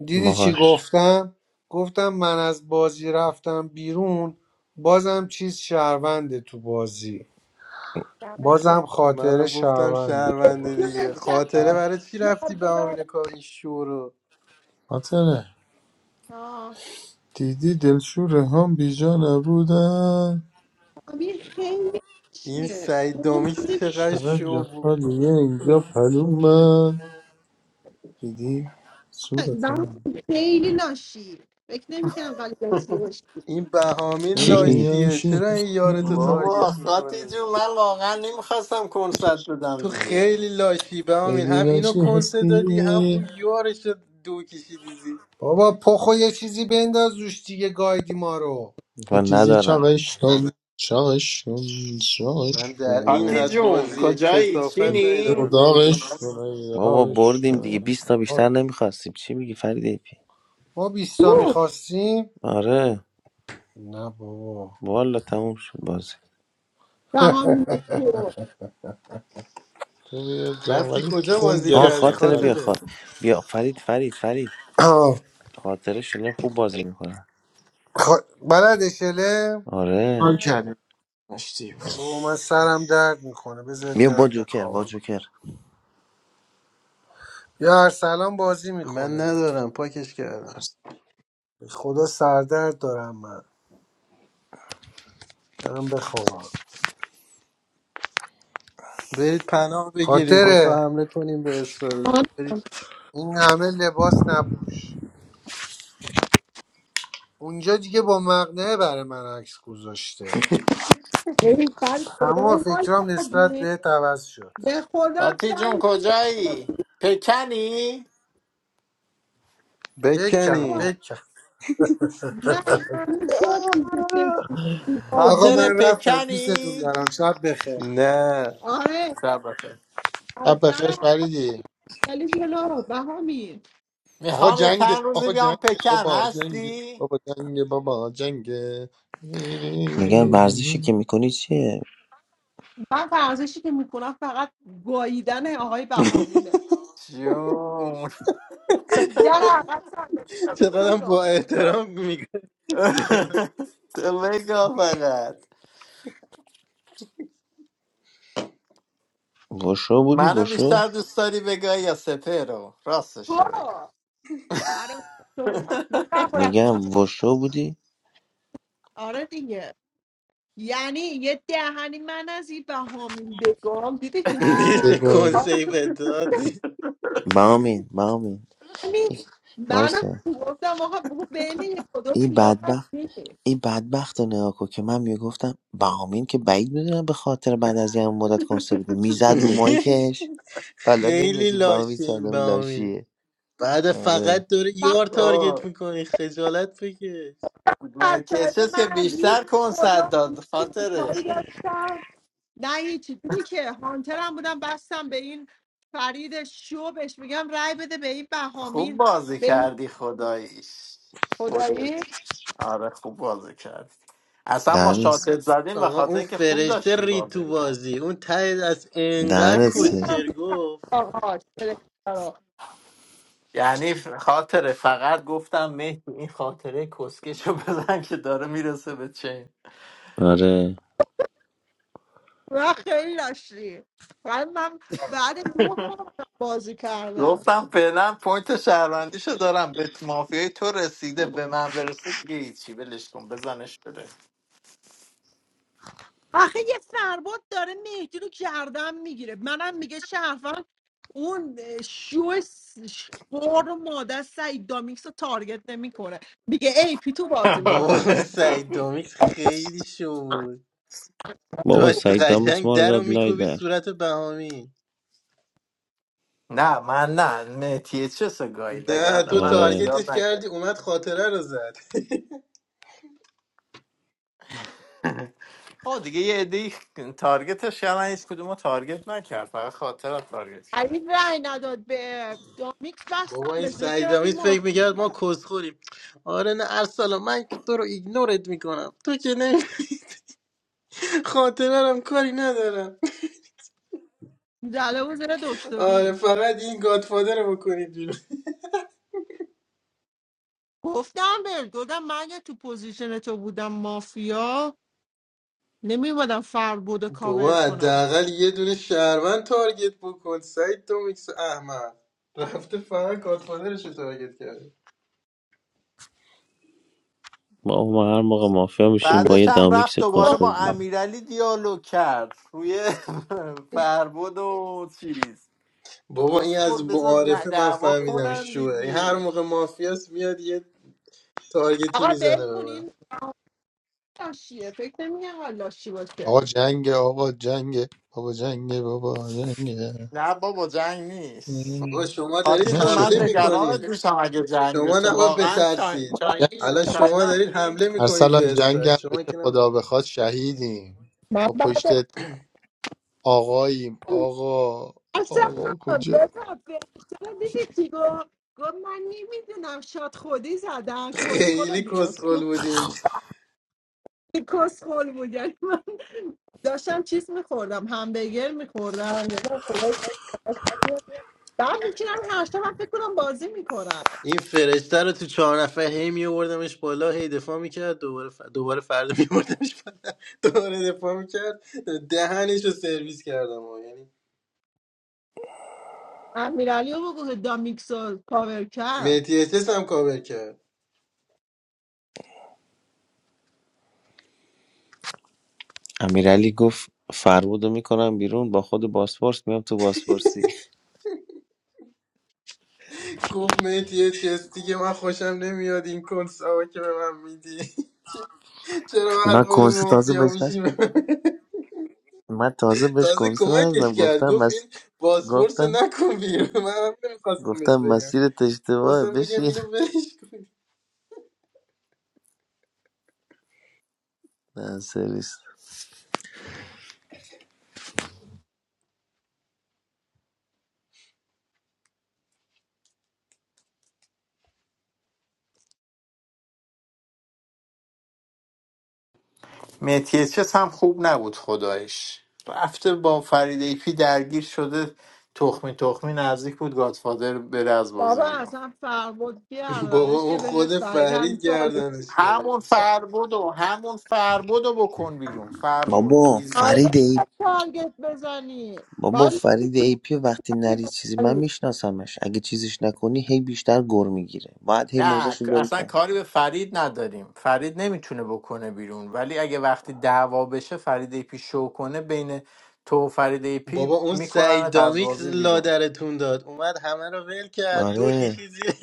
F: دیدی چی
J: باهاش
F: گفتم گفتم من از بازی رفتم بیرون بازم چیز شهرونده تو بازی
P: دمت گرم.
F: بازم خاطره
I: منم گفتم
F: شهرونده تو
I: شهرونده
F: بازی
I: دیگه
P: دونستم
I: خاطره برای چی
P: یار
I: رفتی به
P: به
I: آمین
P: یار
I: کار این شو رو
C: خاطره
P: آه.
C: دیدی دلشور هم بیجا نبودن
P: امیر خیلی
I: این
P: لاشیه
I: سعید
P: اون
I: دامیش
P: نمی‌دونم.
I: چقدر
C: چقدر
I: شو بود
C: جفالیه اینجا پلومن دیدی
P: من
C: صورتم
P: خیلی لاشی فکر نمیکنم قلب لاشی باشی
I: این بهامین
C: خیلی
J: کی
I: لاشیه
C: ناشی
I: چرا
C: هستی
I: این یارتو
M: بابا
I: تارگت
M: خاطی
I: میکنی
M: جون من واقعا نمیخواستم کنسرت بدم
I: تو
M: دیگه
I: خیلی لاشی بهامین
C: خیلی
I: هم اینو
C: ناشی
I: کنسه
C: هستی
I: دادی هم اون یارش رو دو کشیدی زیر
F: بابا پخو یه چیزی بنداز روش دیگه گایدی ما رو
J: و
C: یکیزی
J: ندارم
C: چاقش کن چاقش کن
I: من
C: چاقش
I: در این
M: خاطی
C: کن
I: حد
M: جون
I: بازی
M: کجایی
I: کسافت
C: یه
I: ندیدم
M: چینی؟
I: از داری.
C: داغش کن ای
J: بابا
C: داغش
J: بردیم
C: کن
J: دیگه
C: ای
J: بیست تا بیشتر
C: داغ.
J: نمیخواستیم چی میگی فرید ایپی
F: ما بیستا
P: اوه،
F: میخواستیم
J: آره
F: نه بابا
J: والا تموم شد بازی
P: دهان تو.
C: توی داغ.
I: رفتی
C: ولی
I: کجا
C: خون
I: بازی
J: ها
I: کردی
C: گرفتم
J: خاطره بیا
C: فرید
I: خاطره
J: خاطر بیا فرید فرید فرید خاطره شلم خوب بازی میکنن
F: خ... بلد شله
J: آره
C: حال کردیم مشتی
F: با من سرم درد میکنه بذارید
J: بیا با
F: برم
J: جوکر با
F: بخوابم
J: جوکر
F: یا ارسلان بازی
I: من
F: میکنه
I: ندارم پاکش کردم
F: به خدا سردرد دارم من برم بخوابم
I: برید پناه بگیرید
J: آه.
I: میخوا
F: خاطره
I: حمله کنیم به اسرائیل
P: آن
I: برید
F: این همه لباس نپوش اونجا دیگه با مقنعه برای من عکس گذاشته
P: ببین فرید
F: تمام
P: شما حال
F: فکرام نسبت
P: کردی
F: به عوض شد
P: به خدا
M: خاطی جون
P: فرید شما
M: کجایی؟ پکنی؟
F: بکم
P: بابا
I: بکنی
F: بکم
P: من هر جا تو زندگی
F: آقا
M: خاطر
P: بازی
F: من رفتم دوستتون
M: پکنی؟
F: دارم شب بخیر
I: نه
P: آره
M: شب بخیر
C: اب
P: از
C: بخیر
P: در
C: فریدی
P: علی جلو بهامی
C: آقا
M: میخوام یه
C: جنگ
M: چند روزی
C: آقا
M: بیام
C: جنگ
M: پکن
C: بابا جنگ
M: هستی؟
C: بابا جنگ بابا جنگ
J: میگم ورزشی که میکنی چیه
P: من ورزشی که میکنم فقط گاییدن آقای بهامینه
M: جون
P: من در عقب صندلی به رو
I: چقدر با
P: بگاه
I: احترام میگه
M: تو بگو فقط
J: وشو بودی
M: منو
J: وشو
M: بیشتر دوست داری بگاه یا سپه رو راستشو بگو
P: برو آره خودمونم من نبرم
J: میگم وشو بودی
P: آره دیگه یعنی یه دهنی من از این بهامین بگم دیدی چجوری
I: دیگه
P: کنم
I: چه
C: بگوین
I: کنسی به تو دادی.
J: بامین بامین
P: همین منم
J: وایسا
P: گفتم آقا بگو بین یک و دو
J: این
P: خیابان
J: بدبخت
P: میشه
J: این بدبخت رو نگاه کن که من میگفتم بهامین که بعید میدونم به خاطر بعد از یه مدت کنسه بده میزد رو مایکش حالا
I: خیلی
J: نمیدونی بهامین
I: لاشه
J: چه
I: این
J: آدم
I: بامین
J: لاشیه
I: بعد
J: آره
I: فقط داره
P: من
I: یار
M: آه،
I: تارگت میکنی خجالت بکش
P: بچه
M: متیسس که
P: من هیچ
M: بیشتر کنسرت
P: خدا
M: داد
P: کاری
M: خاطره
P: داشتم نه هیچی دیدی که هانترم بودم بستم به این فرید شو بهش میگم رای بده به این
M: خوب
P: بهامین
M: بازی
P: به این
M: کردی خداییش خودت
P: خدایی
M: آره خوب بازی کردی اصلا ما
J: دنس
M: شاتت زدیم به
I: آقا
M: خاطر
I: اون
M: اینکه خوب
I: فرشته
M: داشتی
I: رید تو
M: بازی کرد
I: بازی اون ته از انقدر
J: دهنت سرویس.
P: عزیزم
I: کسچر
P: پیش
I: گفت
P: آقاش فرشته‌ها.
M: یعنی ف- خاطره فقط گفتم مهدی این خاطره کسکشو بزن که داره میرسه به چین
J: آره
P: و خیلی داشتی ولی من بعد نه ماه بازی کردم
M: گفتم فعلا پوینت شهروندیشو دارم به مافیای تو رسیده به من برسه دیگه هیچی ولش کن بزنش بده
P: آخه یه فرباد داره مهدی رو گردن میگیره منم میگه شهروند اون شو س- خور و ماده سعید دامیکس رو تارگت نمیکنه میگه ای پی تو بازی ما
I: بابا اون
M: آره.
I: سعید دامیکس خیلی شو بود
J: بابا
I: داشت
J: سعید دامیکس
I: قشنگ
J: ما رو
I: در رو
J: داد لای
I: میکوبی
J: در
I: صورت بهامی
M: نه من نه مهتیه چه سگایی دگر
I: نه تو
M: منو
J: آره
M: زیاد
I: تارگتش
M: نکرد
I: کردی اومد خاطره رو زد
M: آه دیگه یه عده تارگتش کردن هیچ کدومو تارگت نکرد فقط خاطر تارگت کرد
P: علی رأی نداد به دامیکس
I: بابا
P: بستم
I: این
P: بهش فکر کردم این
I: سعیدامیز فکر
P: ما
I: میکرد ما کسخوریم آره نه ارسلان من که تو رو ایگنورت میکنم تو که نه خاطره رم کاری ندارم
P: زله و زیر
I: آره
P: دکتری
I: فقط این گادفادر رو بکنید بیرون
P: گفتم به گفتم من اگه تو پوزیشن تو بودم مافیا نمیومدم فربود رو کاور
I: بابا
P: کنم
I: حداقل یه دونه شهروند تارگت بکن سعید تو میکس احمد رفته فقط گادفادرش رو تارگت کرده
J: ما ما هر موقع مافیا میشیم با یه
M: بعدش هم
J: دامیکس
M: رفت دوباره
J: کسخل
M: با
J: دیگه
M: امیرعلی دیالوگ کرد روی فربود و چیز
I: بابا
M: کس
I: این از
M: خود بذار
I: معارفه من
M: دعوا
I: فهمیدم
M: کنن
I: شوه این هر
M: دیگه
I: موقع مافیاس میاد یه تارگتی
P: آقا بل
I: میزنه به
P: کن
I: من
P: این لاشیه فکر نمیگه لاشی باشه
C: آقا جنگ آقا جنگ بابا جنگ بابا جنگ
M: نه بابا جنگ نیست
I: آقا شما دارید
M: خاطی جو
C: نشو
M: من
I: حمله
M: نگران
I: میکنید
M: دوستم اگه جنگ
I: شما
M: بشه
I: نباید
M: واقعا چای-
C: ما
I: بترسید
C: جنگ-
M: چاینی
I: الان شما دارید
M: چاینایی
I: حمله میکنید
C: ارسلان
I: به
C: جنگ
I: اسرائیل
C: هم
I: شما
C: بشه
I: که نباید.
C: خدا بخواد شهیدیم
P: من
C: ما پشت
P: بعد
C: آقاییم آقا
P: اصلا
C: آقا کجا
P: بذار فرشته رو دیدی چی گفت گفت من نمیدونم شاد خودی زدن کسخل رو
I: خیلی
P: نگاه
I: کسخل
P: کن
I: بودین
P: کسخل بود یعنی من داشتم چیز میخوردم همبرگر میخوردم بعد میشینم هشتا من فکر کنم بازی میکنم
I: این فرشته رو تو چهار نفر هی میوردمش بالا هی دفاع میکرد دوباره ف... دوباره فردا میوردمش بالا دوباره دفاع میکرد دهنش رو سرویس کردم آقا. یعنی
P: امیرالی رو بگو که دامیکسو کاور کرد
I: مهدی احساس هم کاور کرد
J: امیرعلی گفت فرمودو میکنم بیرون با خود باسپورس میام تو باسپورسی
I: گفت مهدی یه چیز دیگه من خوشم نمیاد این کنسا که به من میدی چرا هر
J: من
I: موقع
J: کنسه تازه
I: مافیا
J: بهش ن-
I: میشی به من
J: من تازه بهش
I: تازه
J: کنسه
I: کمکش
J: ندادم
I: کرد
J: گفتم
I: گفت این
J: مس...
I: بازپرس رو
J: گفتم
I: نکن بیرون منم نمیخواستم
J: گفتم
I: بهش بگم
J: مسیرت اشتباهه
I: خواستم بگم
J: بشین
I: اینو ولش کن
J: نه سرویس
M: مهدی چس هم خوب نبود خدایش رفته با فرید ایپی درگیر شده تخمی تخمی نزدیک بود گادفادر بره از بازی
P: بابا
M: بیرون
P: اصلا فرمود
I: بابا
P: گردنش
I: اون
P: که بده
I: خود
P: فریدن
I: فرید
P: چالی
I: گردنش
M: همون
I: گرفت
M: فربد و همون فربد رو بکن بیرون فربد
J: بابا
M: ایزی.
P: فردا
J: فرید
P: تارگت بزنی
J: بابا
P: باید
J: فرید ای پی وقتی
P: می‌خواستی
J: نری چیزی من
P: بخری.
J: میشناسمش اگه چیزیش نکنی هی بیشتر گر میگیره باید هی
M: نه
J: موزش رو
M: ک-
J: بری
M: اصلا
J: پایین
M: کاری به فرید نداریم فرید نمیتونه بکنه بیرون ولی اگه وقتی دعوا بشه فرید ای پی شو کنه بین تو و فرید ای
I: بابا
M: پی
I: اون سعید
M: میکننت از
I: دامیکس
M: بازی بیرون
I: لادرتون داد اومد همه رو ول کرد دو
J: آره
I: کشید زیر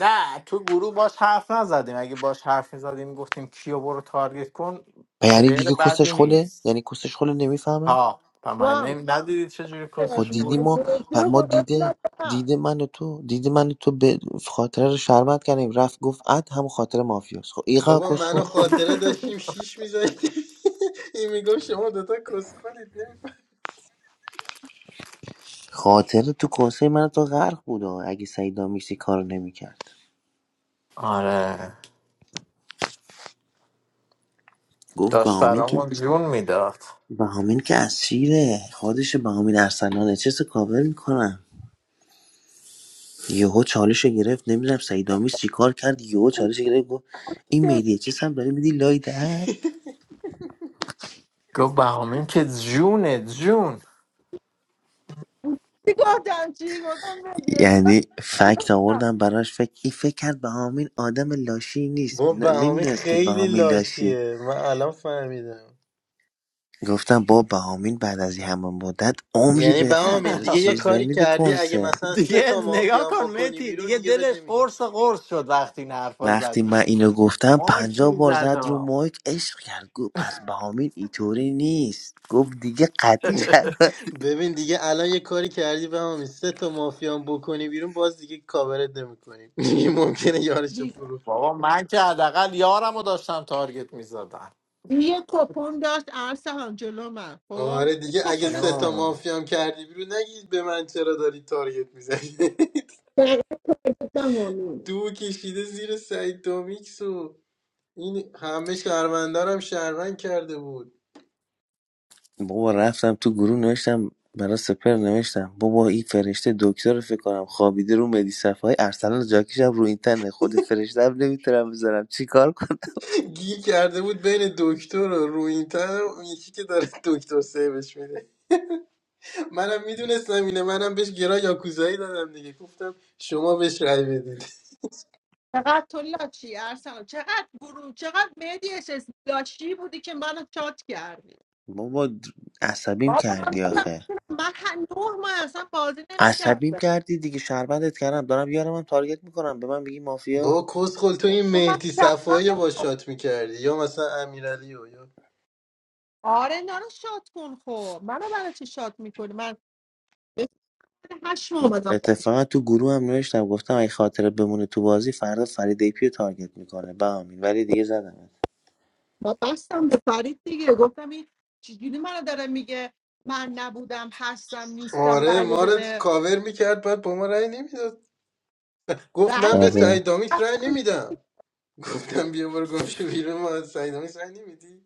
M: نه تو گروه باش حرف نزدیم اگه باش حرف میزدیم گفتیم کیو برو تارگت کن
J: و یعنی
M: پلیر
J: دیگه کسش
M: بدی
J: خوله
M: نیست
J: یعنی کسش خوله نمیفهمه
M: ها و من نمی... ندیدید چجوری
J: خب
M: کسش
J: دیدی
M: بود
J: ما
P: مهدی
J: پ-
P: رو
J: ما
P: گذاشت
J: دیده
P: لادم
J: دیده من و تو دیده من و تو به خاطره رو شرمت کردیم رفت گفت اد هم خاطر مافیاست خب ایقا
I: بابا منو
J: کسخول
I: خاطره داشتیم شیش میذاشتیم این میگفت شما دوتا کسخالید نمیفهم.
J: خاطر تو کنسه من و تو غرق بود آه، اگه سعید آمیسی کارو نمیکرد
M: آره
J: گفت
M: داشت
J: بهامین که
M: برامون جون میداد
J: بهامین که اسیره خودش بهامین ارسلانه چه کاور میکنم یهو چالش رو گرفت نمیدونم سعید آمیز چیکار کرد یهو چالش رو گرفت گفت این
P: چه
J: مهدی چه هم داری میدی لای در
M: گفت بهامین که جونه جون
P: چی گفتم چی گفتم مهدی اجازه
J: یعنی فکت
P: بده.
J: آوردم براش فکر این فکر کرد بهامین آدم لاشی نیست
I: با
J: ن-
I: بهامی
J: نمیدونست که
I: خیلی
J: بهامین لاشی
I: لاشیه من الان فهمیدم
J: گفتم با بهامین بعد از این همه مدت عمری
I: یعنی
J: به
I: بهامین
J: خاطر
I: دیگه یه
J: چیز
I: کاری
J: نمیده
I: کردی اگه
J: کنسه
I: مثلا سه
M: دیگه
I: تا
M: نگاه
I: مافیان
M: کن
I: بکنی
M: متی
I: بیرون
M: دیگه
I: دیگه بد
M: دلش
I: نمیگیم چی.
M: قرص قرص شد وقتی این حرفا
J: وقتی من
M: زدی
J: اینو گفتم
M: ما
J: پنجاه
M: کی
J: بار زد رو
M: زدم
J: مایک عشق کرد گفت پس بهامین اینطوری نیست گفت دیگه قطعی
I: ببین دیگه الان یه کاری کردی بهامین سه تا مافیان بکنی بیرون باز دیگه کاورت نمیکنیم دیگه ممکنه یارشو
P: بی-
I: فرو
M: بابا من که حداقل یارم رو داشتم تارگت میزدم
P: یه کپون داشت ارسلان جلو من خب
I: آره
P: یه
I: دیگه اگه
P: کپون
I: سه تا
M: جون
I: مافیام کردی بیرون نگید به من چرا داری تارگت میزنی
P: سوپردمانی
I: دو کشیده زیر سعید دومیکس و این همه شهروندارم شهروند کرده بود
J: بابا رفتم تو گروه نوشتم برا سپر نوشتم بابا این فرشته دکتر رو فکر کنم خوابیده رو مدی صفای ارسلان جاکیشم رو این تنه خود فرشته هم نمیتونم بذارم چیکار کنم
I: گیر کرده بود بین دکتر و روینتن و اون یکی که داره دکتر سیوش میده منم میدونستم اینه منم بهش گرا یاکوزایی دادم دیگه گفتم شما بهش رأی بدید
P: چقدر تو لاچی ارسلان چقدر برو چقدر مهدی اس لاچی بودی که منو چات کردی
J: بابا د- عصبیم
P: بابا من
J: کردی
P: گفتم
J: آخه
P: من هر نه ماه اصلا بازی
J: عصبیم
P: نمیکردم
J: کردی دیگه شربتت کردم دارم یارم هم تارگت میکنم به من میگی مافیا
I: با کسخل تو
P: خب
I: این
P: تو من
I: مهدی صفایی رو
P: چقدر
I: با شات میکردی یا مثلا امیرعلی و یا
P: آره اینا رو شاد کن خب منو برای چی شات میکنی من هشت ما اومدم
J: اتفاقا تو گروه هم نوشتم گفتم اگه خاطره بمونه تو بازی فردا فرید ایپی رو تارگت میکنه به امین ولی دیگه زدم
P: ما بستم به فرید دیگه گفتم این چجوری منو داره میگه من نبودم هستم نیستم
I: آره
P: رای
I: ما
P: بده
I: رو
P: به
I: کاور میکرد بعد با ما رأی نمیداد گفت
P: رای
I: من به
P: نمیده
J: آره
I: سعید دامیکس رأی
P: رفتم
I: نمیدم گفتم بیا برو گم شو بیرون ما از سعید دامیکس رأی نمیدی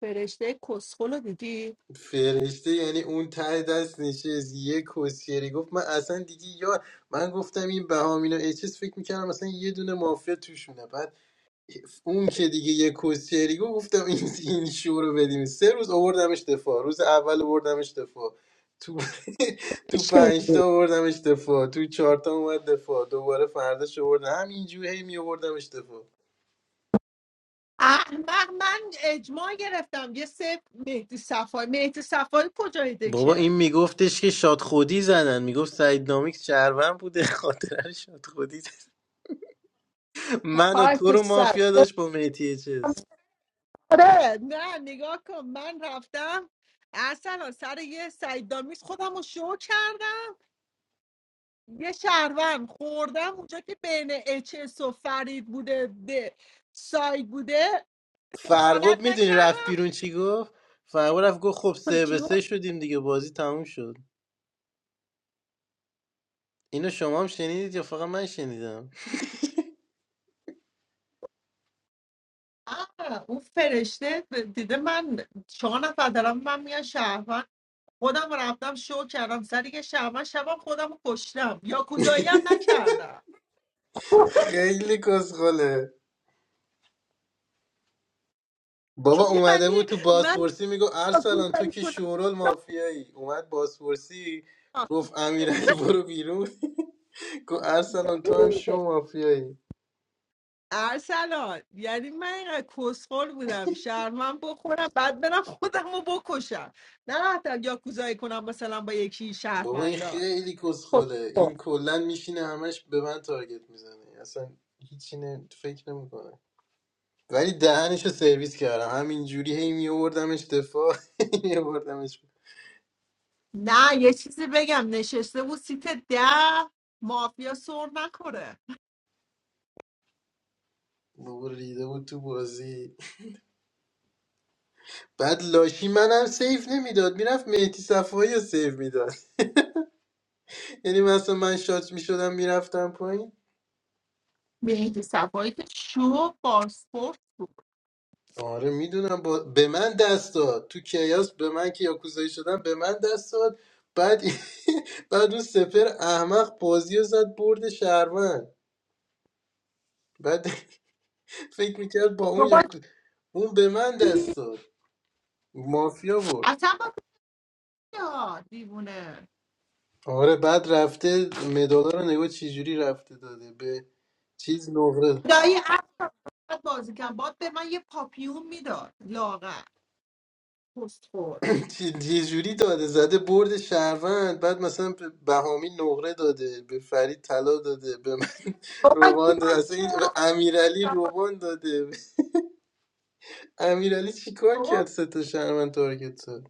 P: فرشته کسخل رو دیدی
I: فرشته یعنی اون ته دست نشست یه کسیری گفت من اصلا دیگه یا من گفتم این بهامین و اچس فکر میکردم مثلا یه دونه مافیا توشونه بعد اون که دیگه یه کسیری گفت گفتم این این شو رو بدیم سه روز آوردمش دفاع روز اول آوردمش دفاع تو تو
P: عشق.
I: پنج تا آوردمش دفاع تو چهار تا اومد دفاع دوباره فرداش آوردم همینجوری هی می آوردمش دفاع
P: احمق من اجماع گرفتم یه سه مهدی صفایی مهدی صفایی کجای
I: بابا این
P: دکه
I: میگفتش که شاد خودی زدن میگفت سعید نامیک شهروند بوده خاطر شاد خودی. من و
P: خاک
I: تو
P: تو
I: رو
P: سر
I: مافیا داشت با میتی چیز
P: آره نه نگاه کن من رفتم اصلا سر یه سعید دامیز خودم رو شو کردم یه شهروند خوردم اونجا که بین اچس و فرید بوده ده ساید بوده دخالت
I: فرود میدونی رفت
P: نکردم
I: بیرون چی گفت فرود رفت گفت خب سه به
P: کیو
I: سه شدیم دیگه بازی تموم شد اینو شما هم شنیدید یا فقط من شنیدم
P: آه، اون فرشته دیده من چهار نفر دارم من میگن شهروند خودم رفتم شو کردم سر یه شهروند شبم خودم رو کشتم یاکوزایی هم نکردم
I: خیلی کسخله بابا اومده
P: یعنی
I: بود تو
P: من
I: بازپرسی میگو ارسلان تو
P: یاکوزایی
I: که
P: کنم
I: شورول مافیایی اومد بازپرسی گفت امیرعلی برو بیرون گفت ارسلان تو هم شو مافیایی
P: ارسلان یعنی من اینقدر کسخل بودم شرمم بخورم بعد برم خودم رو بکشم نرفتم یاکوزایی کنم مثلا با یکی
I: بابا این
P: شهرمندا
I: خیلی
P: خب،
I: کسخله
P: خب.
I: این کلا میشینه همش به من تارگت میزنه اصلا هیچی نه- فکر نمیکنه ولی دهنش رو سرویس کردم همینجوری هی میوردمش دفاع هی میوردمش
P: نه یه چیزی بگم نشسته بود سیت ده مافیا سر نخوره
I: بابا ریده بود تو بازی بعد لاشی منم سیف نمیداد میرفت مهدی صفایی رو سیف میداد یعنی مثلا من شات میشدم میرفتم پایین
P: مهدی صفایی که شو بارسپورت بود
I: آره میدونم با... به من دست داد تو کیاس به من که یاکوزایی شدم به من دست داد بعد بعد اون سپر احمق بازی رو زد برد شهروند بعد فکر میکرد با
P: تو
I: اون
P: با
I: یاکو... اون به من
P: کی؟
I: دست داد مافیا برد
P: اصلا با کیا دیوونه
I: آره بعد رفته مدالا رو نگاه چجوری رفته داده به چیز نقره
P: دایی اصلا بازی کن باد به من یه پاپیون میداد لاغر کسخل
I: چی- یه جوری داده زده برد شهروند بعد مثلا به بهامی نقره داده به فرید طلا داده به من
P: بابا کی
I: روبان داده
P: من
I: اصلا این به
P: چرا؟
I: امیرعلی روبان داده امیرعلی چیکار کرد
P: تو
I: سه تا شهروند تارگت زد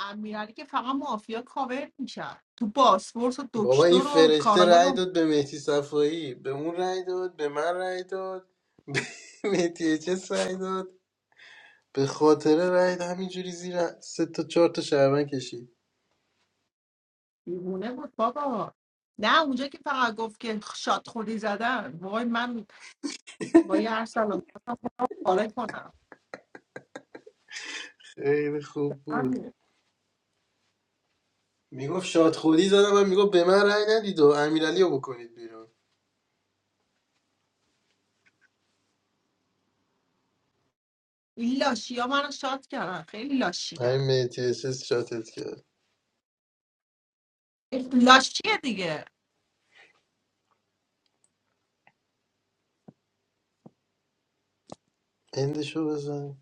P: امیرعلی که فقط مافیا کاور میشن تو باسپورس و
I: بابا این
P: دکتر و
I: فرشته
P: کاراگان
I: رأی
P: و
I: داد به مهدی صفایی به اون رأی داد به من رأی داد به مهدی چه رأی داد به خاطر رأی همینجوری زیر سه تا چهار تا شهروند کشید
P: دیوونه بود بابا نه اونجا که فقط گفت که شاد خودی زدن وای من وای هر سلام پاره کنم
I: خیلی خوب بود
P: من
I: میگفت شاد خودی زدم من میگفت به من رأی ندید و امیرعلی رو بکنید بیرون
P: این لاشی ها من شاد کردن خیلی لاشی هن.
I: همین میتی شاتت کرد
P: لاش دیگه
I: اندشو بزن